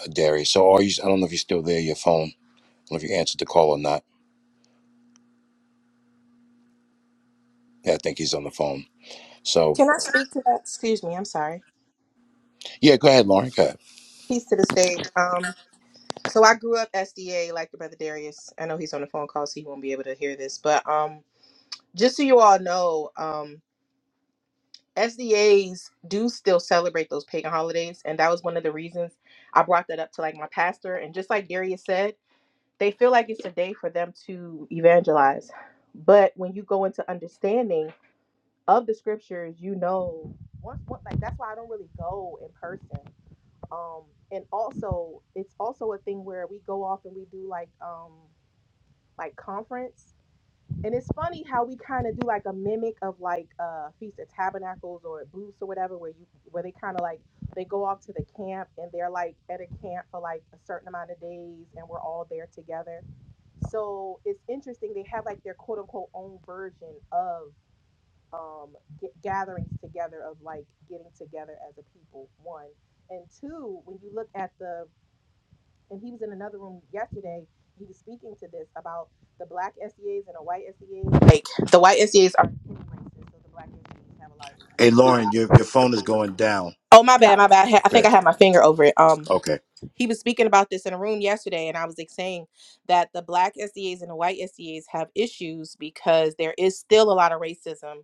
[SPEAKER 1] uh, Darius. So are you? I don't know if you're still there. Your phone. I don't know if you answered the call or not. Yeah, I think he's on the phone. So
[SPEAKER 7] Can I speak to that? Excuse me, I'm sorry.
[SPEAKER 1] yeah, go ahead, Lauren.
[SPEAKER 7] Peace to the stage. Um, so I grew up SDA like your brother Darius. I know he's on the phone call, so he won't be able to hear this. But um, just so you all know, um, SDAs do still celebrate those pagan holidays, and that was one of the reasons I brought that up to like my pastor. And just like Darius said, they feel like it's a day for them to evangelize. But when you go into understanding of the scriptures, you know, once, once like that's why I don't really go in person um and also it's also a thing where we go off and we do like um like conference and it's funny how we kind of do like a mimic of like uh feast of tabernacles or booths or whatever where you where they kind of like they go off to the camp and they're like at a camp for like a certain amount of days and we're all there together so it's interesting they have like their quote unquote own version of um g- gatherings together of like getting together as a people one and two when you look at the and he was in another room yesterday. He was speaking to this about the black SEAs and the white SEAs. Like the white SEAs are racist, so the black SEAs have a lot of
[SPEAKER 1] Hey Lauren, your your phone is going down.
[SPEAKER 7] Oh my bad, my bad. I ha- I think I
[SPEAKER 1] Good.
[SPEAKER 7] had my finger over it. Um,
[SPEAKER 1] Okay.
[SPEAKER 7] he was speaking about this in a room yesterday, and I was like saying that the black SEAs and the white SEAs have issues because there is still a lot of racism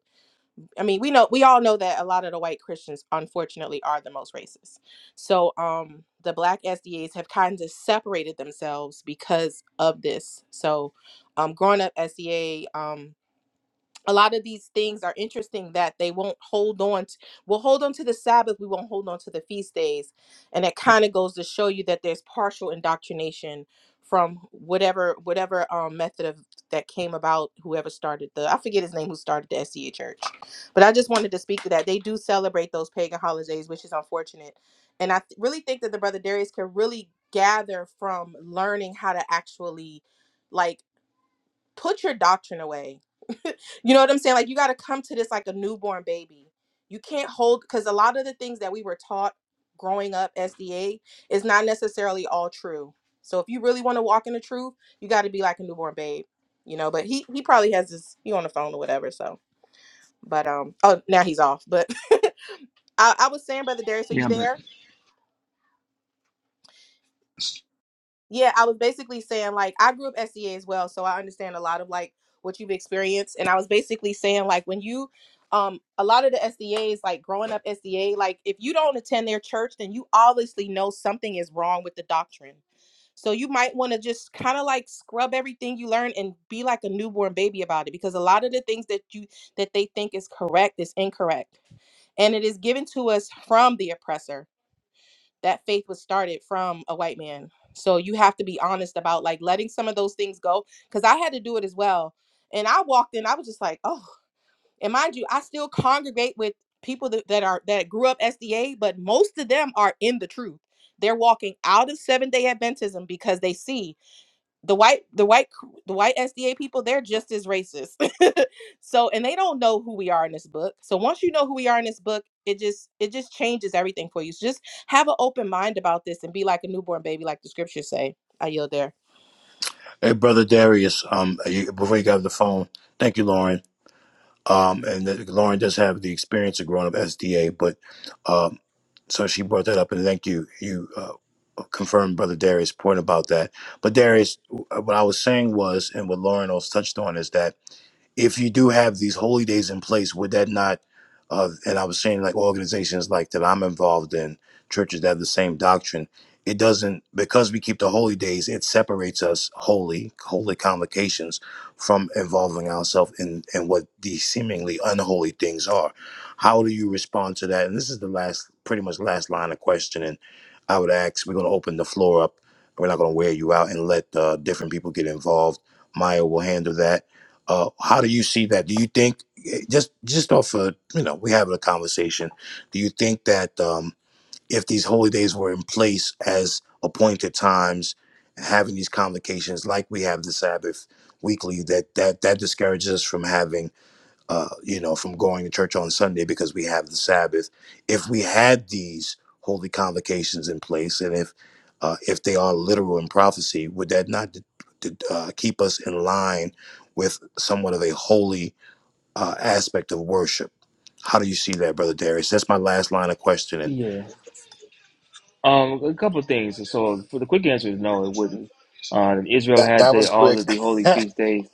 [SPEAKER 7] I mean, we know we all know that a lot of the white Christians unfortunately are the most racist. So um the black SDAs have kind of separated themselves because of this. So um growing up SDA, um a lot of these things are interesting that they won't hold on to we'll hold on to the sabbath we won't hold on to the feast days and it kind of goes to show you that there's partial indoctrination from whatever whatever um, method of that came about whoever started the i forget his name who started the sca church but i just wanted to speak to that they do celebrate those pagan holidays which is unfortunate and i th- really think that the brother darius can really gather from learning how to actually like put your doctrine away you know what I'm saying? Like you got to come to this like a newborn baby. You can't hold because a lot of the things that we were taught growing up SDA is not necessarily all true. So if you really want to walk in the truth, you got to be like a newborn babe, you know. But he he probably has his he on the phone or whatever. So, but um oh now he's off. But (laughs) I, I was saying, brother Darius, are
[SPEAKER 2] Yeah,
[SPEAKER 7] you
[SPEAKER 2] but
[SPEAKER 7] there? Yeah, I was basically saying like I grew up SEA as well, so I understand a lot of like what you've experienced. And I was basically saying like when you um a lot of the SDAs like growing up SDA, like if you don't attend their church, then you obviously know something is wrong with the doctrine. So you might want to just kind of like scrub everything you learn and be like a newborn baby about it because a lot of the things that you that they think is correct is incorrect. And it is given to us from the oppressor that faith was started from a white man. So you have to be honest about like letting some of those things go. Cause I had to do it as well. And I walked in, I was just like, oh, and mind you, I still congregate with people that, that are that grew up SDA, but most of them are in the truth. They're walking out of seven day Adventism because they see the white the white the white SDA people they're just as racist. (laughs) so and they don't know who we are in this book. So once you know who we are in this book, it just it just changes everything for you. So just have an open mind about this and be like a newborn baby like the scriptures say. I yield there.
[SPEAKER 1] Hey brother Darius, um, you, before you got off the phone, thank you, Lauren. Um, and that Lauren does have the experience of growing up SDA, but um, so she brought that up, and thank you. You uh, confirmed brother Darius' point about that. But Darius, what I was saying was, and what Lauren also touched on is that if you do have these holy days in place, would that not? Uh, and I was saying, like organizations like that I'm involved in, churches that have the same doctrine. It doesn't because we keep the holy days. It separates us holy, holy convocations, from involving ourselves in in what these seemingly unholy things are. How do you respond to that? And this is the last, pretty much last line of questioning. I would ask. We're going to open the floor up. We're not going to wear you out and let uh, different people get involved. Maya will handle that uh, how do you see that? Do you think eh, just just off of you know we having a conversation? Do you think that um, if these holy days were in place as appointed times and having these convocations like we have the Sabbath weekly, that that that discourages us from having uh, you know, from going to church on Sunday because we have the Sabbath. If we had these holy convocations in place, and if uh, if they are literal in prophecy, would that not d- d- uh, keep us in line with somewhat of a holy uh, aspect of worship? How do you see that, Brother Darius? That's my last line of questioning.
[SPEAKER 2] yeah, Um, a couple of things. So, for the quick answer is no, it wouldn't. Uh, Israel had the, all of the holy feast days.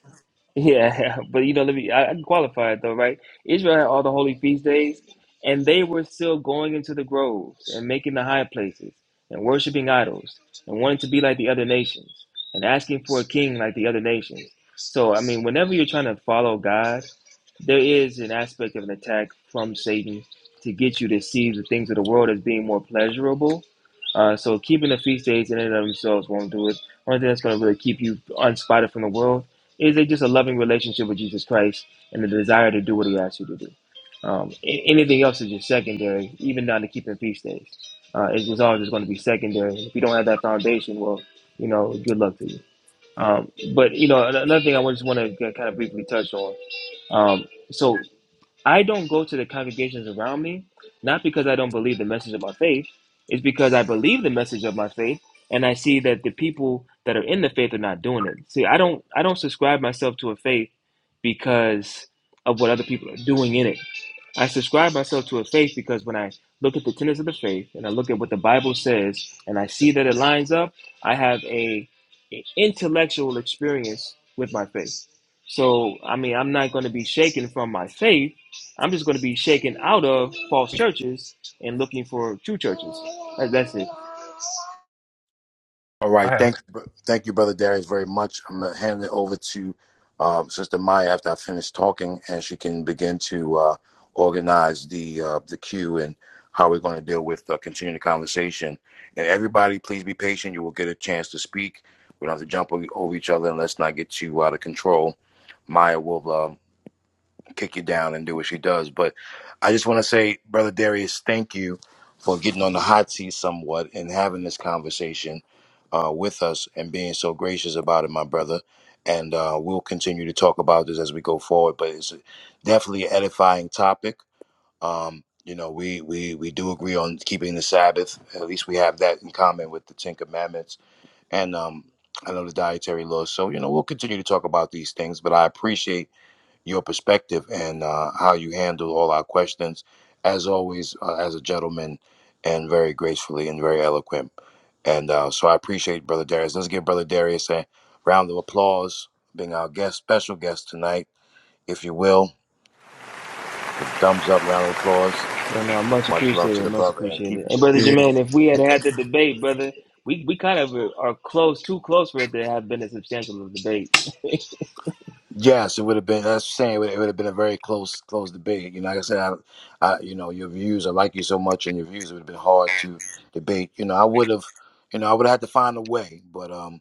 [SPEAKER 2] Yeah, (laughs) but you know, let me. I, I can qualify it though, right? Israel had all the holy feast days, and they were still going into the groves and making the high places and worshiping idols and wanting to be like the other nations and asking for a king like the other nations. So, I mean, whenever you're trying to follow God there is an aspect of an attack from Satan to get you to see the things of the world as being more pleasurable. Uh, so keeping the feast days in and of themselves won't do it. Only thing that's going to really keep you unspotted from the world is a, just a loving relationship with Jesus Christ and the desire to do what He asks you to do. Um, a- anything else is just secondary, even down to keeping feast days. Uh, it's just all just going to be secondary. If you don't have that foundation, well, you know, good luck to you. Um, but you know, an- another thing I just want to kind of briefly touch on um, so I don't go to the congregations around me, not because I don't believe the message of my faith, it's because I believe the message of my faith and I see that the people that are in the faith are not doing it. See, I don't I don't subscribe myself to a faith because of what other people are doing in it. I subscribe myself to a faith because when I look at the tenets of the faith and I look at what the Bible says and I see that it lines up, I have a, a intellectual experience with my faith. So I mean, I'm not going to be shaken from my faith I'm just going to be shaken out of false churches and looking for true churches. That- That's it.
[SPEAKER 1] All
[SPEAKER 8] I
[SPEAKER 1] right.
[SPEAKER 8] had
[SPEAKER 1] Thank
[SPEAKER 8] it.
[SPEAKER 1] you, br- thank you, brother Darius, very much. I'm gonna hand it over to um, Sister Maya after I finish talking, and she can begin to uh, organize the uh, the queue and how we're going to deal with uh, continuing the conversation. And everybody, please be patient. You will get a chance to speak. We don't have to jump over over each other, and let's not get too out of control. Maya will. um, kick you down and do what she does. But I just want to say, brother Darius, thank you for getting on the hot seat somewhat and having this conversation uh, with us and being so gracious about it, my brother. And uh, we'll continue to talk about this as we go forward. But it's definitely an edifying topic. Um, you know, we, we we do agree on keeping the Sabbath. At least we have that in common with the Ten Commandments and um, I know the dietary laws. So you know, we'll continue to talk about these things. But I appreciate your perspective and uh, how you handle all our questions, as always, uh, as a gentleman, and very gracefully and very eloquent. And uh, so I appreciate Brother Darius. Let's give Brother Darius a round of applause, being our guest, special guest tonight, if you will. Thumbs up, round of applause.
[SPEAKER 2] And uh, much
[SPEAKER 1] Much love to
[SPEAKER 2] appreciated,
[SPEAKER 1] the
[SPEAKER 2] much
[SPEAKER 1] brother, and keep
[SPEAKER 2] appreciated. And brother
[SPEAKER 6] Yeah.
[SPEAKER 2] Jermaine, if we had had the debate, brother, we, we kind of are are close, too close for it to have been a substantial debate.
[SPEAKER 1] Yes, it would have been. That's saying it would it would have been a very close, close debate. You know, like I said, I, I, you know, your views. I like you so much, and your views would have been hard to debate. You know, I would have, you know, I would have had to find a way, but um,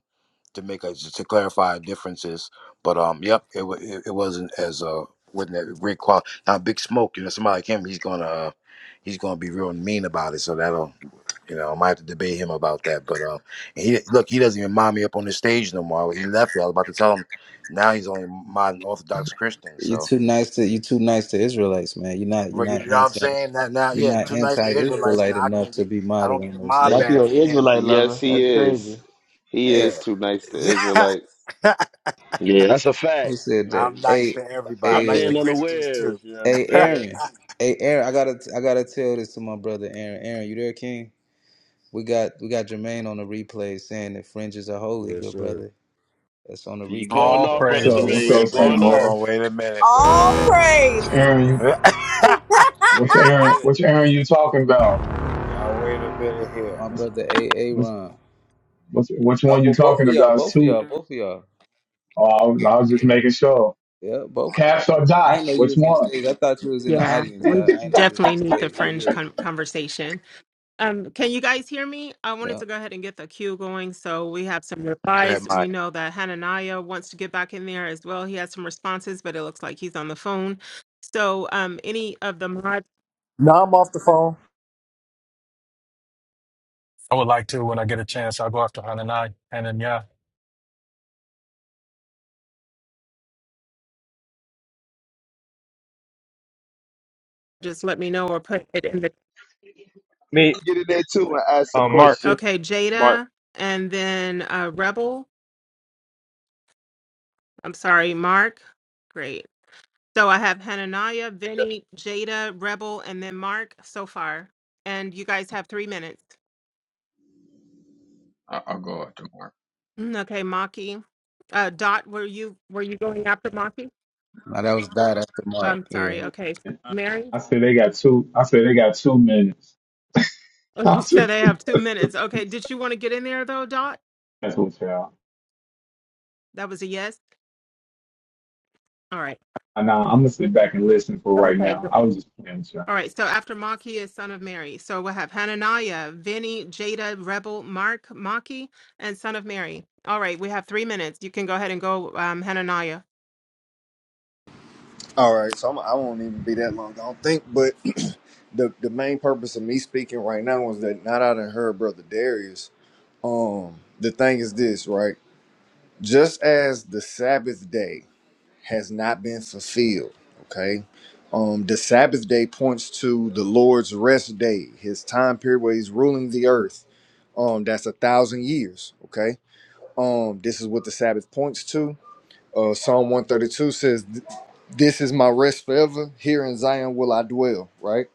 [SPEAKER 1] to make a to clarify our differences. But um, yep, it wa- it, it wasn't as uh, wasn't that great quality. Now, Big Smoke, you know, somebody came, he's gonna, uh, he's gonna be real mean about it. So that'll you know, I might have to debate him about that. But um, and he look, he doesn't even mind me up on the stage no more. He left. it. I was about to tell him. Now he's only modern Orthodox Christian.
[SPEAKER 6] You are
[SPEAKER 1] So
[SPEAKER 6] too nice to you too nice to Israelites, man. You're not you're
[SPEAKER 1] but you
[SPEAKER 6] not
[SPEAKER 1] know what I'm
[SPEAKER 6] anti
[SPEAKER 1] saying? That now,
[SPEAKER 6] you're
[SPEAKER 1] yeah,
[SPEAKER 6] not
[SPEAKER 1] two nights to Israelites.
[SPEAKER 9] Yes.
[SPEAKER 6] anti-Israelite
[SPEAKER 1] Now I
[SPEAKER 6] enough
[SPEAKER 1] can't
[SPEAKER 6] to
[SPEAKER 1] get.
[SPEAKER 6] be
[SPEAKER 1] I
[SPEAKER 6] modded
[SPEAKER 1] don't get
[SPEAKER 6] on
[SPEAKER 1] a
[SPEAKER 6] those
[SPEAKER 2] (laughs)
[SPEAKER 1] mob
[SPEAKER 2] Not
[SPEAKER 6] stages.
[SPEAKER 2] you,
[SPEAKER 1] badge
[SPEAKER 2] an
[SPEAKER 1] from him.
[SPEAKER 2] Israelite lover.
[SPEAKER 9] Yes, he
[SPEAKER 2] That's
[SPEAKER 9] is.
[SPEAKER 2] crazy.
[SPEAKER 9] He
[SPEAKER 6] Hey,
[SPEAKER 1] Yeah,
[SPEAKER 9] is too nice to Israelites.
[SPEAKER 1] (laughs)
[SPEAKER 10] Yeah, that's a fact.
[SPEAKER 6] who
[SPEAKER 10] You
[SPEAKER 6] said
[SPEAKER 10] know,
[SPEAKER 6] that?
[SPEAKER 1] I'm
[SPEAKER 10] you
[SPEAKER 1] nice
[SPEAKER 6] Hey,
[SPEAKER 1] to everybody. I'm
[SPEAKER 6] hey,
[SPEAKER 10] crept
[SPEAKER 1] nice
[SPEAKER 6] uh,
[SPEAKER 1] to
[SPEAKER 10] in
[SPEAKER 1] Christians too.
[SPEAKER 10] unawares. You
[SPEAKER 6] hey,
[SPEAKER 10] understand?
[SPEAKER 6] Aaron. Hey, Aaron. I gotta I gotta tell this to my brother Aaron. Aaron, you there, King? We got we got Jermaine on the replay saying that fringes are holy,
[SPEAKER 11] Yes,
[SPEAKER 6] good
[SPEAKER 11] sir.
[SPEAKER 6] brother. That's on the
[SPEAKER 10] You going
[SPEAKER 6] replays,
[SPEAKER 8] All
[SPEAKER 10] off,
[SPEAKER 6] brother.
[SPEAKER 1] Wait a
[SPEAKER 10] brother
[SPEAKER 6] So
[SPEAKER 12] So
[SPEAKER 1] minute.
[SPEAKER 12] what's
[SPEAKER 10] Jermaine?
[SPEAKER 8] praises.
[SPEAKER 1] Wait,
[SPEAKER 12] up,
[SPEAKER 10] You
[SPEAKER 1] wait,
[SPEAKER 12] son of
[SPEAKER 10] going
[SPEAKER 1] hold
[SPEAKER 12] Mary?
[SPEAKER 10] off?
[SPEAKER 1] on. Wait a minute. Wait a
[SPEAKER 7] All
[SPEAKER 1] minute.
[SPEAKER 12] What's Aaron?
[SPEAKER 1] (laughs)
[SPEAKER 12] You
[SPEAKER 7] praises. (laughs)
[SPEAKER 12] what's
[SPEAKER 1] wait a
[SPEAKER 12] Aaron?
[SPEAKER 1] minute.
[SPEAKER 12] What's Aaron? You talking about?
[SPEAKER 1] Y'all, wait a minute here.
[SPEAKER 6] my
[SPEAKER 12] What's
[SPEAKER 6] brother A A
[SPEAKER 12] what's
[SPEAKER 6] Ron.
[SPEAKER 12] what's which
[SPEAKER 6] Oh,
[SPEAKER 12] one you
[SPEAKER 6] but both
[SPEAKER 12] talking
[SPEAKER 6] of y'all,
[SPEAKER 12] about?
[SPEAKER 6] both of
[SPEAKER 12] Soup?
[SPEAKER 6] y'all, both of y'all.
[SPEAKER 12] Oh, I was, I was just
[SPEAKER 6] Yeah,
[SPEAKER 12] making sure.
[SPEAKER 6] yeah, both of y'all.
[SPEAKER 12] Caps or
[SPEAKER 6] I
[SPEAKER 12] dot?
[SPEAKER 6] didn't know you
[SPEAKER 12] Which
[SPEAKER 6] was on
[SPEAKER 12] one?
[SPEAKER 6] stage. I thought you was in the
[SPEAKER 3] Yeah,
[SPEAKER 6] audience,
[SPEAKER 3] we
[SPEAKER 6] Dot. I didn't know you was
[SPEAKER 3] definitely
[SPEAKER 6] on
[SPEAKER 3] need the
[SPEAKER 6] stage, but
[SPEAKER 3] fringe
[SPEAKER 6] yeah,
[SPEAKER 3] con- conversation. Um, can you guys hear me? I wanted
[SPEAKER 6] yeah.
[SPEAKER 3] to go ahead and get the queue going. So we have some
[SPEAKER 1] Go ahead,
[SPEAKER 3] replies. We
[SPEAKER 1] Mike.
[SPEAKER 3] know that Hananiah wants to get back in there as well. He has some responses, but it looks like he's on the phone. So um, any of the mods,
[SPEAKER 5] No, I'm off the phone.
[SPEAKER 8] I would like to when I get a chance. I'll go after Hanani. Hananiah.
[SPEAKER 3] just let me know or put it in the.
[SPEAKER 13] Me,
[SPEAKER 9] Get in there too and ask a
[SPEAKER 13] uh, Mark,
[SPEAKER 9] question.
[SPEAKER 3] Okay,
[SPEAKER 13] Mark.
[SPEAKER 3] Jada, and then uh, Rebel. I'm sorry, Mark. Great. So I have Hananiah, Vinny, Jada, Rebel, and then Mark so far. And you guys have three minutes.
[SPEAKER 14] I- I'll go after
[SPEAKER 3] Mm, Okay, Maki. Uh, Dot, were you were you going after Maki?
[SPEAKER 6] Now that was Dot after
[SPEAKER 3] I'm
[SPEAKER 6] Mark. Yeah,
[SPEAKER 3] sorry. Okay, so Mary.
[SPEAKER 12] I said they got two. I said they got two minutes. (laughs)
[SPEAKER 3] Oh, you
[SPEAKER 12] I'm just
[SPEAKER 3] said I have two minutes. Okay, did you want to get in there though, Dot?
[SPEAKER 12] that's what y'all.
[SPEAKER 3] That was a yes. All right.
[SPEAKER 12] And now I'm gonna sit back and listen for right
[SPEAKER 3] Okay.
[SPEAKER 12] now.
[SPEAKER 3] go-
[SPEAKER 12] I was just playing with y'all.
[SPEAKER 3] All right. So after Maki is Son of Mary. So we'll have Hananiah, Vinny, Jada, Rebel, Mark, Maki, and Son of Mary. All right. We have three minutes. You can go ahead and go, um, Hananiah.
[SPEAKER 5] All right, so I'm, I won't even be that long. I don't think, but (clears throat) the the main purpose of me speaking right now was that not out of her brother Darius. Um, the thing is this, right? Just as the Sabbath day. has not been fulfilled. Okay. Um, the Sabbath day points to the Lord's rest day, his time period where he's ruling the earth. Um, that's a thousand years. Okay. Um, this is what the Sabbath points to. Uh, Psalm 132 says, This is my rest forever. Here in Zion will I dwell. Right.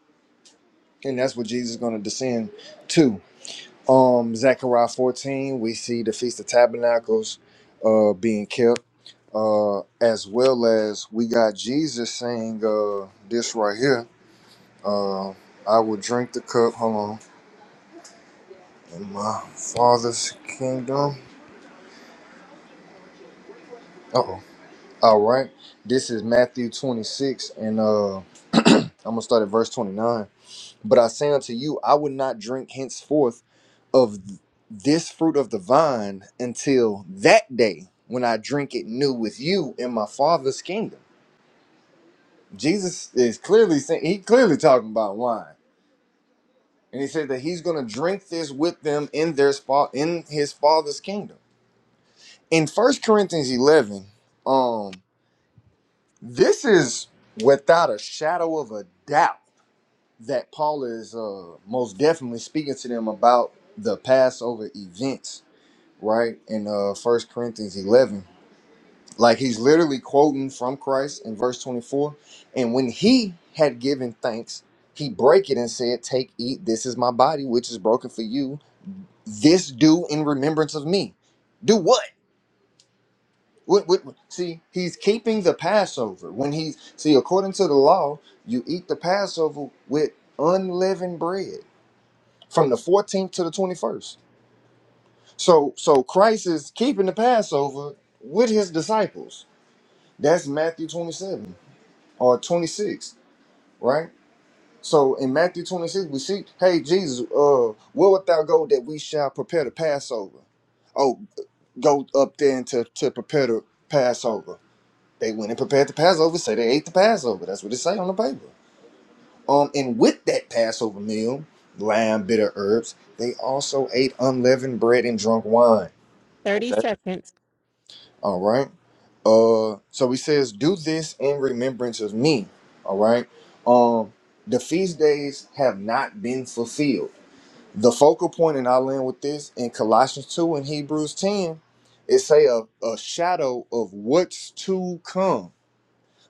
[SPEAKER 5] And that's what Jesus is going to descend to um Zechariah 14, we see the Feast of Tabernacles uh being kept. Uh as well as we got Jesus saying uh this right here. Uh I will drink the cup, hold on, in my father's kingdom. Uh oh. All right. This is Matthew 26, and uh I'm gonna start at verse 29. But I say unto you, I would not drink henceforth of this fruit of the vine until that day when I drink it new with you in my Father's kingdom. Jesus is clearly saying he clearly talking about wine, and he said that he's going to drink this with them in their spot in his Father's kingdom. In First Corinthians eleven, um, this is without a shadow of a doubt that Paul is uh, most definitely speaking to them about the Passover events, right? In uh, First Corinthians eleven Like he's literally quoting from Christ in verse 24. And when he had given thanks, he break it and said, Take, eat, this is my body, which is broken for you. This do in remembrance of me. Do what? What, what, what- See, he's keeping the Passover. When he's see, according to the law, you eat the Passover with unleavened bread from the 14th to the 21st. So so Christ is keeping the Passover with his disciples. That's Matthew 27. or 26, right? So in Matthew 26, we see, hey, Jesus, uh, where wilt thou go that we shall prepare the Passover? Oh, go up there and to, to prepare the Passover. They went and prepared the Passover, say they ate the Passover. That's what it say on the paper. Um, and with that Passover meal, lamb, bitter herbs, they also ate unleavened bread and drunk wine
[SPEAKER 3] Thirty seconds.
[SPEAKER 5] All right. Uh, so he says, "Do this in remembrance of me." All right. Um, the feast days have not been fulfilled. The focal point, and I'll end with this in Colossians two and Hebrews ten. It say a, a shadow of what's to come,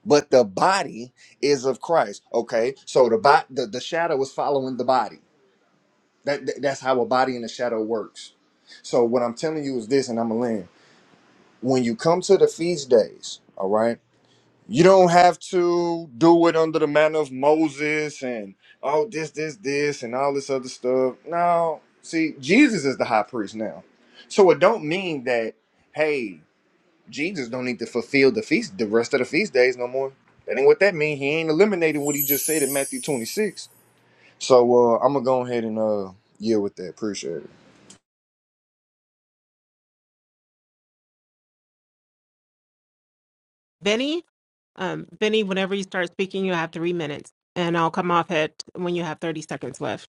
[SPEAKER 5] but the body is of Christ. Okay, so the body, the, the shadow is following the body. That that- that's how a body and a shadow works. So what I'm telling you is this, and I'm gonna land. When you come to the feast days, all right. You don't have to do it under the manner of Moses and oh this, this, this, and all this other stuff. No, see, Jesus is the high priest now. So it don't mean that, hey, Jesus don't need to fulfill the feast the rest of the feast days no more. That ain't what that mean. He ain't eliminating what he just said in Matthew 26. So uh, I'm gonna go ahead and uh yeah with that. Appreciate it.
[SPEAKER 3] Vinny. Um, Vinny. Whenever you start speaking, you have three minutes, and I'll come off it when you have thirty seconds left.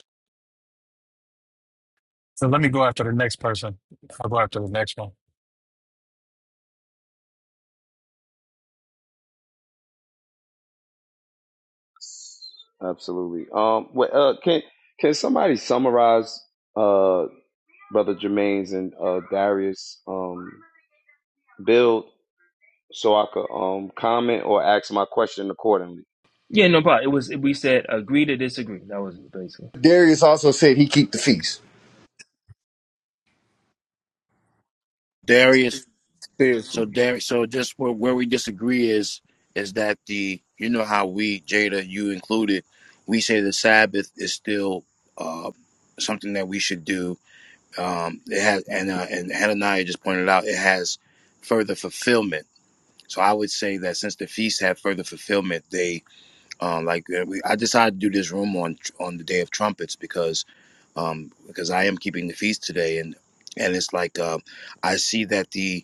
[SPEAKER 8] So let me go after the next person. I'll go after the next one.
[SPEAKER 9] Absolutely. Um. Well, uh, can can somebody summarize uh brother Jermaine's and uh Darius um build so I could um comment or ask my question accordingly?
[SPEAKER 2] Yeah, no problem. It was we said agree to disagree. That was it, basically.
[SPEAKER 5] Darius also said he keep the feast.
[SPEAKER 1] Darius So
[SPEAKER 6] seriously.
[SPEAKER 1] Derek, so just where, where we disagree is is that the you know how we Jada you included, we say the Sabbath is still uh, something that we should do. Um, it has and uh, and Hananiah just pointed out it has further fulfillment. So I would say that since the feasts have further fulfillment, they uh, like uh, we, I decided to do this room on on the day of trumpets because um, because I am keeping the feast today and and it's like uh, I see that the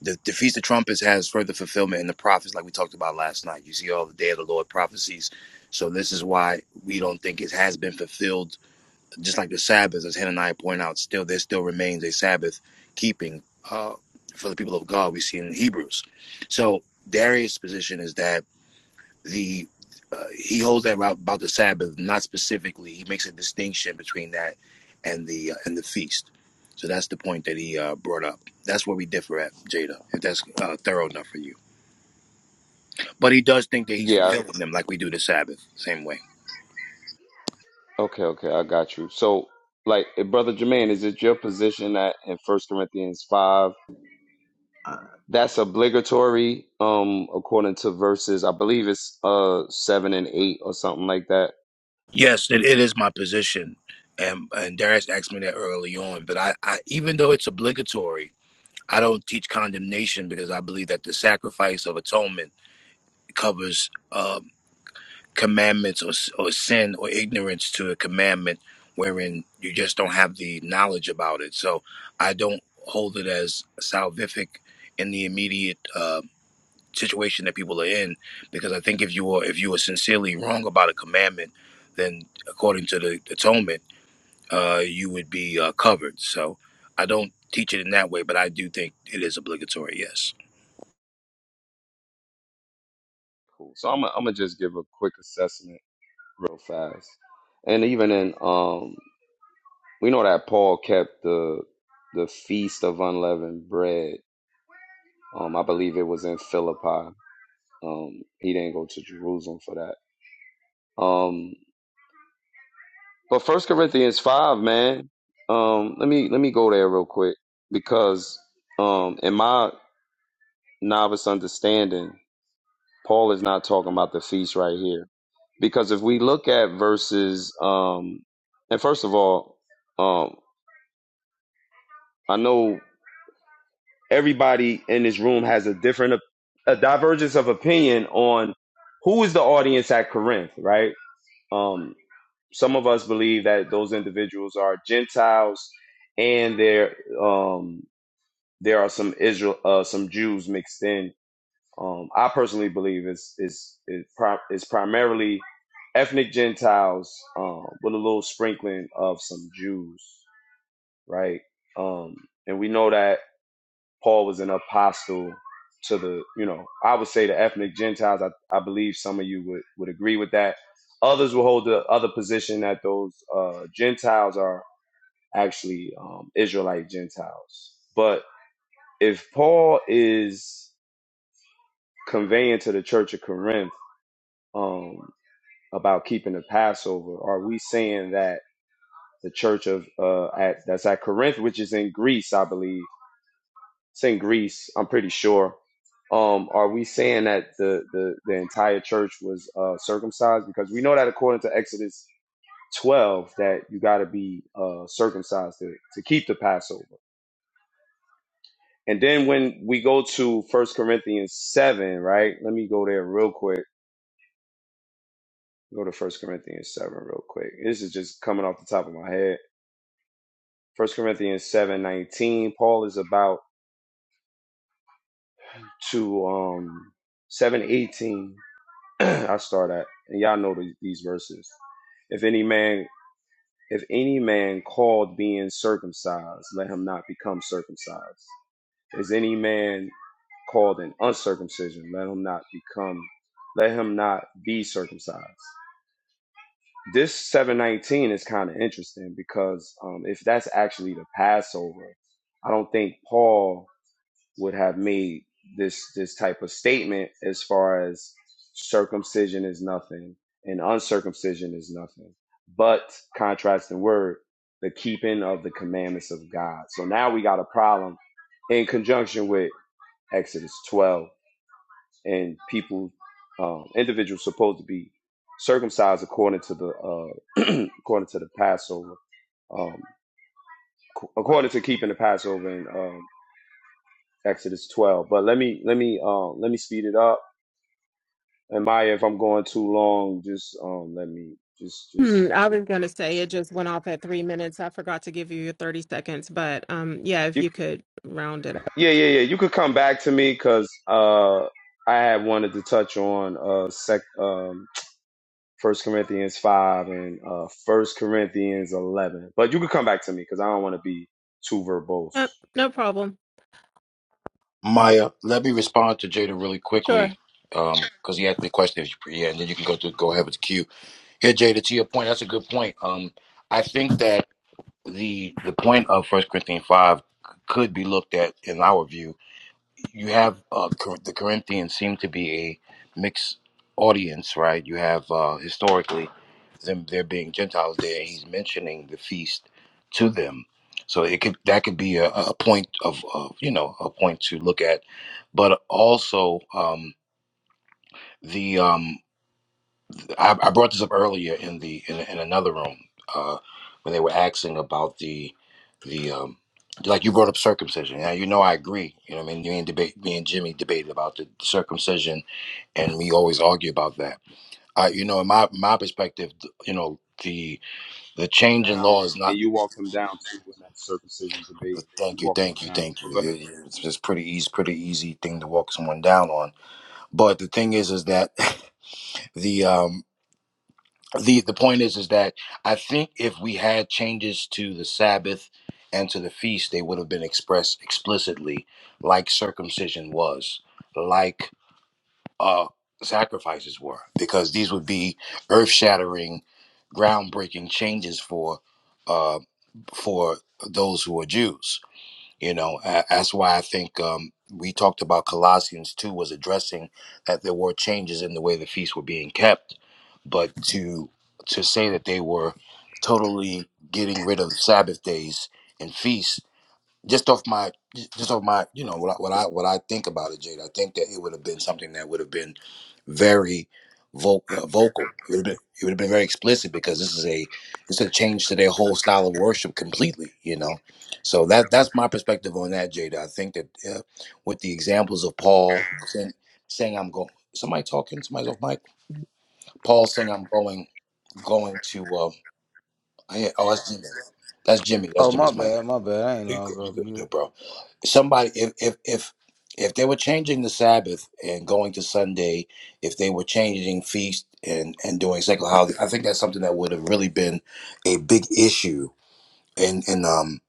[SPEAKER 1] the, the feast of trumpets has further fulfillment in the prophets like we talked about last night you see all the day of the lord prophecies so this is why we don't think it has been fulfilled just like the sabbath as hananiah pointed out still there still remains a sabbath keeping uh, for the people of god we see in hebrews so darius position is that the uh, he holds that route about the Sabbath, not specifically. He makes a distinction between that and the uh, and the feast. So that's the point that he uh, brought up. That's where we differ at Jada. If that's uh, thorough enough for you, but he does think that he's
[SPEAKER 9] Yeah.
[SPEAKER 1] fulfilling them like we do the Sabbath, same way.
[SPEAKER 9] Okay. Okay. I got you. So, like, eh, brother Jermaine, is it your position that in First Corinthians five?
[SPEAKER 14] Mark.
[SPEAKER 9] That's obligatory, um, according to verses. I believe it's uh seven and eight or something like that.
[SPEAKER 1] Yes, it, it is my position, and and Darius asked me that early on. But I, I, even though it's obligatory, I don't teach condemnation because I believe that the sacrifice of atonement covers. um, commandments or, or sin or ignorance to a commandment wherein you just don't have the knowledge about it. So I don't hold it as salvific in the immediate uh, situation that people are in, because I think if you are if you are sincerely wrong about a commandment, then according to the atonement, uh, you would be uh, covered. So I don't teach it in that way, but I do think it is obligatory. Yes.
[SPEAKER 9] Cool. So I'm gonna I'm gonna just give a quick assessment real fast. And even in um, we know that Paul kept the the feast of unleavened bread. Um, I believe it was in Philippi. Um, he didn't go to Jerusalem for that. Um, but First Corinthians five, man. Um, let me let me go there real quick because um in my novice understanding, Paul is not talking about the feast right here. Because if we look at verses, um, and first of all, um, I know everybody in this room has a different, a divergence of opinion on who is the audience at Corinth, right? Um, some of us believe that those individuals are Gentiles, and there, um, there are some Israel, uh, some Jews mixed in Um, I personally believe it's it's it's, pri- it's primarily ethnic Gentiles um, with a little sprinkling of some Jews, right? Um, and we know that Paul was an apostle to the, you know, I would say the ethnic Gentiles. I, I believe some of you would would agree with that. Others will hold the other position that those uh, Gentiles are actually um, Israelite Gentiles. But if Paul is conveying to the church of Corinth um, about keeping the Passover? Are we saying that the church of uh, at that's at Corinth, which is in Greece, I believe, it's in Greece. I'm pretty sure. Um, are we saying that the the, the entire church was uh, circumcised? Because we know that according to Exodus 12, that you got to be uh, circumcised to, to keep the Passover. And then when we go to First Corinthians 7, right? Let me go there real quick. Go to First Corinthians 7 real quick. This is just coming off the top of my head First Corinthians seven nineteen. Paul is about to um seven eighteen. (clears throat) I start at, and y'all know the, these verses. If any man, if any man called being circumcised, let him not become circumcised. Is any man called an uncircumcision, let him not become, let him not be circumcised. This seven nineteen is kind of interesting because um, if that's actually the Passover, I don't think Paul would have made this this type of statement as far as circumcision is nothing and uncircumcision is nothing but contrasting word the keeping of the commandments of god so now we got a problem in conjunction with exodus 12 and people um, individuals supposed to be circumcised according to the uh, according to the passover um, ac- according to keeping the passover in um, exodus 12 but let me let me uh, let me speed it up And Maya, if I'm going too long, just um, let me just
[SPEAKER 3] Hmm,
[SPEAKER 9] just
[SPEAKER 3] I was going to
[SPEAKER 9] let's
[SPEAKER 3] say it
[SPEAKER 9] see.
[SPEAKER 3] just went off at three minutes. I forgot to give you your 30 seconds, but um, yeah, if
[SPEAKER 9] You,
[SPEAKER 3] you could round it up.
[SPEAKER 9] yeah, yeah, yeah. You could come back to me because uh, I had wanted to touch on uh, sec um, First Corinthians five and uh, First Corinthians eleven, but you could come back to me because I don't want to be too verbose.
[SPEAKER 3] Uh, no problem.
[SPEAKER 1] Maya, let me respond to Jada really
[SPEAKER 3] Sure.
[SPEAKER 1] quickly because he asked me a question. If you- Yeah, and then you can go through, go ahead with the queue. Here, Jada, to your point, that's a good point. Um, I think that the the point of First Corinthians five could be looked at in our view you have uh, Cor- the Corinthians seem to be a mixed audience, right? You have uh, historically them there being Gentiles there. He's mentioning the feast to them, so it could that could be a, a point of, of you know a point to look at, but also um, the um, I, I brought this up earlier in the in, in another room uh, when they were asking about the the um, like you brought up circumcision. Now you know I agree. You know what I mean. Me and debate, me and Jimmy debated about the circumcision, and we always argue about that. I, you know, in my my perspective, th- you know, the the change in
[SPEAKER 9] Down,
[SPEAKER 1] law is
[SPEAKER 9] and
[SPEAKER 1] not.
[SPEAKER 9] you walked them down too in that circumcision
[SPEAKER 1] uh,
[SPEAKER 9] debate. You
[SPEAKER 1] Thank you,
[SPEAKER 9] walked them
[SPEAKER 1] thank you,
[SPEAKER 9] down.
[SPEAKER 1] thank you.
[SPEAKER 9] But go ahead.
[SPEAKER 1] It's just pretty easy, pretty easy thing to walk someone down on. But the thing is, is that (laughs) the um the the point is is that I think if we had changes to the Sabbath and to the feast, they would have been expressed explicitly, like circumcision was, like uh, sacrifices were, because these would be earth shattering, groundbreaking changes for uh, for those who are Jews. You know, a- that's why I think um, we talked about Colossians 2 was addressing that there were changes in the way the feasts were being kept. But to to say that they were totally getting rid of Sabbath days and feasts just off my just off my you know what I, what I what I think about it, Jade. I think that it would have been something that would have been very vo- uh, vocal. It would have been it would have been very explicit because this is a this is a change to their whole style of worship completely. You know, so that that's my perspective on that, Jada. I think that uh, with the examples of Paul saying, saying I'm going, somebody talking, somebody's off mic. Paul saying I'm going going to. Um, I, oh, that's Jimmy. That's Jimmy. That's
[SPEAKER 6] Oh my
[SPEAKER 1] Jimmy's mic.
[SPEAKER 6] bad, my bad. I ain't
[SPEAKER 1] You
[SPEAKER 6] know I
[SPEAKER 1] good?
[SPEAKER 6] was
[SPEAKER 1] You
[SPEAKER 6] up
[SPEAKER 1] good? You
[SPEAKER 6] mute.
[SPEAKER 1] good, bro? somebody if if if if they were changing the Sabbath and going to Sunday, if they were changing feast and and doing sacred holiday, I think that's something that would have really been a big issue in in um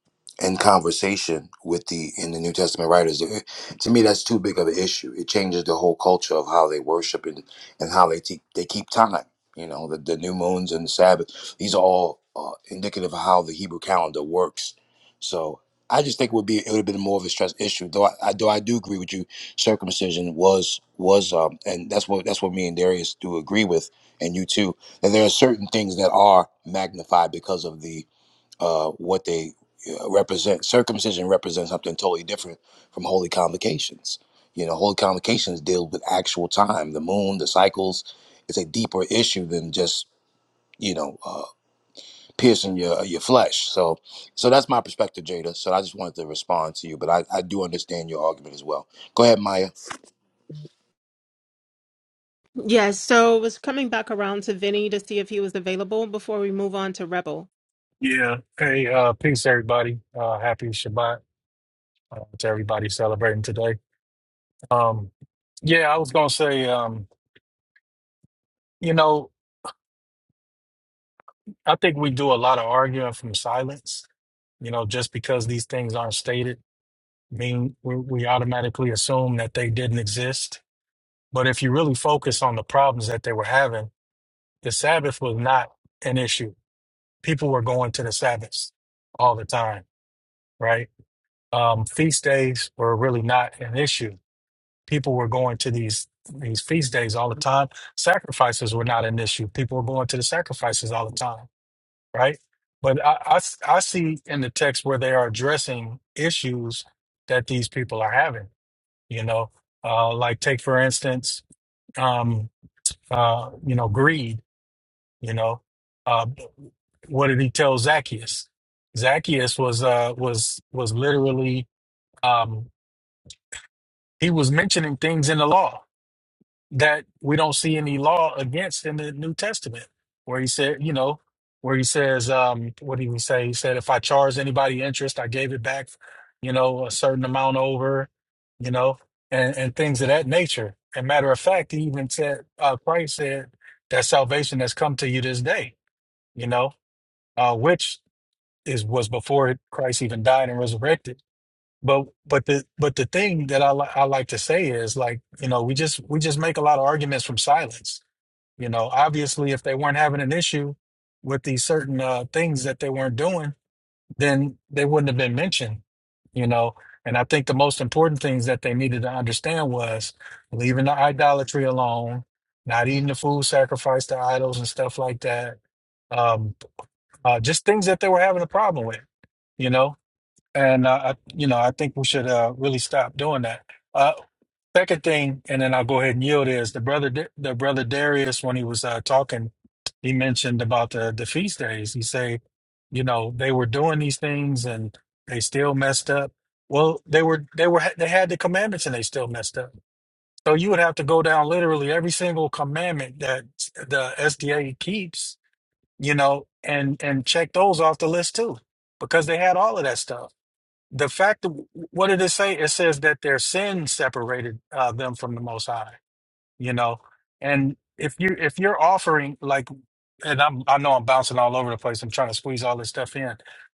[SPEAKER 1] in conversation with the in the New Testament writers. It- to me, that's too big of an issue. It changes the whole culture of how they worship and and how they te- they keep time. You know, the, the new moons and the Sabbath. These are all uh, indicative of how the Hebrew calendar works. So. I just think it would be it would have been more of a stress issue, though. I, I though I do agree with you. Circumcision was was um, and that's what that's what me and Darius do agree with, and you too. That there are certain things that are magnified because of the uh, what they uh, represent. Circumcision represents something totally different from holy convocations. You know, holy convocations deal with actual time, the moon, the cycles. It's a deeper issue than just you know uh, piercing your your flesh. So, so that's my perspective, Jada. So I just wanted to respond to you, but I, I do understand your argument as well. Go ahead, Maya.
[SPEAKER 3] Yes, so was coming back around to Vinny to see if he was available before we move on to Rebel.
[SPEAKER 8] Yeah. Hey, uh, peace, everybody. Uh, happy Shabbat uh, to everybody celebrating today. Um, yeah, I was going to say, um, you know, I think we do a lot of arguing from silence. You know, just because these things aren't stated, mean we, we automatically assume that they didn't exist. But if you really focus on the problems that they were having, the Sabbath was not an issue. People were going to the Sabbaths all the time, right? Um, feast days were really not an issue. People were going to these these feast days all the time. Sacrifices were not an issue. People were going to the sacrifices all the time, right? But I, I s- I see in the text where they are addressing issues that these people are having. You know, uh, like take for instance, um, uh, you know, greed You know, uh, what did he tell Zacchaeus? Zacchaeus was uh, was was literally um, he was mentioning things in the law that we don't see any law against in the New Testament, where he said, you know, where he says, um, what did he say? He said, if I charged anybody interest, I gave it back, you know, a certain amount over, you know, and and things of that nature. And matter of fact, he even said, uh, Christ said that salvation has come to you this day, you know uh, which is was before Christ even died and resurrected. But but the but the thing that I li- I like to say is like you know we just we just make a lot of arguments from silence. You know, obviously, if they weren't having an issue with these certain uh, things that they weren't doing, then they wouldn't have been mentioned. You know, and I think the most important things that they needed to understand was leaving the idolatry alone, not eating the food sacrificed to idols and stuff like that um, uh, just things that they were having a problem with you know and uh, I, you know i think we should uh, really stop doing that uh, second thing and then i'll go ahead and yield is the brother Da- the brother darius when he was uh, talking he mentioned about the, the feast days he say you know they were doing these things and they still messed up well they were they were they had the commandments and they still messed up so you would have to go down literally every single commandment that the sda keeps you know and and check those off the list too because they had all of that stuff the fact of what did it say? It says that their sin separated uh, them from the Most High. You know, and if you if you're offering like, and I'm I know I'm bouncing all over the place. I'm trying to squeeze all this stuff in,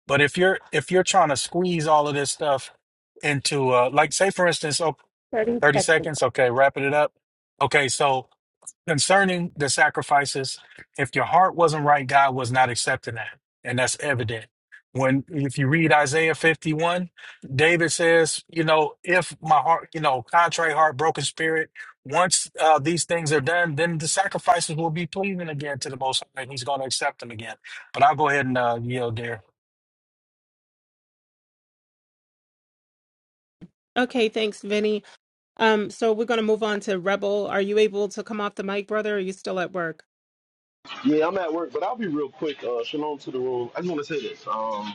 [SPEAKER 8] but if you're if you're trying to squeeze all of this stuff into uh, like say for instance, oh, 30 seconds. Okay, wrapping it up. Okay, so concerning the sacrifices, if your heart wasn't right, God was not accepting that. And that's evident. When if you read Isaiah 51, David says, you know, if my heart, you know, contrite heart, broken spirit, once uh, these things are done, then the sacrifices will be pleasing again to the Most High, and He's going to accept them again. But I'll go ahead and uh, yield there.
[SPEAKER 3] Okay, thanks, Vinny. Um, so we're going to move on to Rebel. Are you able to come off the mic, brother? Or are you still at work?
[SPEAKER 10] Yeah, I'm at work, but I'll be real quick. Uh, shalom to the room. I just want to say this. Um,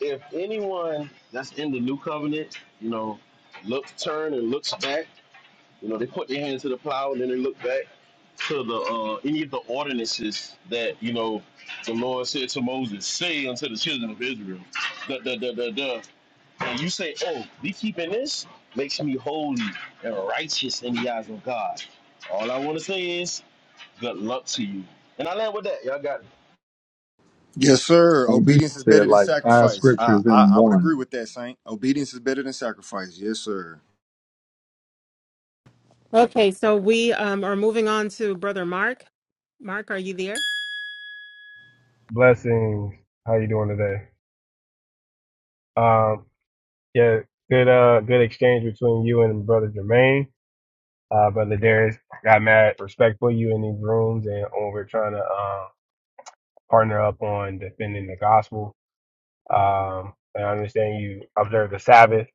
[SPEAKER 10] if anyone that's in the new covenant, you know, looks turn and looks back, you know, they put their hand to the plow and then they look back to the uh, any of the ordinances that you know the Lord said to Moses, say unto the children of Israel. Duh, duh, duh, duh, duh. and you say, "Oh, me keeping this makes me holy and righteous in the eyes of God." All I want to say is, "Good luck to you." And I land with that. Y'all got it.
[SPEAKER 5] Yes, sir.
[SPEAKER 12] And you
[SPEAKER 5] Obedience is better
[SPEAKER 12] said
[SPEAKER 5] than
[SPEAKER 12] like five
[SPEAKER 5] sacrifice. I,
[SPEAKER 12] scriptures
[SPEAKER 5] I,
[SPEAKER 12] in
[SPEAKER 5] I would
[SPEAKER 12] one.
[SPEAKER 5] agree with that, Saint. Obedience is better than sacrifice. Yes, sir.
[SPEAKER 3] Okay, so we um, are moving on to Brother Mark. Mark, are you there?
[SPEAKER 13] Blessings. How you doing today? Um, yeah, good uh good exchange between you and brother Jermaine. Uh brother Darius got mad respectful you in these rooms and when we're trying to uh, partner up on defending the gospel. Um and I understand you observe the Sabbath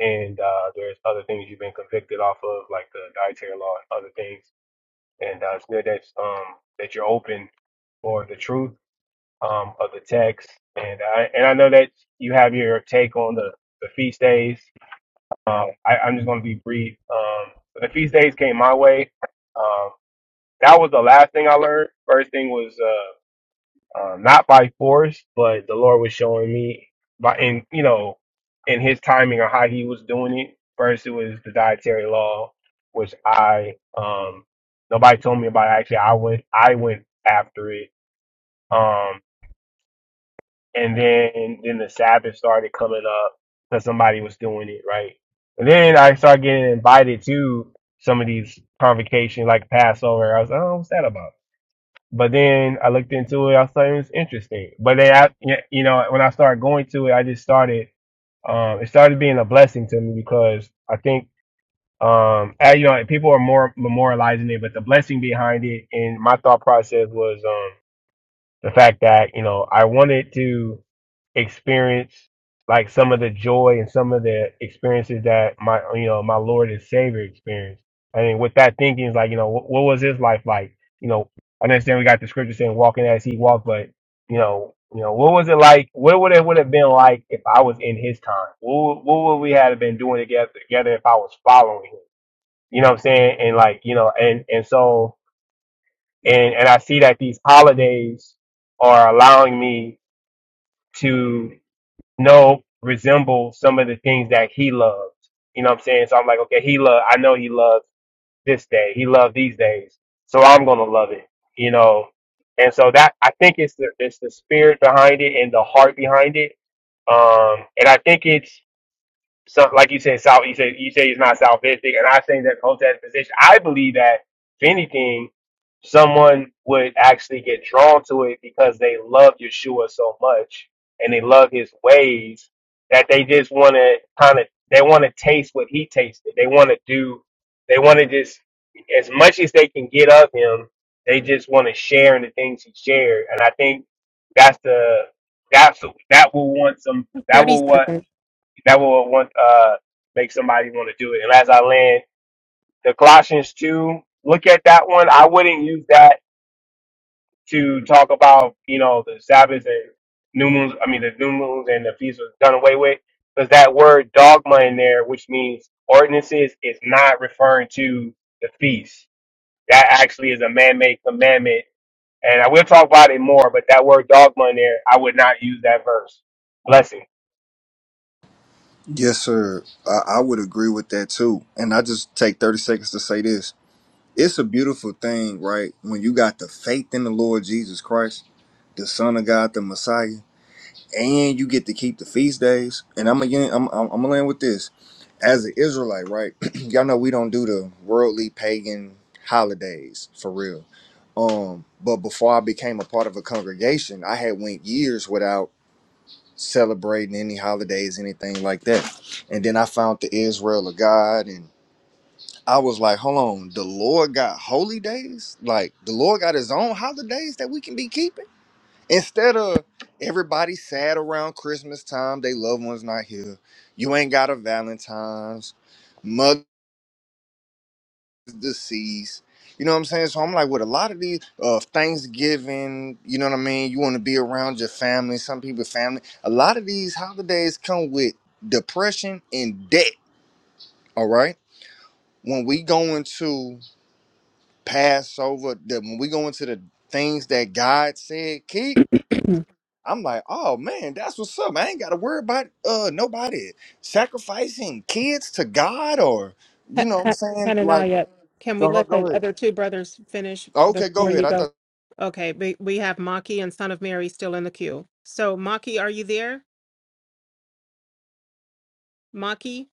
[SPEAKER 13] and uh there's other things you've been convicted off of like the dietary law and other things. And uh, it's good that um that you're open for the truth um, of the text. And I and I know that you have your take on the, the feast days. Um, I, I'm just going to be brief. Um, so the feast days came my way. Um, that was the last thing I learned. First thing was uh, uh, not by force, but the Lord was showing me by in you know in His timing or how He was doing it. First, it was the dietary law, which I um, nobody told me about. Actually, I went I went after it. Um, and then then the Sabbath started coming up because somebody was doing it right. And then I started getting invited to some of these convocations like Passover. I was like, oh, what's that about? But then I looked into it. I was like, it was interesting. But then I, yeah, you know, when I started going to it, I just started. Um, it started being a blessing to me because I think, um, I, you know, people are more memorializing it, but the blessing behind it and my thought process was, um, the fact that you know I wanted to experience like some of the joy and some of the experiences that my you know my Lord and Savior experienced. I mean, with that thinking, it's like you know, what, what was his life like? You know, I understand we got the scripture saying walking as he walked, but you know, you know, what was it like? What would it would have been like if I was in his time? What would- what would we have been doing together together if I was following him? You know what I'm saying? And like you know, and and so and and I see that these holidays are allowing me to know resemble some of the things that he loved. You know what I'm saying? So I'm like, okay, he loved. I know he loved this day. He loved these days. So I'm gonna love it. You know. And so that I think it's the it's the spirit behind it and the heart behind it. Um, and I think it's so like you said, South. You say you say he's not salvific, and I think that holds that position. I believe that if anything, someone would actually get drawn to it because they love Yeshua so much and they love his ways that they just want to kind of they want to taste what he tasted. They want to do. They want to just as much as they can get of him. They just want to share in the things he shared, and I think that's the that's that will want some. That
[SPEAKER 3] 30
[SPEAKER 13] will what
[SPEAKER 3] seconds.
[SPEAKER 13] that will want uh make somebody want to do it. And as I land, the Colossians two, look at that one. I wouldn't use that to talk about you know the Sabbath and new moons. I mean the new moons and the feast was done away with because that word dogma in there, which means ordinances, is not referring to the feast. That actually is a man-made commandment. And I will talk about it more, but that word dogma in there, I would not use that verse. Blessing.
[SPEAKER 5] Yes, sir. I, I would agree with that too. And I just take 30 seconds to say this. It's a beautiful thing, right? When you got the faith in the Lord Jesus Christ, the Son of God, the Messiah. and you get to keep the feast days. And I'm again, I'm I'm, I'm gonna land with this. As an Israelite, right? (clears throat) Y'all know we don't do the worldly pagan holidays for real. Um, but before I became a part of a congregation, I had went years without celebrating any holidays, anything like that. And then I found the Israel of God, and I was like, hold on, the Lord got holy days, like the Lord got His own holidays that we can be keeping Instead of everybody sad around Christmas time, they loved ones not here. You ain't got a Valentine's, mother's deceased. You know what I'm saying? So I'm like, with a lot of these uh, Thanksgiving, you know what I mean? You want to be around your family, some people family. A lot of these holidays come with depression and debt. All right. When we go into Passover, the, when we go into the things that God said keep,
[SPEAKER 3] (clears throat)
[SPEAKER 5] I'm like, oh man, that's what's up. I ain't gotta worry about uh nobody sacrificing kids to God or
[SPEAKER 3] (laughs)
[SPEAKER 5] you
[SPEAKER 3] Ha-
[SPEAKER 5] know what I'm
[SPEAKER 3] Ha-
[SPEAKER 5] saying? Like
[SPEAKER 3] Hananiah, can we
[SPEAKER 5] uh-huh,
[SPEAKER 3] let the
[SPEAKER 5] go ahead.
[SPEAKER 3] other two brothers finish
[SPEAKER 5] Okay,
[SPEAKER 3] before
[SPEAKER 5] go ahead.
[SPEAKER 3] you
[SPEAKER 5] I
[SPEAKER 3] go?
[SPEAKER 5] thought
[SPEAKER 3] Okay, we, we have Maki and Son of Mary still in the queue. So, Maki, are you there? Maki?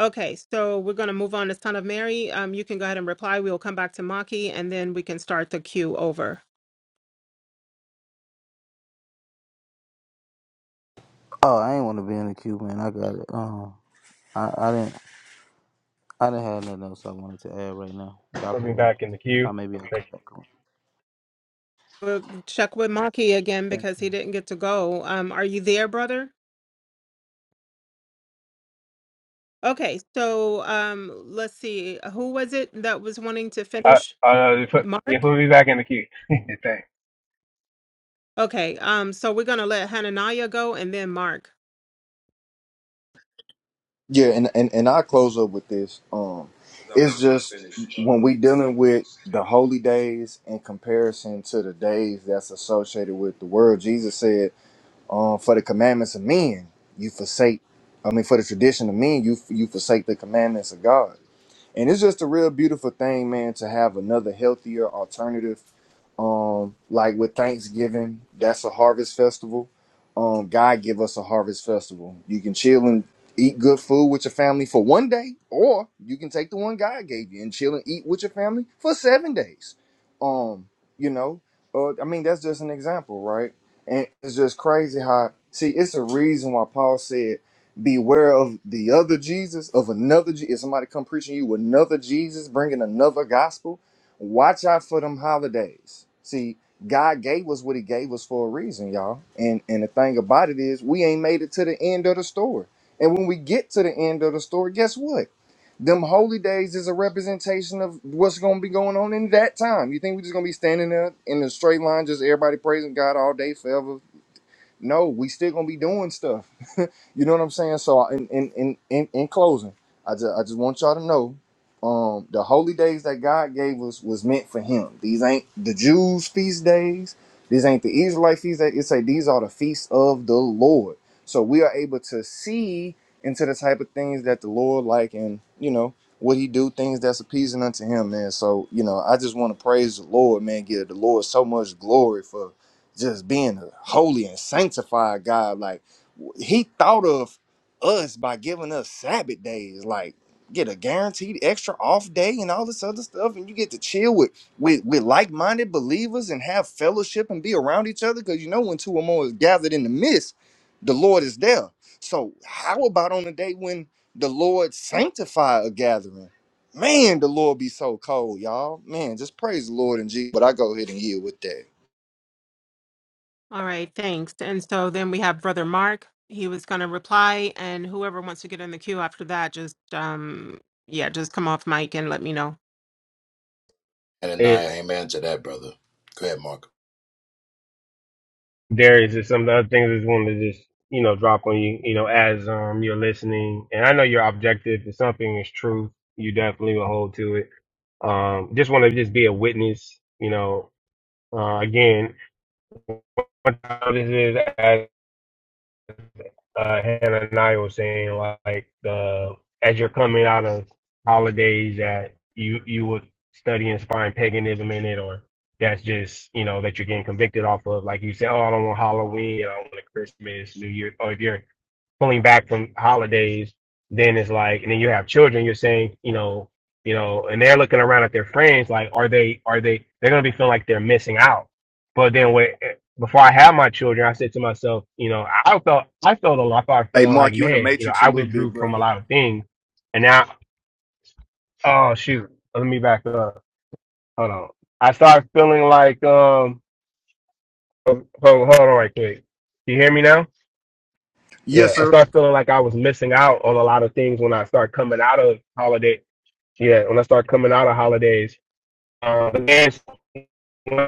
[SPEAKER 3] Okay, so we're going to move on to Son of Mary. Um, you can go ahead and reply. We'll come back to Maki and then we can start the queue over.
[SPEAKER 6] Oh, I ain't want to be in the queue, man. I got it. Um, I I didn't I didn't have nothing else I wanted to add right now. Y'all
[SPEAKER 13] Put me
[SPEAKER 6] could.
[SPEAKER 13] back in the queue.
[SPEAKER 6] I maybe I'll
[SPEAKER 13] Thank
[SPEAKER 6] come
[SPEAKER 13] you.
[SPEAKER 6] back
[SPEAKER 3] We'll check with Maki again
[SPEAKER 6] on.
[SPEAKER 3] because he didn't get to go. Um, are you there, brother? Okay, so um, let's see. Who was it that was wanting to
[SPEAKER 13] Uh,
[SPEAKER 3] finish?
[SPEAKER 13] uh, you put,
[SPEAKER 3] Mark?
[SPEAKER 13] yeah, put me back in the queue. (laughs) Thanks.
[SPEAKER 3] Okay, um, so we're gonna let Hananiah go and then Mark.
[SPEAKER 5] Yeah, and, and, and I close up with this. Um
[SPEAKER 9] Because I
[SPEAKER 5] it's
[SPEAKER 9] wanted to
[SPEAKER 5] just
[SPEAKER 9] finish up.
[SPEAKER 5] when we
[SPEAKER 9] what
[SPEAKER 5] dealing
[SPEAKER 9] I was
[SPEAKER 5] with
[SPEAKER 9] saying.
[SPEAKER 5] the holy days in comparison to the days that's associated with the world, Jesus said, um, for the commandments of men, you forsake I mean for the tradition of men, you you forsake the commandments of God. and it's just a real beautiful thing man to have another healthier alternative um like with thanksgiving that's a harvest festival um god give us a harvest festival you can chill and eat good food with your family for one day or you can take the one god gave you and chill and eat with your family for seven days um you know uh, i mean that's just an example right and it's just crazy how see it's a reason why paul said beware of the other Jesus, of another Jesus. If somebody come preaching you another Jesus, bringing another gospel, watch out for them holidays. See, God gave us what He gave us for a reason, y'all. And and the thing about it is, we ain't made it to the end of the story. And when we get to the end of the story, guess what? Them holy days is a representation of what's going to be going on in that time. You think we're just going to be standing there in a straight line, just everybody praising God all day forever? No, we still going to be doing stuff you know what I'm saying? So in in in in, in closing, I just I just want y'all to know, um, the holy days that God gave us was meant for Him. These ain't the Jews' feast days. These ain't the Israelite feast days. It say these are the feasts of the Lord. So we are able to see into the type of things that the Lord like, and you know what He do, things that's appeasing unto Him, man. So you know, I just want to praise the Lord, man. Give the Lord so much glory for just being a holy and sanctified God, like. He thought of us by giving us Sabbath days, like get a guaranteed extra off day and all this other stuff, and you get to chill with with, with like minded believers and have fellowship and be around each other. Because you know when two or more is gathered in the midst, the Lord is there. So how about on the day when the Lord sanctify a gathering? Man, the Lord be so cold, y'all. Man, just praise the Lord and Jesus. But I go ahead and yield with that.
[SPEAKER 3] All right, thanks. And so then we have Brother Mark. He was gonna reply, and whoever wants to get in the queue after that, just um, yeah, just come off mic and let me know.
[SPEAKER 1] And I
[SPEAKER 13] It,
[SPEAKER 1] amen to that, brother. Go ahead, Mark.
[SPEAKER 13] Darius, there's some other things I just wanted to just, you know, drop on you, you know, as um you're listening. And I know your objective. If something is true, you definitely will hold to it. Um, just want to just be a witness, you know, uh, again, one time this is as uh, Hananiah was saying, like uh, as you're coming out of holidays, that you you would study and find paganism in it, or that's just you know that you're getting convicted off of. Like you say, oh, I don't want Halloween, I don't want Christmas, New Year, or if you're pulling back from holidays, then it's like, and then you have children. You're saying, you know, you know, and they're looking around at their friends, like, are they, are they, they're gonna be feeling like they're missing out. But then when eh, before I had my children, I said to myself, you know, I felt, I felt alone. I thought I
[SPEAKER 5] Hey,
[SPEAKER 13] felt like,
[SPEAKER 5] Mark, you in the
[SPEAKER 13] man, you know,
[SPEAKER 5] matrix a
[SPEAKER 13] I
[SPEAKER 5] little bit,
[SPEAKER 13] withdrew from a
[SPEAKER 5] brother.
[SPEAKER 13] lot of things, and now, oh shoot, let me back up. Hold on. I started feeling like, um, hold, hold on, right quick. Do You hear me now?
[SPEAKER 5] Yes,
[SPEAKER 13] Yeah, I
[SPEAKER 5] sir.
[SPEAKER 13] start feeling like I was missing out on a lot of things when I start coming out of holiday. Yeah, when I start coming out of holidays. Um, but then when I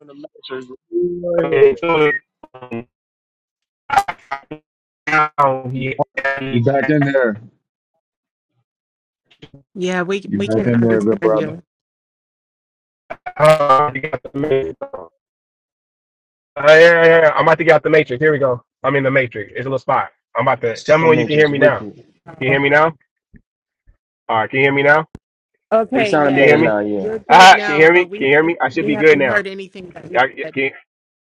[SPEAKER 15] in the matrix. You know what
[SPEAKER 13] come into it, um, now he,
[SPEAKER 12] You
[SPEAKER 13] he,
[SPEAKER 12] back in there.
[SPEAKER 3] Yeah, we
[SPEAKER 12] You
[SPEAKER 3] we
[SPEAKER 12] back
[SPEAKER 3] can't
[SPEAKER 12] in there, good
[SPEAKER 3] understand
[SPEAKER 12] brother.
[SPEAKER 3] you.
[SPEAKER 13] uh, he got the matrix. Uh, yeah, yeah, yeah, I'm about to get out the matrix. Here we go. I'm in the matrix. It's a little spot. I'm about to tell me
[SPEAKER 2] That
[SPEAKER 13] when you can hear
[SPEAKER 2] nature's
[SPEAKER 13] me now.
[SPEAKER 2] wicked.
[SPEAKER 13] Can you hear me now? All right, can you hear me now?
[SPEAKER 2] You
[SPEAKER 3] Okay,
[SPEAKER 2] sounding
[SPEAKER 13] Can you
[SPEAKER 3] yeah,
[SPEAKER 2] better
[SPEAKER 13] hear me?
[SPEAKER 3] you're,
[SPEAKER 2] now, yeah.
[SPEAKER 3] you're good
[SPEAKER 13] Ah, can you
[SPEAKER 3] now,
[SPEAKER 13] hear
[SPEAKER 3] but
[SPEAKER 13] me?
[SPEAKER 3] we
[SPEAKER 13] Can you hear
[SPEAKER 3] haven't
[SPEAKER 13] me? I should
[SPEAKER 3] we
[SPEAKER 13] be good
[SPEAKER 3] haven't
[SPEAKER 13] now.
[SPEAKER 3] heard anything that you
[SPEAKER 13] I,
[SPEAKER 3] said.
[SPEAKER 13] Can.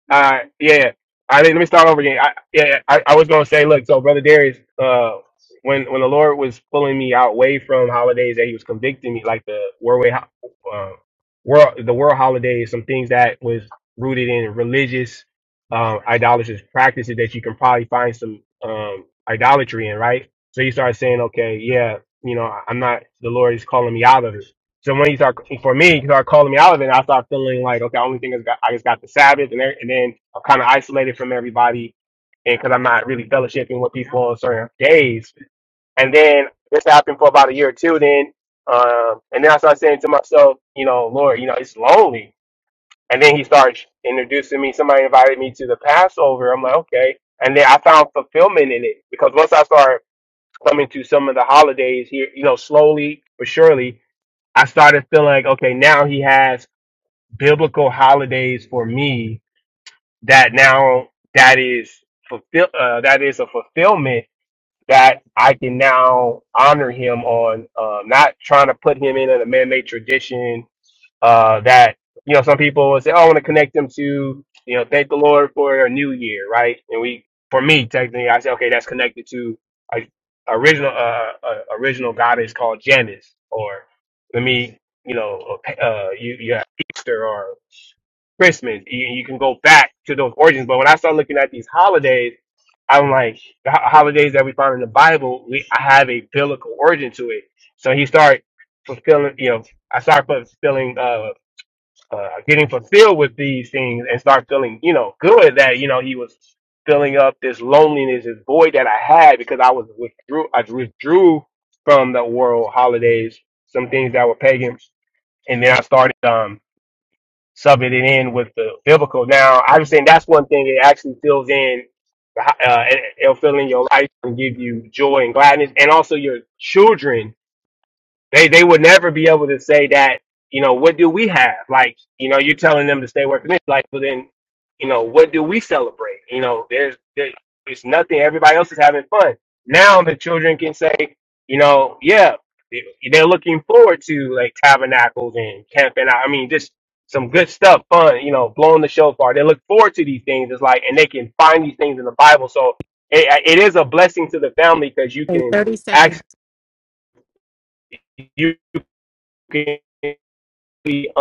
[SPEAKER 13] Uh, yeah. I think let me start over again. I, yeah, yeah, I, I was gonna say, look, so brother Darius, uh, when when the Lord was pulling me out way from holidays that He was convicting me, like the world uh, world the world holidays, some things that was rooted in religious, um, idolatrous practices that you can probably find some um idolatry in, right? So you start saying, okay, yeah, you know, I'm not the Lord is calling me out of it. So when he started, for me, he started calling me out of it, and I started feeling like, okay, only thing is got, I just got the Sabbath, and, there, and then I'm kind of isolated from everybody, and because I'm not really fellowshipping with people on certain days. And then this happened for about a year or two. Then, um, and then I started saying to myself, you know, Lord, you know, it's lonely. And then he started introducing me. Somebody invited me to the Passover. I'm like, okay. And then I found fulfillment in it because once I started coming to some of the holidays here, you know, slowly but surely. I started feeling like, okay, now he has biblical holidays for me that now that is fulfill uh, that is a fulfillment that I can now honor him on. Um, not trying to put him in a man-made tradition uh, that you know some people will say, "Oh, I want to connect them to you know thank the Lord for a new year," right? And we, for me, technically, I say, okay, that's connected to a original uh, uh original goddess called Janus, or let me, you know, uh, you you have Easter or Christmas. You, you can go back to those origins. But when I start looking at these holidays. I'm like the ho- holidays that we find in the Bible. We have a biblical origin to it, so he start fulfilling. You know, I start fulfilling. uh uh, getting fulfilled with these things and start feeling, you know, good that, you know, he was filling up this loneliness, this void that I had because I was withdrew, I withdrew from the world holidays, some things that were pagan. And then I started, um, subbing it in with the biblical. Now, I'm saying that's one thing that actually fills in, uh, it- it'll fill in your life and give you joy and gladness. And also your children they they would never be able to say that, you know, what do we have? Like, you know, you're telling them to stay away from this. Like, but then, you know, what do we celebrate? You know, there's there, it's nothing. Everybody else is having fun. Now the children can say, you know, yeah, they- they're looking forward to like tabernacles and camping out. I mean, just some good stuff, fun, you know, blowing the shofar. They look forward to these things. It's like, and they can find these things in the Bible. So it, it is a blessing to the family because you
[SPEAKER 3] Okay,
[SPEAKER 13] can
[SPEAKER 3] thirty
[SPEAKER 13] actually
[SPEAKER 3] seconds.
[SPEAKER 13] you can be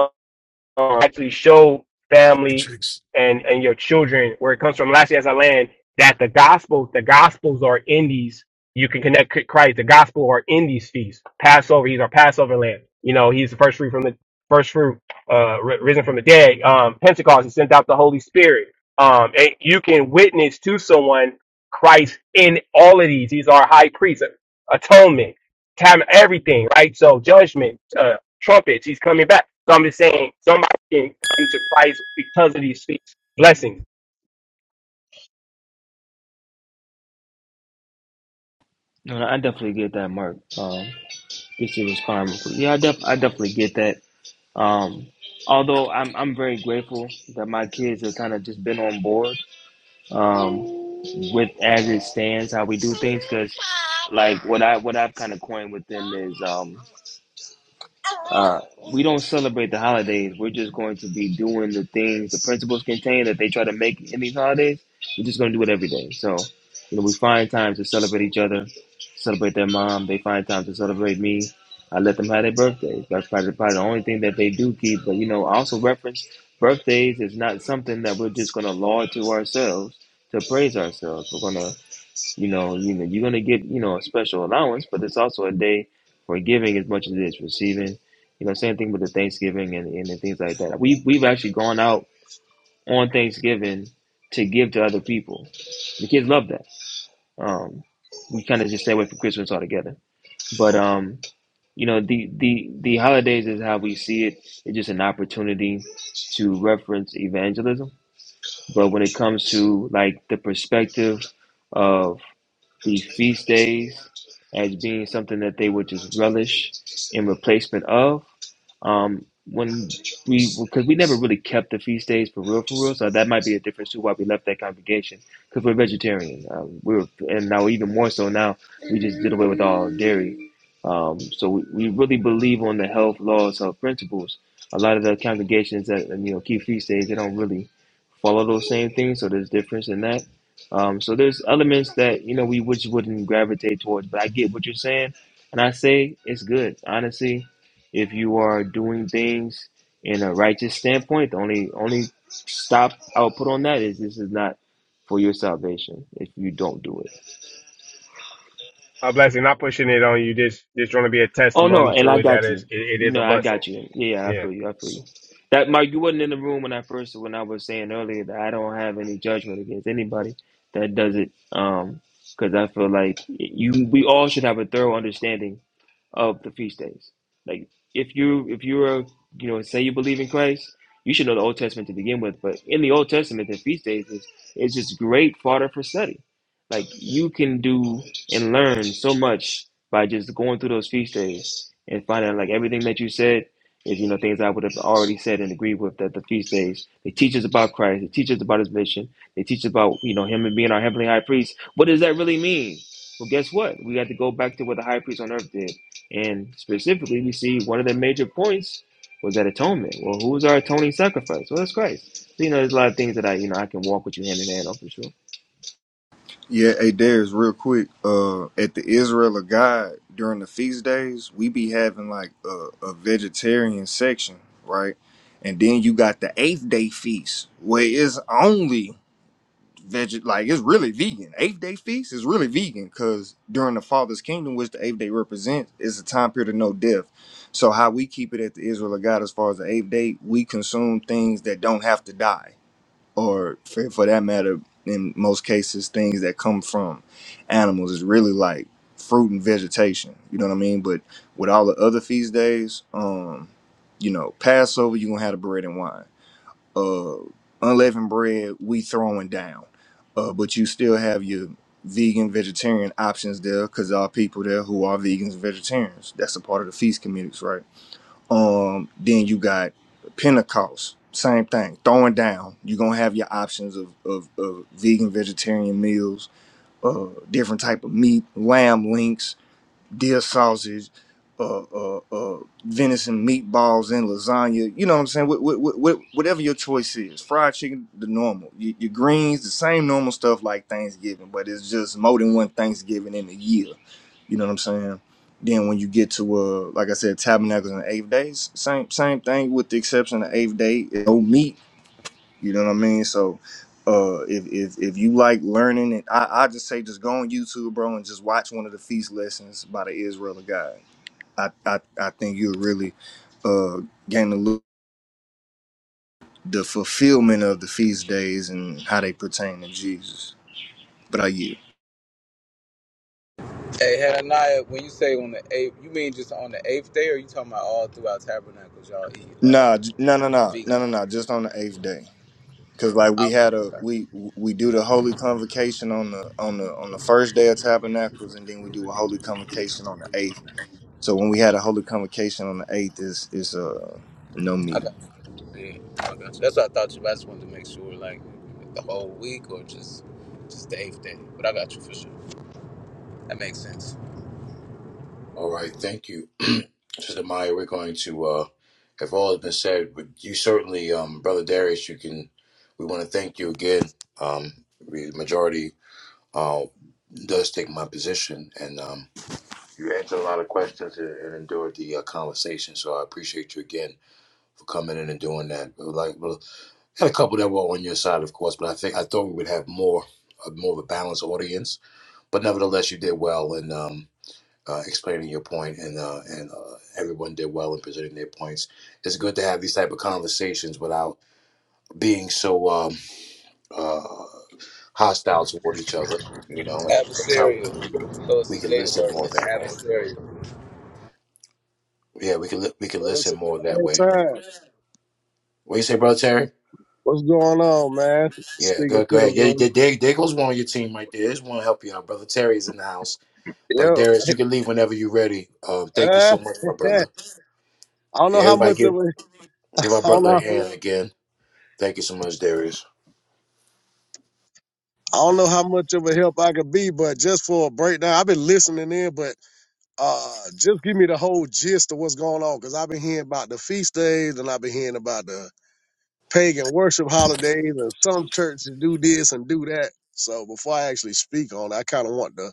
[SPEAKER 13] uh, actually show family
[SPEAKER 8] Matrix.
[SPEAKER 13] and and your children where it comes from. Lastly, as I land, that the gospel, the gospels are in these. You can connect C- Christ. The gospel are in these feasts. Passover, he's our Passover lamb. You know, he's the first fruit from the first fruit, uh, ri- risen from the dead. Um, Pentecost, he sent out the Holy Spirit. Um, and you can witness to someone Christ in all of these. He's our high priest, uh, atonement, time, everything, right? So judgment, uh, trumpets. He's coming back. So I'm just saying, some can come to Christ because of these things. Blessings.
[SPEAKER 2] No, no, I definitely get that, Mark. Um, get your response. Yeah, I, def- I definitely get that. Um, although I'm I'm very grateful that my kids have kind of just been on board um, with as it stands how we do things because like what I what I've kind of coined with them is um, uh, we don't celebrate the holidays. We're just going to be doing the things, the principles contain that they try to make in these holidays. We're just going to do it every day. So, you know, we find time to celebrate each other, celebrate their mom. They find time to celebrate me. I let them have their birthdays. That's probably, probably the only thing that they do keep. But, you know, I also reference birthdays is not something that we're just going to laud to ourselves, to praise ourselves. We're going to you know, you know, you're gonna get, you know, a special allowance, but it's also a day for giving as much as it is receiving. You know, same thing with the Thanksgiving and, and the things like that. We we've actually gone out on Thanksgiving to give to other people. The kids love that. Um, we kind of just stay away from Christmas altogether. But um, you know, the the the holidays is how we see it. It's just an opportunity to reference evangelism. But when it comes to like the perspective of these feast days as being something that they would just relish in replacement of. Um, when we, because we never really kept the feast days for real, for real. So that might be a difference too why we left that congregation because we're vegetarian. Um, we're and now even more so now we just did away with all dairy. Um, so we, we really believe on the health laws, health principles. A lot of the congregations that you know keep feast days, they don't really follow those same things. So there's difference in that. Um, so there's elements that you know we which wouldn't gravitate towards, but I get what you're saying, and I say it's good. Honestly, if you are doing things in a righteous standpoint, the only only stop I'll put on that is this is not for your salvation if you don't do it.
[SPEAKER 13] A blessing. Not pushing it on you. Just just trying to be a
[SPEAKER 2] Oh no,
[SPEAKER 13] testimony
[SPEAKER 2] and
[SPEAKER 13] to
[SPEAKER 2] I
[SPEAKER 13] it. That
[SPEAKER 2] got you.
[SPEAKER 13] is, it, it
[SPEAKER 2] You
[SPEAKER 13] is
[SPEAKER 2] know,
[SPEAKER 13] a
[SPEAKER 2] I
[SPEAKER 13] blessing.
[SPEAKER 2] got you. Yeah, yeah, I
[SPEAKER 13] Yeah.
[SPEAKER 2] feel you. I feel you. That Mike, you wasn't in the room when I first when I was saying earlier that I don't have any judgment against anybody that does it. Um, because I feel like you, we all should have a thorough understanding of the feast days. Like if you if you're a, you know say you believe in Christ, you should know the Old Testament to begin with. But in the Old Testament, the feast days is is just great fodder for study. Like you can do and learn so much by just going through those feast days and finding out like everything that you said is you know things I would have already said and agreed with that the feast days they teach us about Christ, they teach us about His mission, they teach about you know Him and being our heavenly High Priest. What does that really mean? Well, guess what? We got to go back to what the high priest on earth did. And specifically, we see one of the major points was that atonement. Well, who was our atoning sacrifice? Well, it's Christ. So, you know, there's a lot of things that I, you know, I can walk with you hand in hand on for sure.
[SPEAKER 5] Yeah, hey Darius, real quick. Uh, at the Israel of God during the feast days, we be having like a, a vegetarian section, right? And then you got the eighth day feast, where it's only veg, like it's really vegan. Eighth day feast is really vegan because during the Father's kingdom, which the eighth day represents, is a time period of no death. So how we keep it at the Israel of God, as far as the eighth day, we consume things that don't have to die or for, for that matter, in most cases, things that come from animals is really like fruit and vegetation. You know what I mean? But with all the other feast days, um, you know, Passover, you're going to have the bread and wine. Uh, unleavened bread, we throwing down. Uh, but you still have your vegan, vegetarian options there because there are people there who are vegans and vegetarians. That's a part of the feast communities, right? Um, then you got Pentecost, same thing, throwing down. You're gonna have your options of, of, of vegan, vegetarian meals, uh, different type of meat, lamb links, deer sausage, uh, uh, uh, venison meatballs and lasagna. You know what I'm saying? Wh- wh- wh- wh- whatever your choice is, fried chicken, the normal. Your, your greens, the same normal stuff like Thanksgiving, but it's just more than one Thanksgiving in a year. You know what I'm saying? Then when you get to uh, like I said, tabernacles and eighth days, same same thing with the exception of the eighth day. No meat you know what I mean? So uh if if, if you like learning and I, I just say just go on YouTube, bro, and just watch one of the feast lessons by the Israel of God. I I, I think you'll really uh gain the look the fulfillment of the feast days and how they pertain to Jesus. But I you
[SPEAKER 6] Hey, Hananiah, when you say on the eighth, you mean just on the eighth day, or you talking about all throughout Tabernacles, y'all eat uh,
[SPEAKER 5] Nah, j- no, no, no, no,
[SPEAKER 6] vegan?
[SPEAKER 5] no, no. Just on the eighth day, cause like we
[SPEAKER 6] Okay,
[SPEAKER 5] had a
[SPEAKER 6] okay.
[SPEAKER 5] we we do the holy convocation on the on the on the first day of tabernacles, and then we do a holy convocation on the eighth So when we had a holy convocation on the eighth, is is uh no
[SPEAKER 6] I
[SPEAKER 5] meat.
[SPEAKER 6] got you. Yeah, I got you. That's what I thought you. I just wanted to make sure, like, the whole week or just just the eighth day. But I got you for sure. That makes sense.
[SPEAKER 1] All right, thank you, (clears throat) Sister Maya. We're going to, uh, if all has been said, but you certainly, um, Brother Darius, you can. We want to thank you again. Um, the majority uh, does take my position, and um, you answered a lot of questions and, and endured the uh, conversation. So I appreciate you again for coming in and doing that. We Like, well, had a couple that were on your side, of course, but I think I thought we would have more, uh, more of a balanced audience. But nevertheless, you did well, and. Um, uh, explaining your point, and uh, and uh, everyone did well in presenting their points. It's good to have these type of conversations without being so um, uh, hostile toward each other. You know, and that's how we
[SPEAKER 6] Adversarial.
[SPEAKER 1] can
[SPEAKER 6] So it's the
[SPEAKER 1] we can
[SPEAKER 6] Jada
[SPEAKER 1] listen
[SPEAKER 6] word,
[SPEAKER 1] more
[SPEAKER 6] but
[SPEAKER 1] that way.
[SPEAKER 6] adversarial.
[SPEAKER 1] Yeah, we can li- we can
[SPEAKER 15] Well, it's
[SPEAKER 1] listen
[SPEAKER 15] a
[SPEAKER 1] more that way.
[SPEAKER 15] bad time.
[SPEAKER 1] What you say, brother Terry?
[SPEAKER 15] What's going on, man?
[SPEAKER 1] Yeah,
[SPEAKER 15] Speaking
[SPEAKER 1] go go
[SPEAKER 15] to the
[SPEAKER 1] ahead. Yeah,
[SPEAKER 15] room.
[SPEAKER 1] there, there there goes one on your team right there. There's one to help you out, brother Terry is in the house. But
[SPEAKER 15] Yo,
[SPEAKER 1] Darius, you can leave whenever you're ready. Um, thank you
[SPEAKER 15] uh,
[SPEAKER 1] so much, my
[SPEAKER 15] (laughs)
[SPEAKER 1] brother.
[SPEAKER 15] I don't know
[SPEAKER 1] Yeah,
[SPEAKER 15] how
[SPEAKER 1] everybody,
[SPEAKER 15] much
[SPEAKER 1] give
[SPEAKER 15] of a, I
[SPEAKER 1] give our
[SPEAKER 15] don't
[SPEAKER 1] brother a
[SPEAKER 15] know,
[SPEAKER 1] hand again. Thank you so much, Darius.
[SPEAKER 15] I don't know how much of a help I could be, but just for a breakdown, I've been listening in, but uh, just give me the whole gist of what's going on, because I've been hearing about the feast days, and I've been hearing about the pagan worship holidays, and some churches do this and do that. So before I actually speak on, it, I kind of want to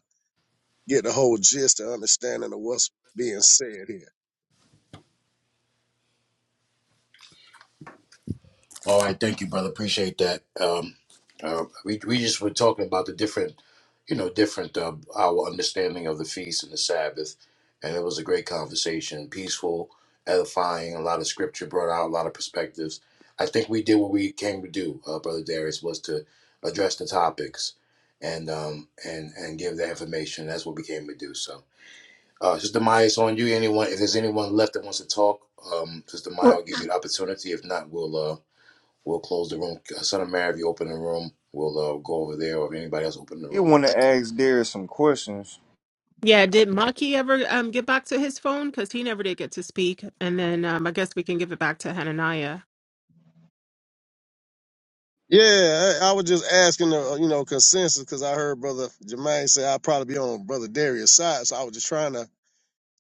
[SPEAKER 15] get the whole gist and understanding of what's being said here.
[SPEAKER 1] All right, thank you, brother. Appreciate that. Um, uh, we we just were talking about the different, you know, different uh, our understanding of the feast and the Sabbath, and it was a great conversation, peaceful, edifying. A lot of scripture brought out a lot of perspectives. I think we did what we came to do, uh, brother Darius, was to address the topics, and um and and give the information. That's what we came to do. So, uh, Sister Maya, it's on you. Anyone, if there's anyone left that wants to talk, um, Sister Maya,
[SPEAKER 3] Well,
[SPEAKER 1] will give you the opportunity. If not, we'll uh We'll close the room. Uh, Son of Mary, if you open the room, we'll uh, go over there. Or if anybody else open the
[SPEAKER 5] You
[SPEAKER 1] room.
[SPEAKER 5] want to ask Darius some questions?
[SPEAKER 3] yeah, did Maki ever um get back to his phone? Because he never did get to speak. And then um, I guess we can give it back to Hananiah.
[SPEAKER 15] Yeah, I, I was just asking, the, uh, you know, consensus because I heard Brother Jermaine say I'd probably be on Brother Darius' side, so I was just trying to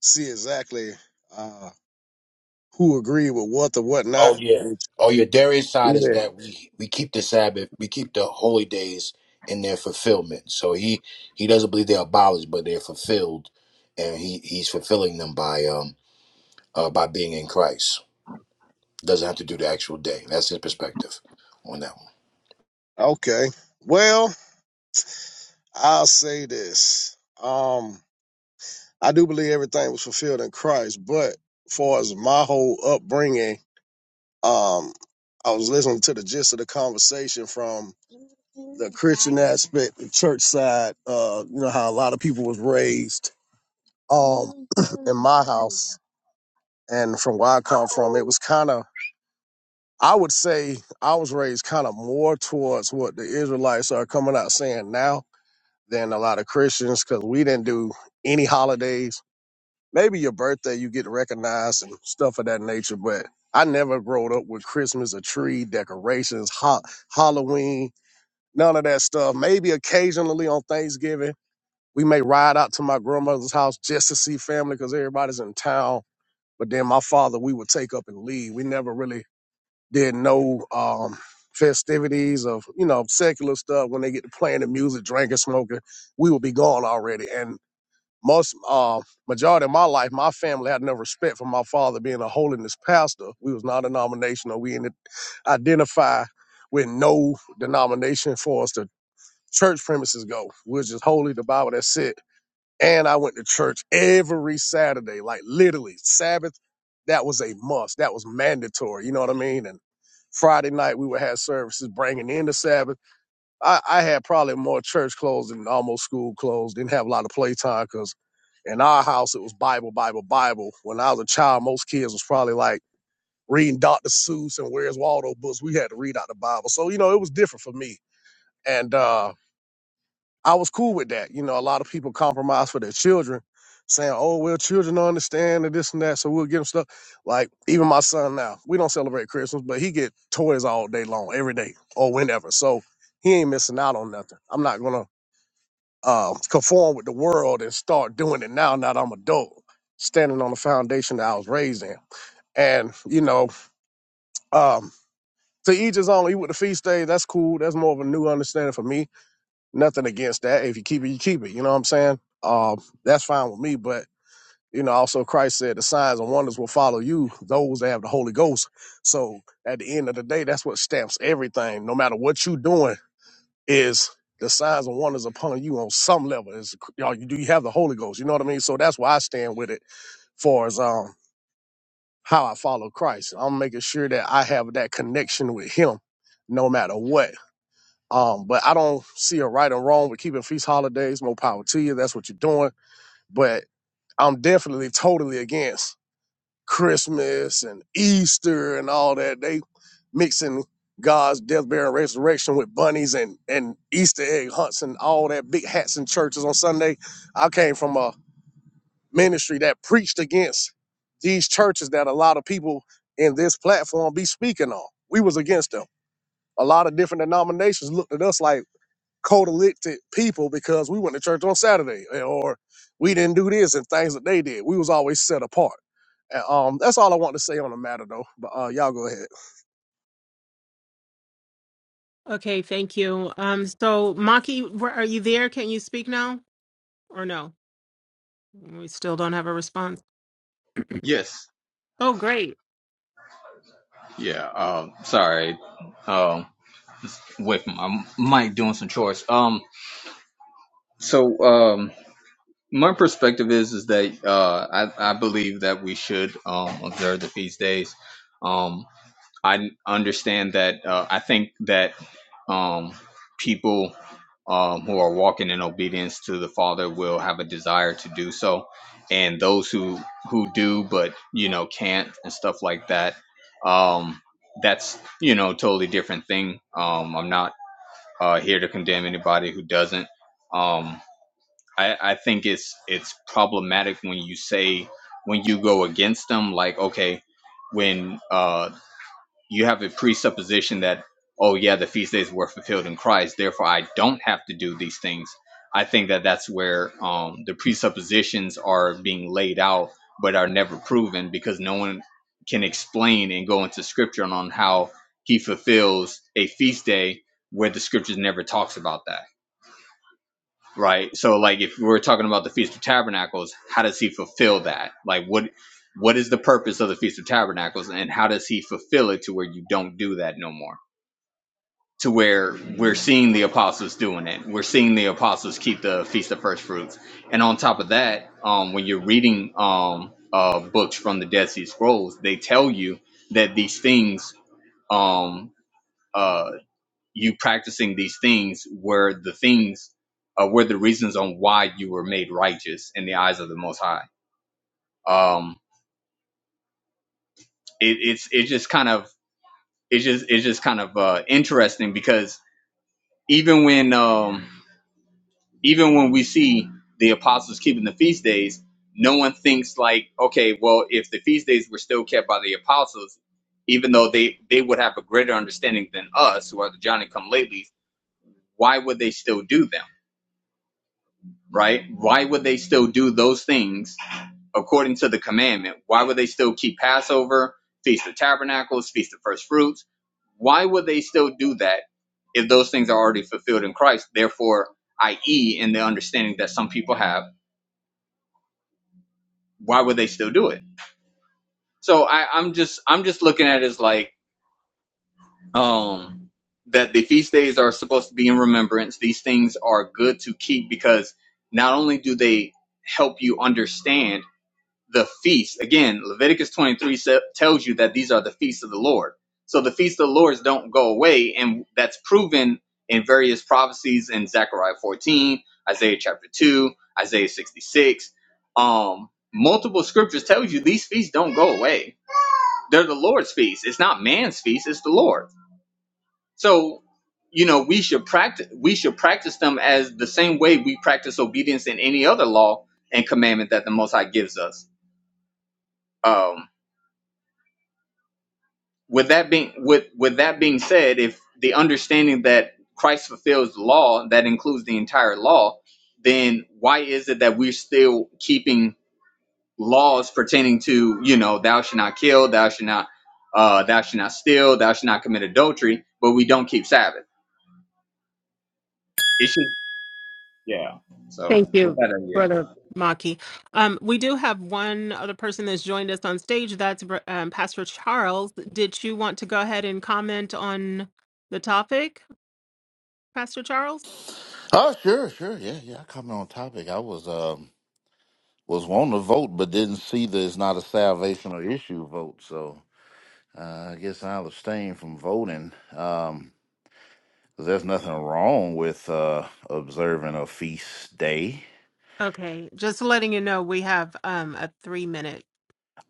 [SPEAKER 15] see exactly uh, who agreed with what or what
[SPEAKER 1] Oh
[SPEAKER 15] not.
[SPEAKER 1] yeah.
[SPEAKER 15] Which-
[SPEAKER 1] Oh yeah. Darius' side is
[SPEAKER 15] Yeah.
[SPEAKER 1] that we we keep the Sabbath, we keep the holy days in their fulfillment. So he he doesn't believe they're abolished, but they're fulfilled, and he he's fulfilling them by um uh, by being in Christ. Doesn't have to do the actual day. That's his perspective on that one.
[SPEAKER 15] Okay. Well, I'll say this. Um, I do believe everything was fulfilled in Christ, but far as my whole upbringing Um, I was listening to the gist of the conversation from the Christian aspect, the church side. Uh, you know how a lot of people was raised. Um, (clears throat) in my house and from where I come from, it was kind of. I would say I was raised kind of more towards what the Israelites are coming out saying now than a lot of Christians because we didn't do any holidays. maybe your birthday you get recognized and stuff of that nature but i never growed up with christmas a tree decorations ha- halloween none of that stuff maybe occasionally on thanksgiving we may ride out to my grandmother's house just to see family because everybody's in town but then my father we would take up and leave we never really did no um festivities of you know secular stuff when they get to playing the music drinking smoking we would be gone already and most uh, majority of my life, my family had no respect for my father being a holiness pastor. We was non-denominational. We didn't identify with no denomination for us to church premises go. We're just holy, the Bible, that's it. And I went to church every Saturday, like literally Sabbath. That was a must. That was mandatory. You know what I mean? And Friday night we would have services bringing in the Sabbath I, I had probably more church clothes than almost school clothes. Didn't have a lot of playtime because in our house it was Bible, Bible, Bible. When I was a child, most kids was probably like reading Dr. Seuss and Where's Waldo books. We had to read out the Bible, so you know it was different for me. And uh, I was cool with that. You know, a lot of people compromise for their children, saying, "Oh, well, children don't understand and this and that," so we'll get them stuff. Like even my son now, we don't celebrate Christmas, but he get toys all day long, every day or whenever. So he ain't missing out on nothing. I'm not gonna um, conform with the world and start doing it now. Now that I'm adult, standing on the foundation that I was raised in, and you know, um, to each his own. Eat with the feast day. That's cool. That's more of a new understanding for me. Nothing against that. If you keep it, you keep it. You know what I'm saying? Um, that's fine with me. But you know, also Christ said the signs and wonders will follow you. Those that have the Holy Ghost. So at the end of the day, that's what stamps everything. No matter what you doing is the signs and wonders upon you on some level. Is y'all you do you have the Holy Ghost? You know what I mean? So that's where I stand with it far as um how I follow Christ. I'm making sure that I have that connection with him no matter what. Um, but I don't see a right or wrong with keeping feast holidays, more power to you. That's what you're doing. But I'm definitely totally against Christmas and Easter and all that. They mixing God's death, burial, and resurrection with bunnies and, and Easter egg hunts and all that big hats and churches on Sunday. I came from a ministry that preached against these churches that a lot of people in this platform be speaking on. We was against them. A lot of different denominations looked at us like coalited people because we went to church on Saturday eh, or we didn't do this and things that they did. We was always set apart. And, um, that's all I want to say on the matter though. But uh, y'all go ahead.
[SPEAKER 3] Okay, thank you. Um, so Maki, where- are you there? Can you speak now or no? We still don't have a response.
[SPEAKER 14] Yes.
[SPEAKER 3] Oh, great.
[SPEAKER 14] Yeah. Um. Sorry. Um. Away from my mic doing some chores. Um. So. Um. My perspective is is that uh I I believe that we should um observe the feast days. Um. I understand that. Uh, I think that um, people um, who are walking in obedience to the Father will have a desire to do so, and those who who do but you know can't and stuff like that. Um, that's you know totally different thing. Um, I'm not uh, here to condemn anybody who doesn't. Um, I, I think it's it's problematic when you say when you go against them, like okay, when uh, you have a presupposition that oh yeah the feast days were fulfilled in christ therefore i don't have to do these things i think that that's where um, the presuppositions are being laid out but are never proven because no one can explain and go into scripture on how he fulfills a feast day where the scriptures never talks about that right? So like if we're talking about the Feast of Tabernacles, how does he fulfill that? Like what what is the purpose of the Feast of Tabernacles and how does he fulfill it to where you don't do that no more? To where we're seeing the apostles doing it. We're seeing the apostles keep the Feast of First Fruits. And on top of that, um, when you're reading um, uh, books from the Dead Sea Scrolls, they tell you that these things um, uh, you practicing these things were the things uh, were the reasons on why you were made righteous in the eyes of the Most High. Um, it, it's it's just kind of it's just it's just kind of uh, interesting because even when um, even when we see the apostles keeping the feast days, no one thinks like, okay, well, if the feast days were still kept by the apostles, even though they they would have a greater understanding than us who are the Johnny Come Lately, why would they still do them? right? Why would they still do those things according to the commandment? Why would they still keep Passover, Feast of Tabernacles, Feast of First Fruits? Why would they still do that if those things are already fulfilled in Christ? Therefore, i.e., in the understanding that some people have, why would they still do it? So I, I'm just I'm just looking at it as like um, that the feast days are supposed to be in remembrance. These things are good to keep because not only do they help you understand the feast. Again, Leviticus 23 tells you that these are the feasts of the Lord. So the feasts of the Lords don't go away, and that's proven in various prophecies in Zechariah 14, Isaiah chapter 2, Isaiah 66. Um, multiple scriptures tells you these feasts don't go away. They're the Lord's feast. It's not man's feast, it's the Lord. So you know we should practice we should practice them as the same way we practice obedience in any other law and commandment that the most high gives us. Um with that being with with that being said, if the understanding that Christ fulfills the law that includes the entire law, then why is it that we're still keeping laws pertaining to you know thou shalt not kill, thou shalt not uh, thou shalt not steal, thou shalt not commit adultery, but we don't keep Sabbath? It should, yeah. So
[SPEAKER 3] Thank
[SPEAKER 14] with
[SPEAKER 3] you,
[SPEAKER 14] that idea.
[SPEAKER 3] brother Maki. Um, we do have one other person that's joined us on stage. That's Br- um, Pastor Charles. Did you want to go ahead and comment on the topic, Pastor Charles?
[SPEAKER 16] Oh, sure, sure. Yeah, yeah. I Coming on topic. I was um was wanting to vote but didn't see that it's not a salvational issue vote, so uh, I guess I'll abstain from voting. Um 'cause there's nothing wrong with uh observing a feast day.
[SPEAKER 3] Okay, just letting you know we have um a three minute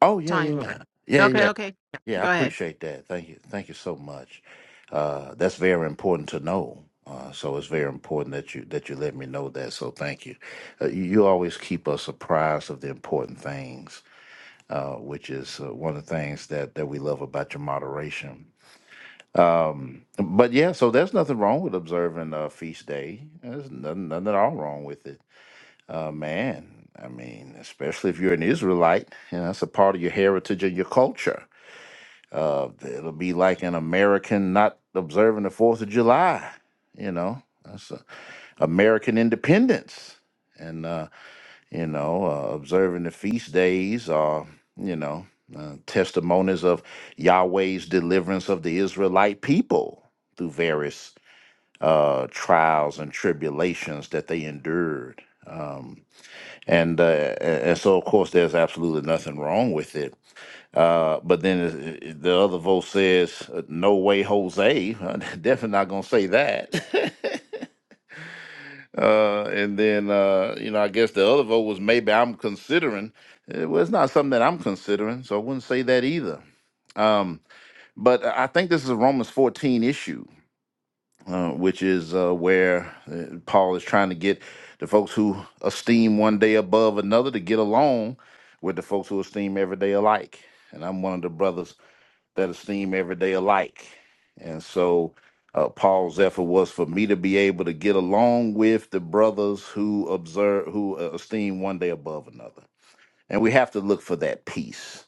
[SPEAKER 16] Oh yeah,
[SPEAKER 3] timer.
[SPEAKER 16] yeah. Yeah, yeah.
[SPEAKER 3] Okay,
[SPEAKER 16] Yeah,
[SPEAKER 3] okay.
[SPEAKER 16] Yeah, I
[SPEAKER 3] Go ahead.
[SPEAKER 16] appreciate that. Thank you. Thank you so much. Uh that's very important to know. Uh, so it's very important that you that you let me know that. So thank you. Uh, you. You always keep us apprised of the important things uh, which is uh, one of the things that, that we love about your moderation. But yeah, so there's nothing wrong with observing a feast day. There's nothing, nothing at all wrong with it, uh, man. I mean, especially if you're an Israelite, you know, that's a part of your heritage and your culture. Uh, it'll be like an American not observing the Fourth of July. You know, that's uh American independence, and uh, you know, uh, observing the feast days or, you know, uh, testimonies of Yahweh's deliverance of the Israelite people through various uh, trials and tribulations that they endured. Um, and, uh, a- and so, of course, there's absolutely nothing wrong with it. Uh, but then it- it- the other vote says, uh, "No way, Jose! (laughs) definitely not gonna say that." (laughs) Uh, and then, uh, you know, I guess the other vote was maybe I'm considering. Eh, Well, it's not something that I'm considering, so I wouldn't say that either. Um, but I I think this is a Romans 14 issue, uh, which is uh, where uh, Paul is trying to get the folks who esteem one day above another to get along with the folks who esteem every day alike. And I'm one of the brothers that'll seem every day alike. And so uh, Paul's effort was for me to be able to get along with the brothers who observe, who uh, esteem one day above another. And we have to look for that peace.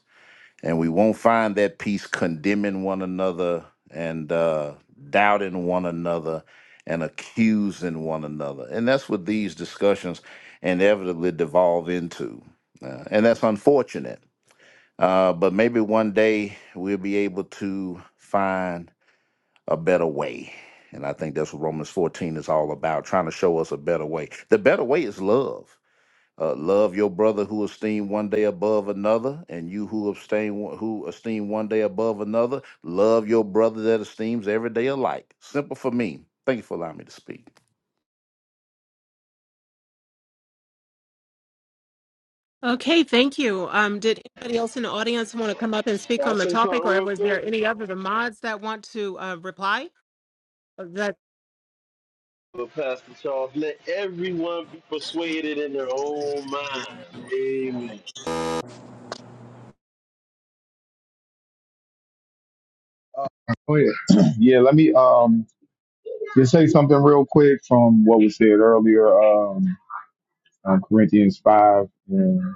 [SPEAKER 16] And we won't find that peace condemning one another and uh, doubting one another and accusing one another. And that's what these discussions inevitably devolve into. Uh, and that's unfortunate uh, but maybe one day we'll be able to find a better way. And I think that's what Romans 14 is all about, trying to show us a better way. The better way is love. Uh, love your brother who esteem one day above another, and you who abstain who esteem one day above another. Love your brother that esteems every day alike. Simple for me. Thank you for allowing me to speak.
[SPEAKER 3] Okay, thank you. Um, did anybody else in the audience want to come up and speak
[SPEAKER 10] I'll
[SPEAKER 3] on the
[SPEAKER 10] say
[SPEAKER 3] topic,
[SPEAKER 10] something
[SPEAKER 3] or
[SPEAKER 10] real
[SPEAKER 3] was there
[SPEAKER 10] quick.
[SPEAKER 3] any other the mods that want to uh, reply? That
[SPEAKER 10] But Pastor Charles, let everyone be persuaded in their own mind. Amen.
[SPEAKER 12] Uh, go ahead. (clears throat) yeah, let me. Um, Just say something real quick from what was said earlier, um, uh, Corinthians 5 and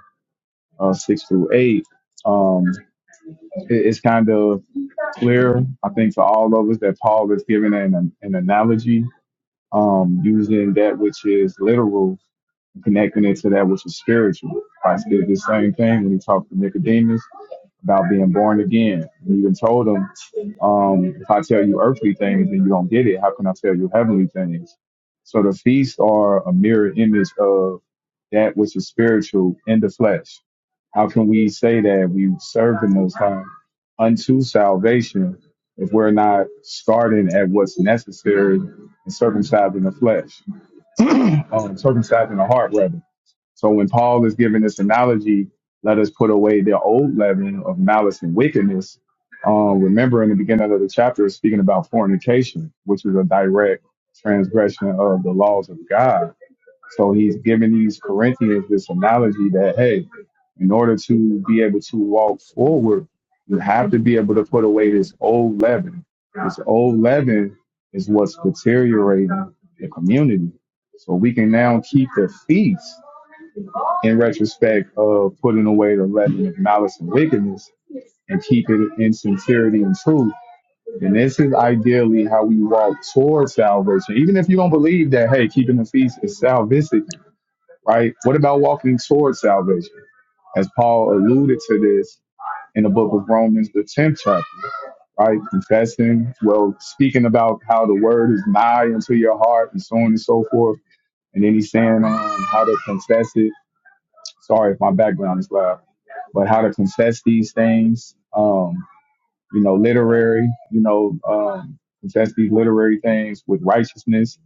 [SPEAKER 12] uh, 6 through 8. Um, it- it's kind of clear, I think, for all of us that Paul is giving an, an analogy um, using that which is literal, connecting it to that which is spiritual. Christ did the same thing when he talked to Nicodemus about being born again. And even told them, um, if I tell you earthly things and you don't get it, how can I tell you heavenly things? So the feasts are a mirror image of that which is spiritual in the flesh. How can we say that we serve the Most High unto salvation if we're not starting at what's necessary and circumcising the flesh, um, circumcising the heart rather? So when Paul is giving this analogy, let us put away the old leaven of malice and wickedness. Uh, remember in the beginning of the chapter, it's speaking about fornication, which is a direct transgression of the laws of God. So he's giving these Corinthians this analogy that, hey, in order to be able to walk forward, you have to be able to put away this old leaven. This old leaven is what's deteriorating the community. So we can now keep the feast in retrospect of putting away the leaven of malice and wickedness and keep it in sincerity and truth. And this is ideally how we walk towards salvation. Even if you don't believe that, hey, keeping the feast is salvific, right? What about walking towards salvation? As Paul alluded to this in the book of Romans, the 10th chapter, right? Confessing, well, speaking about how the word is nigh unto your heart and so on and so forth. And then he's saying um, how to confess it sorry if my background is loud, but how to contest these things, um, you know, literary, you know, um, contest these literary things with righteousness.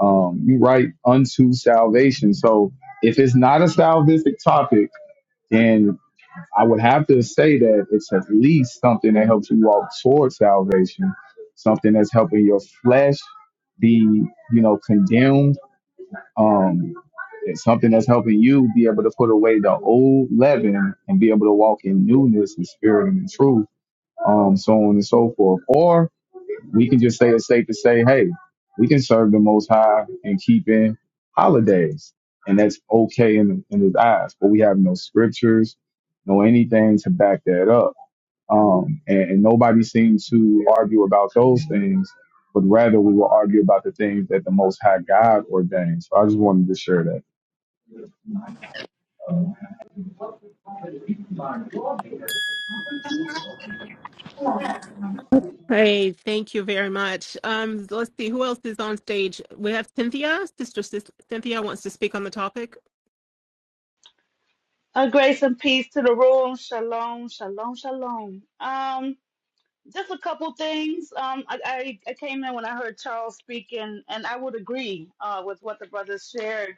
[SPEAKER 12] Um, you write unto salvation. So if it's not a salvific topic, then I would have to say that it's at least something that helps you walk toward salvation, something that's helping your flesh be, you know, condemned um, it's something that's helping you be able to put away the old leaven and be able to walk in newness and spirit and in truth, um, so on and so forth. Or we can just say it's safe to say, hey, we can serve the Most High and keep in holidays, and that's okay in, in His eyes. But we have no scriptures, no anything to back that up. Um, and, and nobody seemed to argue about those things, but rather we will argue about the things that the Most High God ordained. So I just wanted to share that.
[SPEAKER 3] hey, thank you very much. Um, let's see who else is on stage. We have Cynthia, Sister Sis- Cynthia wants to speak on the topic.
[SPEAKER 17] A grace and peace to the room. Shalom, shalom, shalom. Um, just a couple things. Um, I, I, I came in when I heard Charles speak, and, and I would agree uh, with what the brothers shared.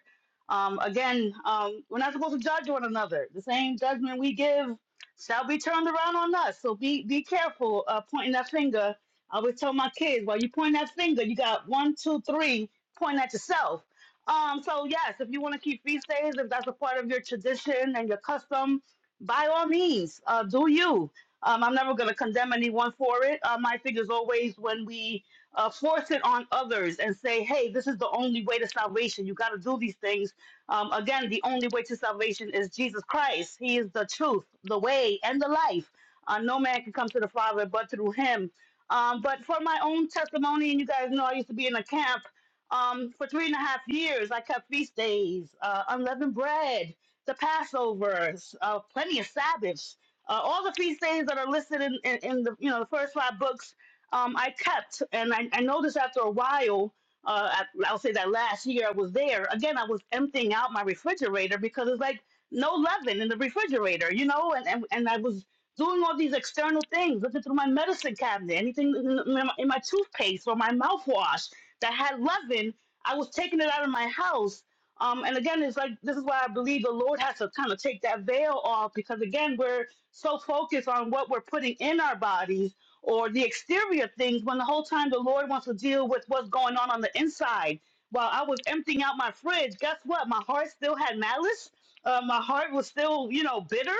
[SPEAKER 17] Um, again, um, we're not supposed to judge one another. The same judgment we give shall be turned around on us. So be be careful uh, pointing that finger. I always tell my kids, while you point that finger, you got one, two, three, point at yourself. Um, so yes, if you want to keep feast days, if that's a part of your tradition and your custom, by all means, uh, do you. Um, I'm never going to condemn anyone for it. Um, I think is always when we uh, force it on others and say, hey, this is the only way to salvation. You got to do these things. Um, again, the only way to salvation is Jesus Christ. He is the truth, the way, and the life. Uh, no man can come to the Father but through him. Um, but for my own testimony, and you guys know I used to be in a camp um, for three and a half years. I kept feast days, uh, unleavened bread, the Passovers, uh, plenty of Sabbaths uh, all of these things that are listed in, in, in the you know the first five books, um, I kept, and I, I noticed after a while. Uh, I, I'll say that last year I was there again. I was emptying out my refrigerator because it's like no leaven in the refrigerator, you know, and and, and I was doing all these external things, looking through my medicine cabinet, anything in in my, in my toothpaste or my mouthwash that had leaven, I was taking it out of my house. Um, and again, it's like this is why I believe the Lord has to kind of take that veil off because again, we're so focused on what we're putting in our bodies or the exterior things when the whole time the Lord wants to deal with what's going on on the inside. While I was emptying out my fridge, guess what? My heart still had malice. Uh, my heart was still, you know, bitter.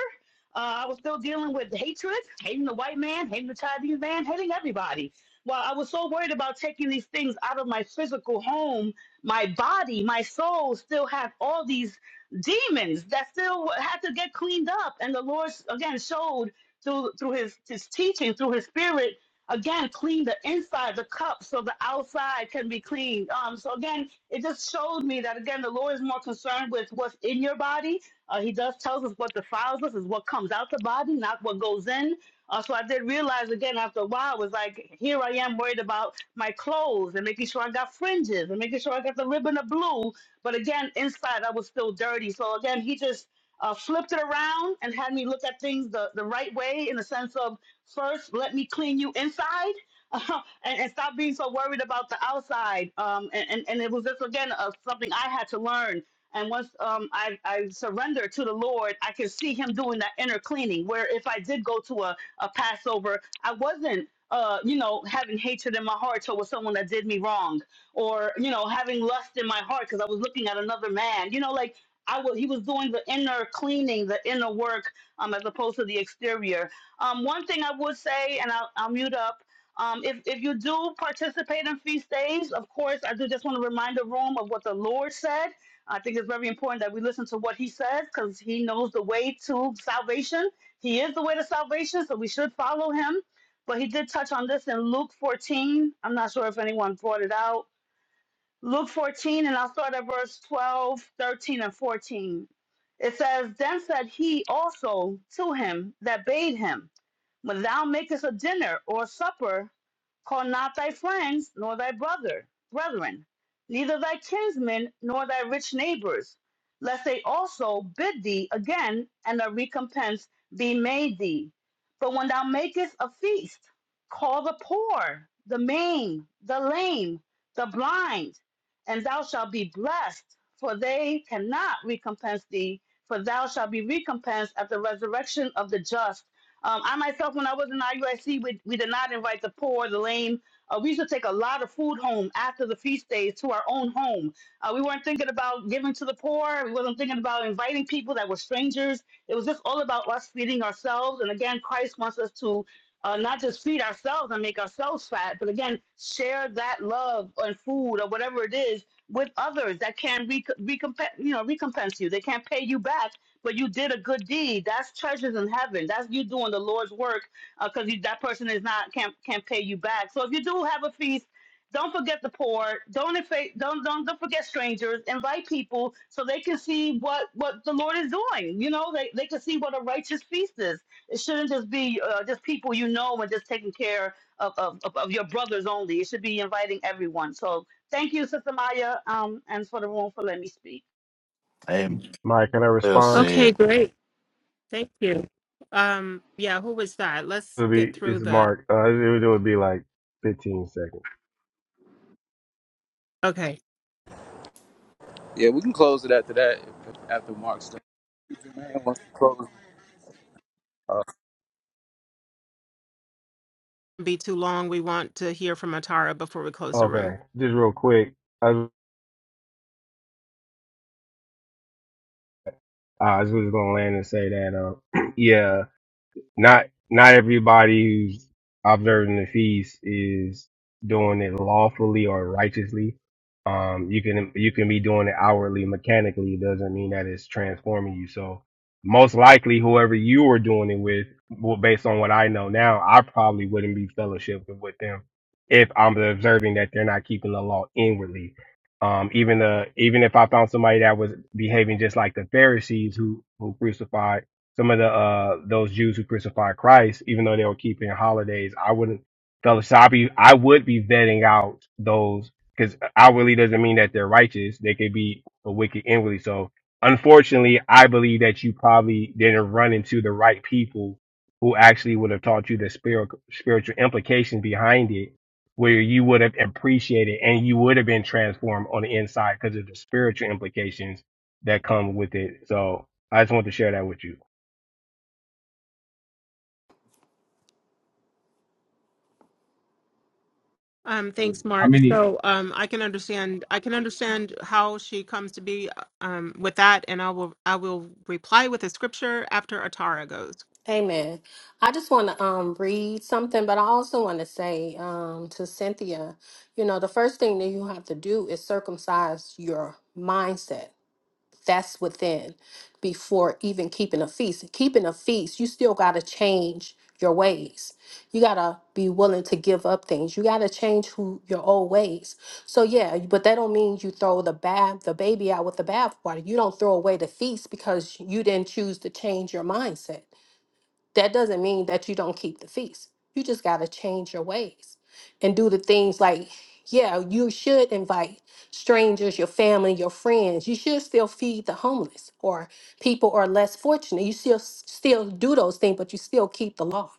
[SPEAKER 17] Uh, I was still dealing with hatred, hating the white man, hating the Chinese man, hating everybody. While I was so worried about taking these things out of my physical home, my body, my soul still had all these demons that still had to get cleaned up. And the Lord again showed through through his his teaching, through his spirit, again clean the inside, the cup, so the outside can be cleaned. Um, so again, it just showed me that again the Lord is more concerned with what's in your body. Uh, he does tells us what defiles us is what comes out the body, not what goes in. Uh, so I did realize again after a while, it was like, here I am worried about my clothes and making sure I got fringes and making sure I got the ribbon of blue but again, inside I was still dirty. So again, he just uh, flipped it around and had me look at things the, the right way in the sense of first, let me clean you inside. (laughs) and, and stop being so worried about the outside. Um, and, and, and it was just again uh, something I had to learn. And once um, I, I surrender to the Lord, I could see Him doing that inner cleaning. Where if I did go to a, a Passover, I wasn't, uh, you know, having hatred in my heart towards someone that did me wrong or you know having lust in my heart because i was looking at another man you know like i was he was doing the inner cleaning the inner work um as opposed to the exterior um one thing i would say and i'll, I'll mute up um, if, if you do participate in feast days, of course, I do just want to remind the room of what the Lord said. I think it's very important that we listen to what He says because He knows the way to salvation. He is the way to salvation, so we should follow Him. But He did touch on this in Luke 14. I'm not sure if anyone brought it out Luke 14, and I'll start at verse 12, 13, and 14. It says, Then said he also to him that bade him. When thou makest a dinner or a supper, call not thy friends, nor thy brother, brethren, neither thy kinsmen, nor thy rich neighbors, lest they also bid thee again, and a recompense be made thee. But when thou makest a feast, call the poor, the maimed, the lame, the blind, and thou shalt be blessed, for they cannot recompense thee, for thou shalt be recompensed at the resurrection of the just. Um, I myself, when I was in IUIC, we, we did not invite the poor, the lame. Uh, we used to take a lot of food home after the feast days to our own home. Uh, we weren't thinking about giving to the poor. We wasn't thinking about inviting people that were strangers. It was just all about us feeding ourselves. And again, Christ wants us to uh, not just feed ourselves and make ourselves fat, but again, share that love and food or whatever it is with others that can re- recompense, you know, recompense you. They can't pay you back but you did a good deed. That's treasures in heaven. That's you doing the Lord's work because you that person is not can't can't pay you back. So if you do have a feast, don't forget the poor. Don't infa- don't don't don't forget strangers. Invite people so they can see what what the Lord is doing. You know, they they can see what a righteous feast is. It shouldn't just be uh, just people you know and just taking care of, of of of your brothers only. It should be inviting everyone. So thank you, Sister Maya, um, and for the room for letting me speak.
[SPEAKER 16] Amen.
[SPEAKER 13] Mike, can I
[SPEAKER 16] Well
[SPEAKER 13] respond?
[SPEAKER 3] Okay,
[SPEAKER 16] said.
[SPEAKER 3] great. Thank you. Um, yeah, who was that? Let's
[SPEAKER 13] It'll
[SPEAKER 3] get
[SPEAKER 13] be
[SPEAKER 3] through
[SPEAKER 13] it's
[SPEAKER 3] the.
[SPEAKER 13] Mark. Uh, it, it would be like 15 seconds.
[SPEAKER 3] Okay,
[SPEAKER 6] Yeah, we can close it after that, if- after Mark's done. Man, once we close. Uh,
[SPEAKER 3] be too long. We want to hear from Atara before we close the room.
[SPEAKER 13] Okay, just real quick. I, was- I was just gonna land and say that. Uh, (clears throat) yeah. not not everybody who's observing the feast is doing it lawfully or righteously. Um, you can you can be doing it outwardly, mechanically. It doesn't mean that it's transforming you. So most likely, whoever you were doing it with, well, based on what I know now, I probably wouldn't be fellowshipping with them if I'm observing that they're not keeping the law inwardly. Um, even the even if I found somebody that was behaving just like the Pharisees who who crucified some of the uh those Jews who crucified Christ, even though they were keeping holidays, I wouldn't. So I be I would be vetting out those because outwardly doesn't mean that they're righteous. They could be a wicked inwardly. So unfortunately, I believe that you probably didn't run into the right people who actually would have taught you the spiritual spiritual implications behind it where you would have appreciated and you would have been transformed on the inside because of the spiritual implications that come with it. So I just want to share that with you.
[SPEAKER 3] Um,
[SPEAKER 12] And
[SPEAKER 3] thanks,
[SPEAKER 12] How
[SPEAKER 3] Mark.
[SPEAKER 12] many?
[SPEAKER 3] So um, I can understand. I can understand how she comes to be um, with that, and I will. I will reply with a scripture after Atara goes.
[SPEAKER 18] Amen. I just want to um, read something, but I also want to say um, to Cynthia, you know, the first thing that you have to do is circumcise your mindset. That's within before even keeping a feast. Keeping a feast, you still got to change your ways. You got to be willing to give up things. You got to change who your old ways. So yeah, but that don't mean you throw the bath the baby out with the bathwater. You don't throw away the feast because you didn't choose to change your mindset that doesn't mean that you don't keep the feast. You just got to change your ways and do the things like, yeah, you should invite strangers, your family, your friends. You should still feed the homeless or people who are less fortunate. You still still do those things, but you still keep the law.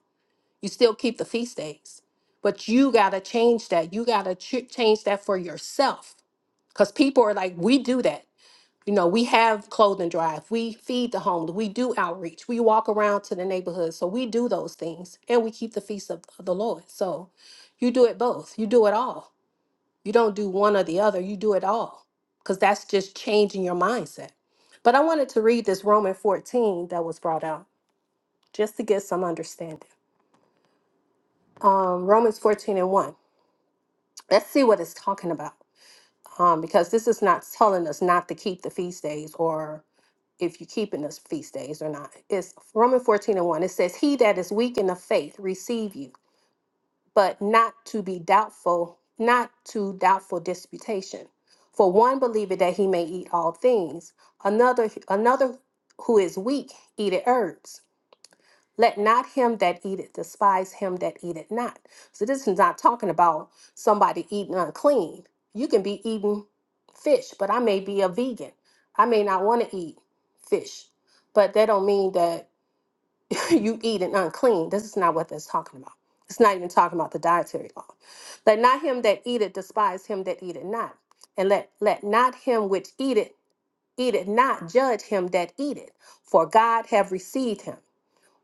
[SPEAKER 18] You still keep the feast days. But you got to change that. You got to ch- change that for yourself because people are like, we do that. You know, we have clothing drive, we feed the homeless, we do outreach, we walk around to the neighborhood. So we do those things and we keep the feast of, of the Lord. So you do it both, you do it all. You don't do one or the other, you do it all because that's just changing your mindset. But I wanted to read this Romans 14 that was brought out just to get some understanding. Um, Romans 14 and 1. Let's see what it's talking about um, because this is not telling us not to keep the feast days or if you keep in the feast days or not. It's Romans 14 and 1. It says, He that is weak in the faith, receive you, but not to be doubtful, not to doubtful disputation. For one believeth that he may eat all things, another another who is weak eateth herbs. Let not him that eateth despise him that eateth not. So this is not talking about somebody eating unclean. You can be eating fish, but I may be a vegan. I may not want to eat fish, but that don't mean that (laughs) (clears throat) you eating unclean. This is not what that's talking about. It's not even talking about the dietary law. Let not him that eateth despise him that eateth not. And let, let not him which eateth eateth not judge him that eateth, for God have received him.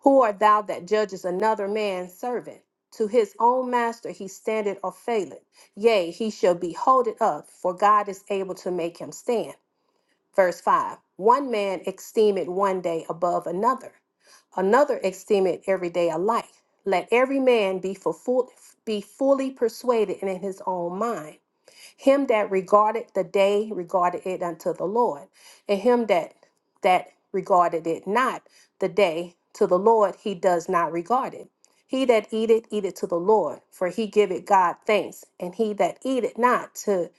[SPEAKER 18] Who art thou that judgest another man's servant? To his own master he standeth or faileth. Yea, he shall be holded up, for God is able to make him stand. Verse 5 One man esteemeth one day above another, another esteemeth every day alike. Let every man be, for full, be fully persuaded and in his own mind. Him that regarded the day regarded it unto the Lord, and him that that regarded it not the day to the Lord he does not regard it. He that eateth eateth to the Lord, for he giveth God thanks, and he that eateth not to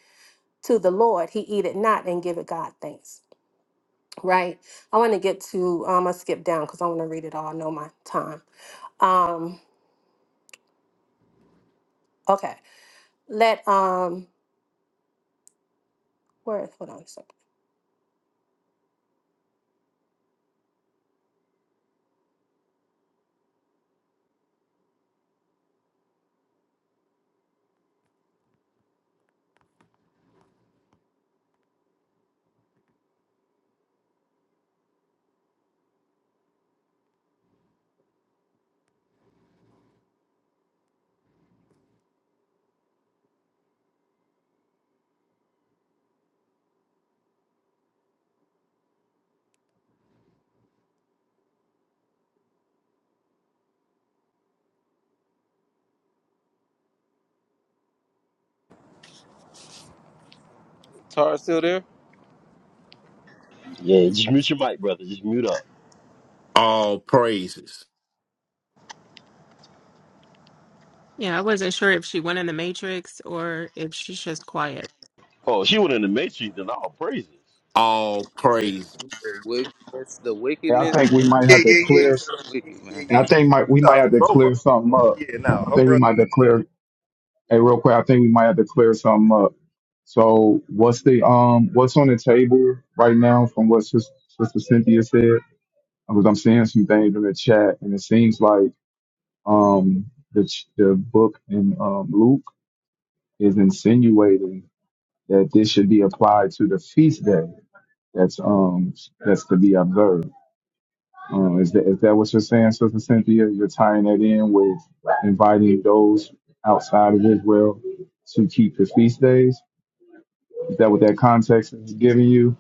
[SPEAKER 18] to the Lord he eateth not and giveth God thanks. Right? I want to get to um I skip down because I want to read it all. I know my time. Um okay. Let um where hold on a second.
[SPEAKER 6] Tara still there?
[SPEAKER 10] Yeah, just mute your mic, brother. Just mute up.
[SPEAKER 16] All praises.
[SPEAKER 3] Yeah, I wasn't sure if she went in the matrix or if she's just quiet.
[SPEAKER 10] Oh, she went in the matrix and all praises.
[SPEAKER 16] All
[SPEAKER 6] The
[SPEAKER 16] praises.
[SPEAKER 6] wickedness, the
[SPEAKER 12] and I
[SPEAKER 6] wickedness,
[SPEAKER 12] think we might
[SPEAKER 5] Yeah,
[SPEAKER 12] have
[SPEAKER 5] yeah,
[SPEAKER 12] to
[SPEAKER 5] yeah, yeah,
[SPEAKER 12] clear.
[SPEAKER 5] yeah,
[SPEAKER 6] wicked
[SPEAKER 5] yeah,
[SPEAKER 6] man.
[SPEAKER 12] And
[SPEAKER 5] yeah.
[SPEAKER 12] I think
[SPEAKER 5] yeah.
[SPEAKER 12] might we might
[SPEAKER 5] Thought it
[SPEAKER 12] have
[SPEAKER 5] was
[SPEAKER 12] to
[SPEAKER 5] over,
[SPEAKER 12] clear
[SPEAKER 5] huh?
[SPEAKER 12] something up.
[SPEAKER 5] Yeah, no,
[SPEAKER 12] I
[SPEAKER 5] her
[SPEAKER 12] think we
[SPEAKER 5] brother.
[SPEAKER 12] might have to clear. Hey, real quick, I think we might have to clear something up. So what's the um what's on the table right now from what Sis- Sister Cynthia said? Because I'm seeing some things in the chat, and it seems like um, the, ch- the book in um, Luke is insinuating that this should be applied to the feast day that's um that's to be observed. Um, is that is that what you're saying, Sister Cynthia? You're tying that in with inviting those outside of Israel to keep the feast days. Is that what that context is giving you,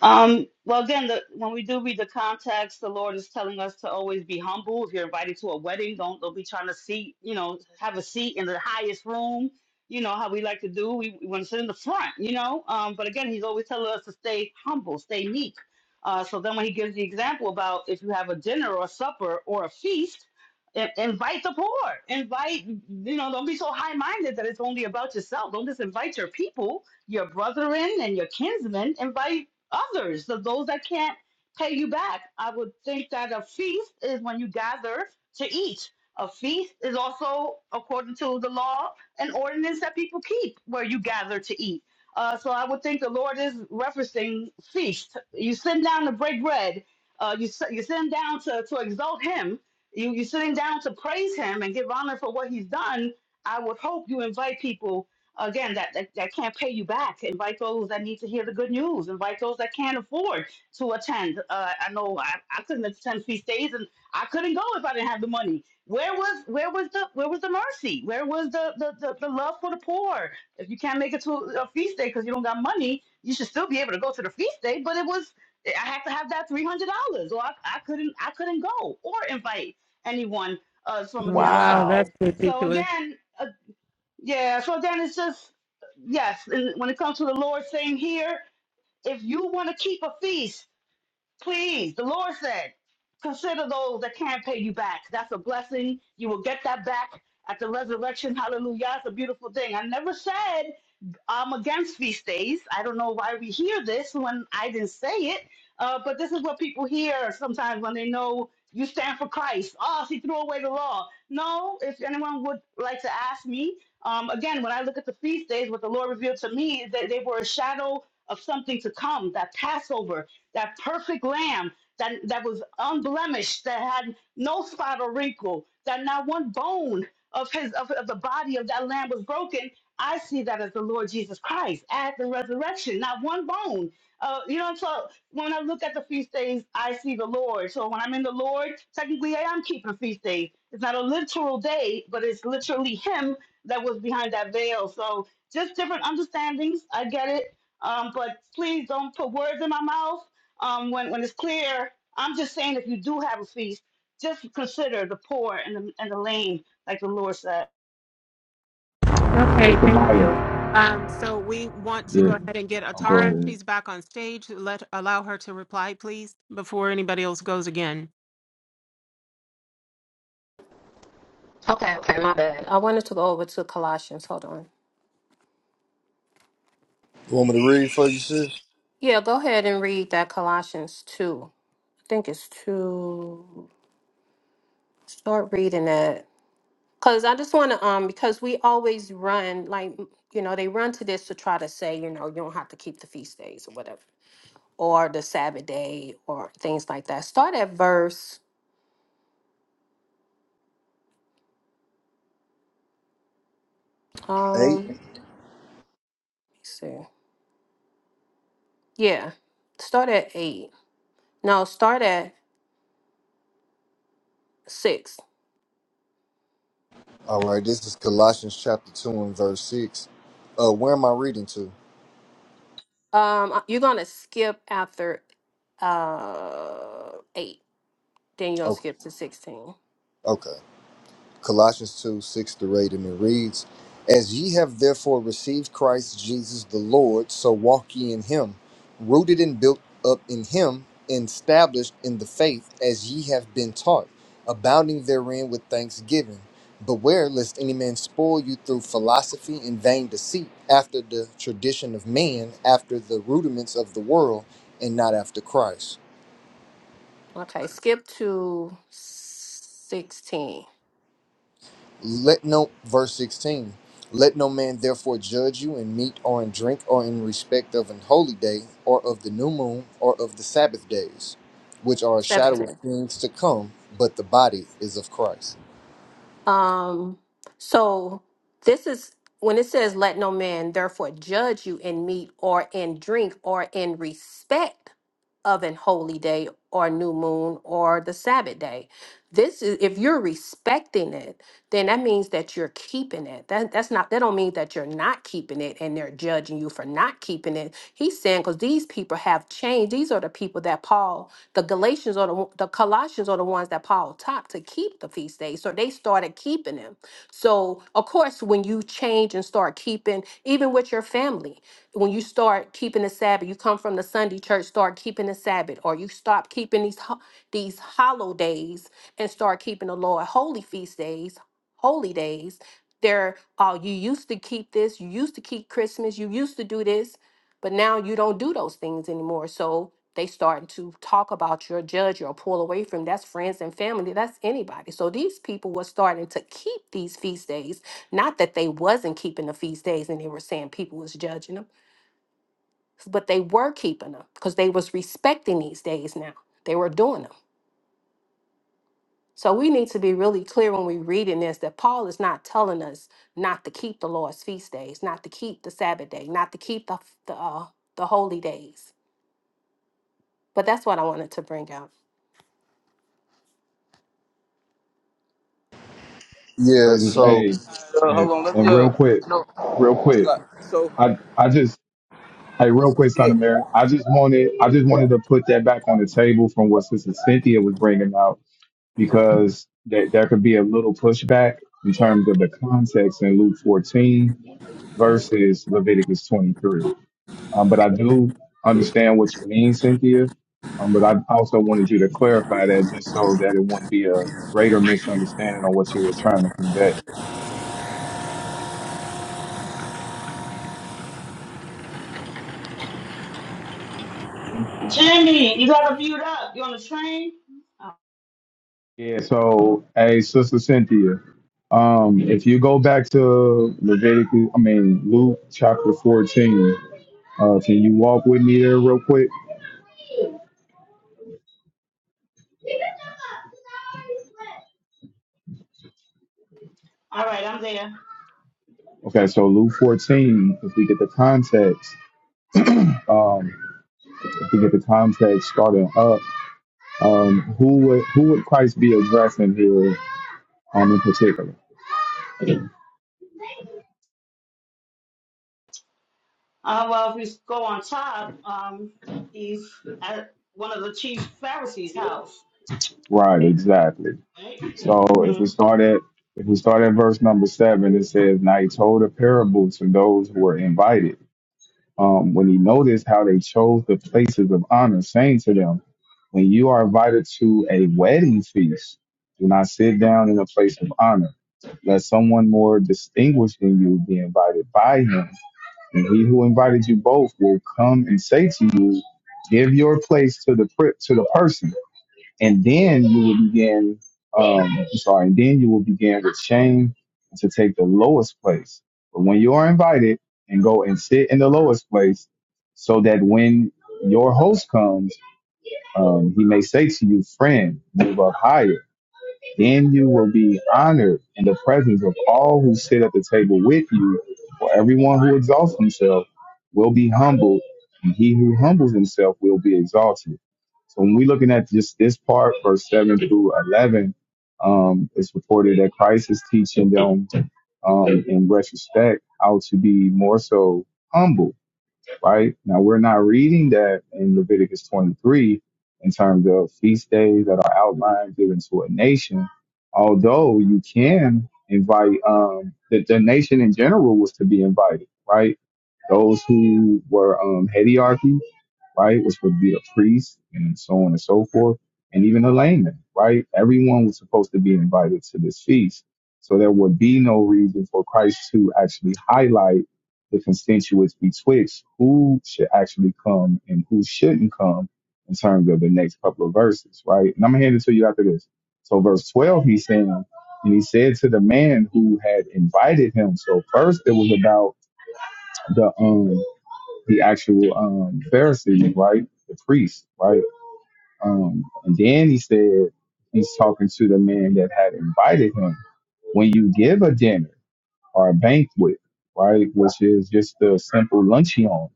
[SPEAKER 17] Um, well, again, the, when we do read the context, the Lord is telling us to always be humble. If you're invited to a wedding, don't, don't be trying to seat, you know, have a seat in the highest room. You know how we like to do. We, we want to sit in the front, you know. Um, but again, He's always telling us to stay humble, stay meek. Uh, so then, when He gives the example about if you have a dinner or a supper or a feast, i- invite the poor. Invite, you know, don't be so high minded that it's only about yourself. Don't just invite your people, your brethren, and your kinsmen. Invite others, of those that can't pay you back. I would think that a feast is when you gather to eat. A feast is also, according to the law, an ordinance that people keep where you gather to eat. Uh, so I would think the Lord is referencing feast. You sit down to break bread. Uh, you sit- you're sitting down to, to exalt Him. You, you're sitting down to praise Him and give honor for what He's done. I would hope you invite people again that, that that can't pay you back invite those that need to hear the good news invite those that can't afford to attend uh, i know I, I couldn't attend feast days and i couldn't go if i didn't have the money where was where was the where was the mercy where was the the, the, the love for the poor if you can't make it to a feast day because you don't got money you should still be able to go to the feast day but it was i had to have that $300 or i, I couldn't i couldn't go or invite anyone uh, from
[SPEAKER 3] Oh,
[SPEAKER 17] the
[SPEAKER 3] wow,
[SPEAKER 16] Wow.
[SPEAKER 3] that's
[SPEAKER 17] outside so
[SPEAKER 3] ridiculous.
[SPEAKER 17] again yeah, so then it's just yes, and when it comes to the Lord's saying here, if you want to keep a feast, please, the Lord said, consider those that can't pay you back. That's a blessing. You will get that back at the resurrection. Hallelujah. It's a beautiful thing. I never said I'm against feast days. I don't know why we hear this when I didn't say it, uh, but this is what people hear sometimes when they know you stand for Christ. Oh, she threw away the law. No, if anyone would like to ask me, um, again, when I look at the feast days, what the Lord revealed to me is that they were a shadow of something to come that Passover, that perfect lamb. That, that was unblemished, that had no spot or wrinkle, that not one bone of his of, of the body of that lamb was broken, I see that as the Lord Jesus Christ at the resurrection, not one bone. Uh, you know, so when I look at the feast days, I see the Lord. So when I'm in the Lord, technically I am keeping feast days. It's not a literal day, but it's literally Him that was behind that veil. So just different understandings. I get it. Um, but please don't put words in my mouth um, when, when it's clear. I'm just saying if you do have a feast, just consider the poor and the, and the lame, like the Lord said.
[SPEAKER 3] Okay,
[SPEAKER 12] Sister
[SPEAKER 3] thank
[SPEAKER 12] Maya?
[SPEAKER 3] you. Um, so we want to
[SPEAKER 12] Yeah,
[SPEAKER 3] go ahead and get
[SPEAKER 12] I'll go
[SPEAKER 3] Atara.
[SPEAKER 12] ahead.
[SPEAKER 3] She's back on stage. Let allow her to reply, please, before anybody else goes again.
[SPEAKER 18] Okay, okay, my bad. I wanted to go over to Colossians. Hold on.
[SPEAKER 5] You want me to read for you, sis?
[SPEAKER 18] Yeah, go ahead and read that Colossians 2. I think it's 2. Start reading it. Cuz I just want to um because we always run like you know, they run to this to try to say, you know, you don't have to keep the feast days or whatever or the Sabbath day or things like that. Start at verse um
[SPEAKER 5] Eight.
[SPEAKER 18] let me see. Yeah. Start at 8. No, start at 6.
[SPEAKER 5] All right, this is Colossians chapter 2 and verse 6. Uh, where am I reading to?
[SPEAKER 18] Um uh, you're going to skip after uh 8. Then you're going to
[SPEAKER 5] Oh,
[SPEAKER 18] skip to 16.
[SPEAKER 5] okay. Colossians 2 6 through 8, and it reads, As ye have therefore received Christ Jesus the Lord, so walk ye in him, rooted and built up in him, and established in the faith as ye have been taught, abounding therein with thanksgiving. Beware lest any man spoil you through philosophy and vain deceit, after the tradition of man, after the rudiments of the world, and not after Christ.
[SPEAKER 18] Okay, skip to sixteen,
[SPEAKER 5] Let no verse 16. Let no man therefore judge you in meat or in drink or in respect of an holy day or of the new moon or of the Sabbath days, which are a shadow of
[SPEAKER 18] seventeen.
[SPEAKER 5] things to come, but the body is of Christ.
[SPEAKER 18] Um, so this is when it says, Let no man therefore judge you in meat or in drink or in respect of an holy day or new moon or the Sabbath day. This is if you're respecting it. then that means that you're keeping it. That that's not that don't mean that you're not keeping it and they're judging you for not keeping it. He's saying because these people have changed. These are the people that Paul, the Galatians or the one- the Colossians are the ones that Paul taught to keep the feast days. So they started keeping them. So of course, when you change and start keeping, even with your family, when you start keeping the Sabbath, you come from the Sunday church, start keeping the Sabbath, or you stop keeping these ho- these hollow days and start keeping the Lord holy feast days holy days. They're, oh, you used to keep this, you used to keep Christmas, you used to do this, but now you don't do those things anymore. So they starting to talk about your judge or pull away from that's friends and family that's anybody so these people were starting to keep these feast days not that they wasn't keeping the feast days and they were saying people was judging them but they were keeping them because they was respecting these days now they were doing them so we need to be really clear when we reading this that Paul is not telling us not to keep the Lord's feast days, not to keep the Sabbath day, not to keep the the, uh, the holy days. But that's what I wanted to bring out.
[SPEAKER 5] Yeah,
[SPEAKER 12] Praises.
[SPEAKER 5] so
[SPEAKER 12] Hey,
[SPEAKER 6] Uh,
[SPEAKER 12] and,
[SPEAKER 6] hold on, let me
[SPEAKER 12] and real
[SPEAKER 6] uh
[SPEAKER 12] quick,
[SPEAKER 6] no
[SPEAKER 12] real quick.
[SPEAKER 6] uh, so
[SPEAKER 12] I I just Hey, real
[SPEAKER 6] so
[SPEAKER 12] quick, Son
[SPEAKER 6] yeah
[SPEAKER 12] of Mary. I just wanted, I just wanted to put that back on the table from what Sister Cynthia was bringing out, because there, there could be a little pushback in terms of the context in Luke 14 versus Leviticus 23. Um, but I do understand what you mean, Cynthia. Um, but I also wanted you to clarify that just so that it wouldn't be a greater misunderstanding on what you were trying to convey.
[SPEAKER 17] Jimmy, you got to mute up. You on the train? Oh,
[SPEAKER 12] Yeah, so hey, Sister Cynthia, um, if you go back to Leviticus, I mean Luke chapter fourteen, uh, can you walk with me there real quick?
[SPEAKER 17] all right, I'm there.
[SPEAKER 12] Okay, so Luke fourteen, if we get the context, um, if we get the context starting up, um, who would who would Christ be addressing here, um, in particular?
[SPEAKER 17] Uh, well, if you go on top, um, he's at one of the chief Pharisees' house,
[SPEAKER 12] Right, exactly.
[SPEAKER 17] right?
[SPEAKER 12] So if we
[SPEAKER 17] hmm
[SPEAKER 12] start at if we start at verse number seven, it says, "Now he told a parable to those who were invited." um, when he noticed how they chose the places of honor, saying to them, When you are invited to a wedding feast, do not sit down in a place of honor, let someone more distinguished than you be invited by him. And he who invited you both will come and say to you, Give your place to the pri- to the person and then you will begin um I'm sorry and then you will begin with shame to take the lowest place but when you are invited and go and sit in the lowest place so that when your host comes um, he may say to you friend move up higher then you will be honored in the presence of all who sit at the table with you. For everyone who exalts himself will be humbled, and he who humbles himself will be exalted. So when we're looking at just this part, verse 7 through 11, um, it's reported that Christ is teaching them um, in retrospect how to be more so humble right? Now we're not reading that in Leviticus 23 in terms of feast days that are outlined given to a nation. Although you can invite, um, the, the nation in general was to be invited, right? Those who were um, hagiarchy right? Which would be a priest and so on and so forth, and even a layman, right? Everyone was supposed to be invited to this feast. So there would be no reason for Christ to actually highlight the constituents betwixt who should actually come and who shouldn't come in terms of the next couple of verses, right? And I'm gonna hand it to you after this. So verse 12, he's saying, and he said to the man who had invited him. So first it was about the um the actual um, Pharisee, right? The priest, right? Um, and then he said he's talking to the man that had invited him. When you give a dinner or a banquet, right, which is just a simple luncheon,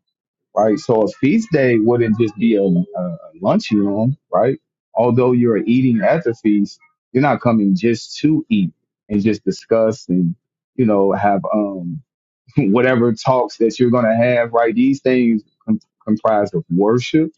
[SPEAKER 12] right? So a feast day wouldn't just be a, a a luncheon, right? Although you're eating at the feast, you're not coming just to eat and just discuss and you know have um (laughs) whatever talks that you're going to have, right? These things com- comprise of worship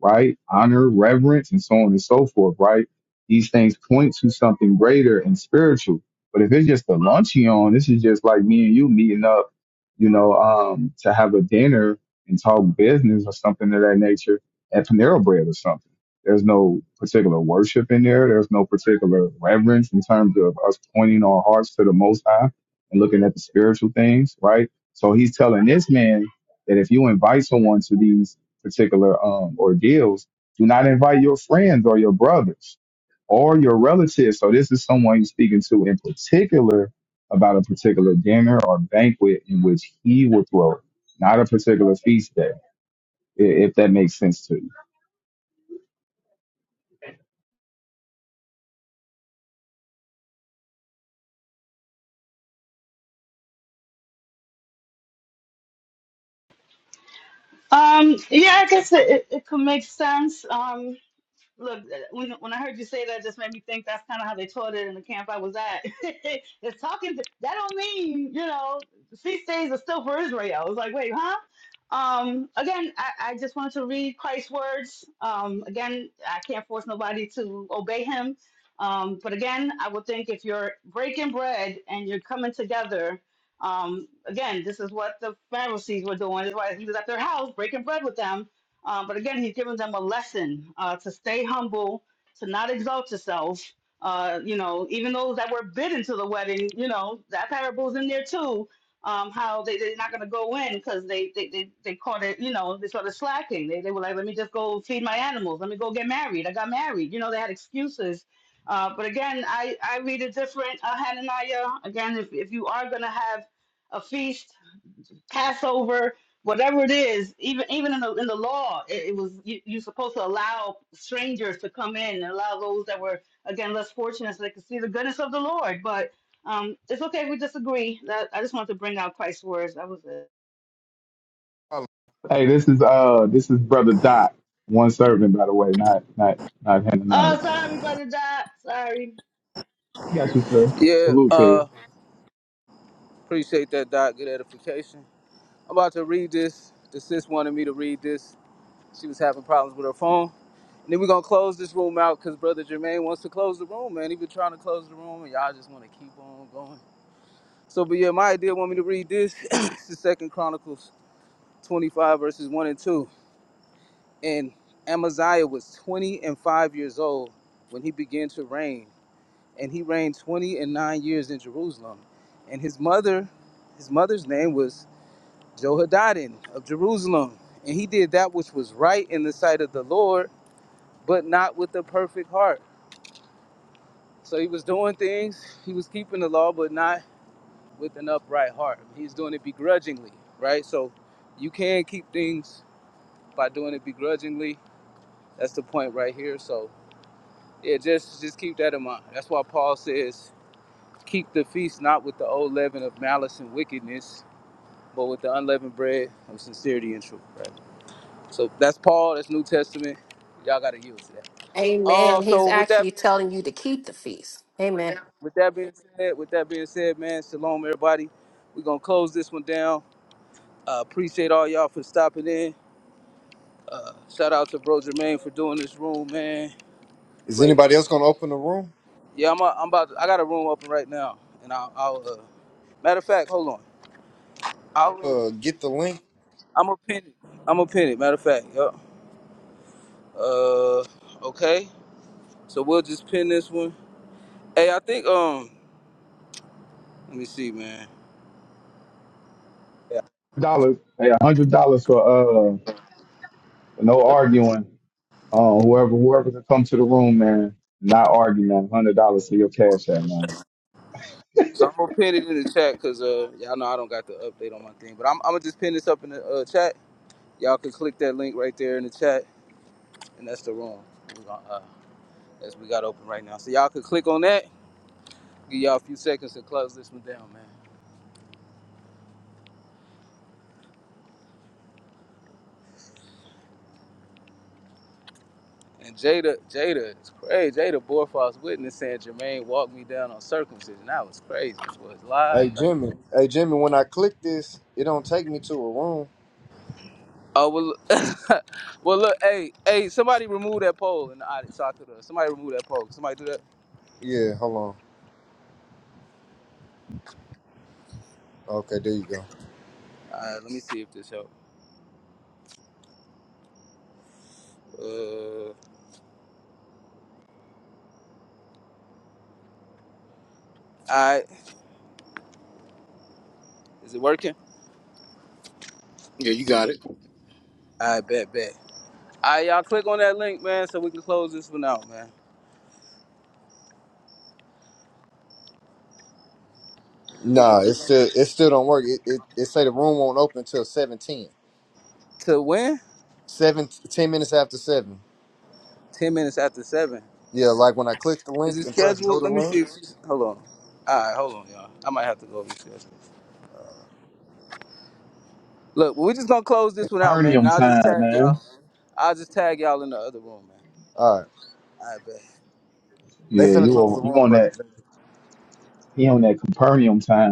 [SPEAKER 12] right? Honor, reverence, and so on and so forth, right? These things point to something greater and spiritual. But if it's just a lunch you on, this is just like me and you meeting up, you know, um, to have a dinner and talk business or something of that nature at Panera Bread or something. There's no particular worship in there. There's no particular reverence in terms of us pointing our hearts to the Most High and looking at the spiritual things, right? So he's telling this man that if you invite someone to these particular um, ordeals, do not invite your friends or your brothers or your relatives. So this is someone you're speaking to in particular about a particular dinner or banquet in which he will throw, not a particular feast day, i- if that makes sense to you.
[SPEAKER 17] Um, yeah, I guess it, it, it could make sense. Um, Look, when, when I heard you say that, it just made me think that's kind of how they taught it in the camp I was at. (laughs) it's talking. To, that don't mean you know feast days are still for Israel. I was like, wait, huh? Um, again, I, I just wanted to read Christ's words. Um, again, I can't force nobody to obey him. Um, but again, I would think if you're breaking bread and you're coming together, um, again, this is what the Pharisees were doing. That's why he was at their house breaking bread with them um, but again, he's giving them a lesson uh, to stay humble, to not exalt yourself. Uh, you know, even those that were bidden to the wedding, you know, that parable's in there too. Um, how they, they're not going to go in because they, they, they, they caught it, you know, they started slacking. They, they were like, let me just go feed my animals. Let me go get married. I got married. You know, they had excuses. Uh, but again, I, I read a different uh, Hananiah. Again, if, if you are going to have a feast, Passover, whatever it is, even even in the in the law, it, it was you, you're supposed to allow strangers to come in and allow those that were again less fortunate so they could see the goodness of the Lord. But um, it's okay if we disagree. That I just wanted to bring out Christ's words. That was it.
[SPEAKER 12] Problem. Hey, this is uh, this is brother Doc, one servant, by the way, not not not Hananiah.
[SPEAKER 17] Oh, sorry, brother Dot. Sorry.
[SPEAKER 12] I got you, sir.
[SPEAKER 6] yeah
[SPEAKER 12] Salute to you.
[SPEAKER 6] uh appreciate that doc good edification. I'm about to read this. The sis wanted me to read this. She was having problems with her phone. And then we're gonna close this room out because brother Jermaine wants to close the room, man. He been trying to close the room and y'all just wanna keep on going. So but yeah, my idea want me to read this. (coughs) (clears throat) it's the second Chronicles twenty five verses one and two. And Amaziah was twenty and five years old when he began to reign. and he reigned 20 and 9 years in Jerusalem. And his mother, his mother's name was Jehoiadan of Jerusalem. And he did that which was right in the sight of the Lord, but not with a perfect heart. So he was doing things, he was keeping the law, but not with an upright heart. He's doing it begrudgingly, right? So you can keep things by doing it begrudgingly. That's the point right here. So yeah, just just keep that in mind. That's why Paul says, keep the feast not with the old leaven of malice and wickedness, but with the unleavened bread of sincerity and truth. Right. So that's Paul. That's New Testament. Y'all gotta use that. Um.
[SPEAKER 18] Amen. He's
[SPEAKER 6] So with that
[SPEAKER 18] actually
[SPEAKER 6] being said,
[SPEAKER 18] telling you to keep the feast. Amen.
[SPEAKER 6] with that being said, with that being said, man, shalom, everybody. We're gonna close this one down. Uh, appreciate all y'all for stopping in. Uh, shout out to Bro Jermaine for doing this room, man.
[SPEAKER 5] is
[SPEAKER 6] Great.
[SPEAKER 5] anybody else gonna open the room?
[SPEAKER 6] Yeah, I'm. A, I'm about. To, I got a room open right now, and I'll. I'll uh, matter of fact, hold on. I'll.
[SPEAKER 5] Uh get the link.
[SPEAKER 6] I'm a pin it. I'm a pin it. Matter of fact, yeah. Uh. Okay. So we'll just pin this one. Hey, I think um, let me see, man.
[SPEAKER 12] dollars. Hey, a hundred dollars for uh, for no arguing. Uh, whoever whoever can come to the room, man, not argue, man. Hundred dollars for your cash app, man.
[SPEAKER 6] So I'm gonna pin it in the chat because uh, y'all know I don't got the update on my thing, but I'm, I'm gonna just pin this up in the uh, chat. Y'all can click that link right there in the chat, and that's the room we gonna, uh, that's we got open right now. So y'all can click on that. Give y'all a few seconds to close this one down, man. And Jada, Jada, it's crazy. Jada Borfoss witness saying Jermaine walked me down on circumcision. That was crazy. This was live.
[SPEAKER 5] Hey Jimmy. Hey Jimmy, when I click this, it don't take me to a room.
[SPEAKER 6] Oh well, look- (laughs) well look, hey, hey, somebody remove that poll in the audience so I could. Uh, somebody remove that poll. Somebody do that.
[SPEAKER 5] Yeah, hold on. Okay, there you go.
[SPEAKER 6] Alright, let me see if this helps. Uh, alright, is it working?
[SPEAKER 1] Yeah, you got it.
[SPEAKER 6] Alright, bet, bet. Alright, y'all click on that link, man, so we can close this one out, man. Click
[SPEAKER 5] Nah,
[SPEAKER 6] on
[SPEAKER 5] it still it still don't work. It it, it say the room won't open till seven ten.
[SPEAKER 6] to when?
[SPEAKER 5] Seven, ten minutes after seven.
[SPEAKER 6] Ten minutes after seven.
[SPEAKER 5] Yeah, like when I click the
[SPEAKER 6] Is
[SPEAKER 5] link
[SPEAKER 6] it
[SPEAKER 5] and press go
[SPEAKER 6] scheduled?
[SPEAKER 5] to
[SPEAKER 6] Let me
[SPEAKER 5] link.
[SPEAKER 6] see. If she's, hold on. Alright, hold on, y'all. I might have to go reschedule. Look, we're just gonna close this one out, man. And
[SPEAKER 12] Capernaum
[SPEAKER 6] I'll just
[SPEAKER 12] time,
[SPEAKER 6] tag
[SPEAKER 12] man.
[SPEAKER 6] y'all. I'll just tag y'all in the other room, man.
[SPEAKER 5] All right,
[SPEAKER 6] Alright, bet.
[SPEAKER 5] they
[SPEAKER 12] Yeah,
[SPEAKER 5] finna
[SPEAKER 12] you
[SPEAKER 5] close the
[SPEAKER 12] on- you
[SPEAKER 5] room,
[SPEAKER 12] on
[SPEAKER 5] brother.
[SPEAKER 12] that? He on that Capernaum time.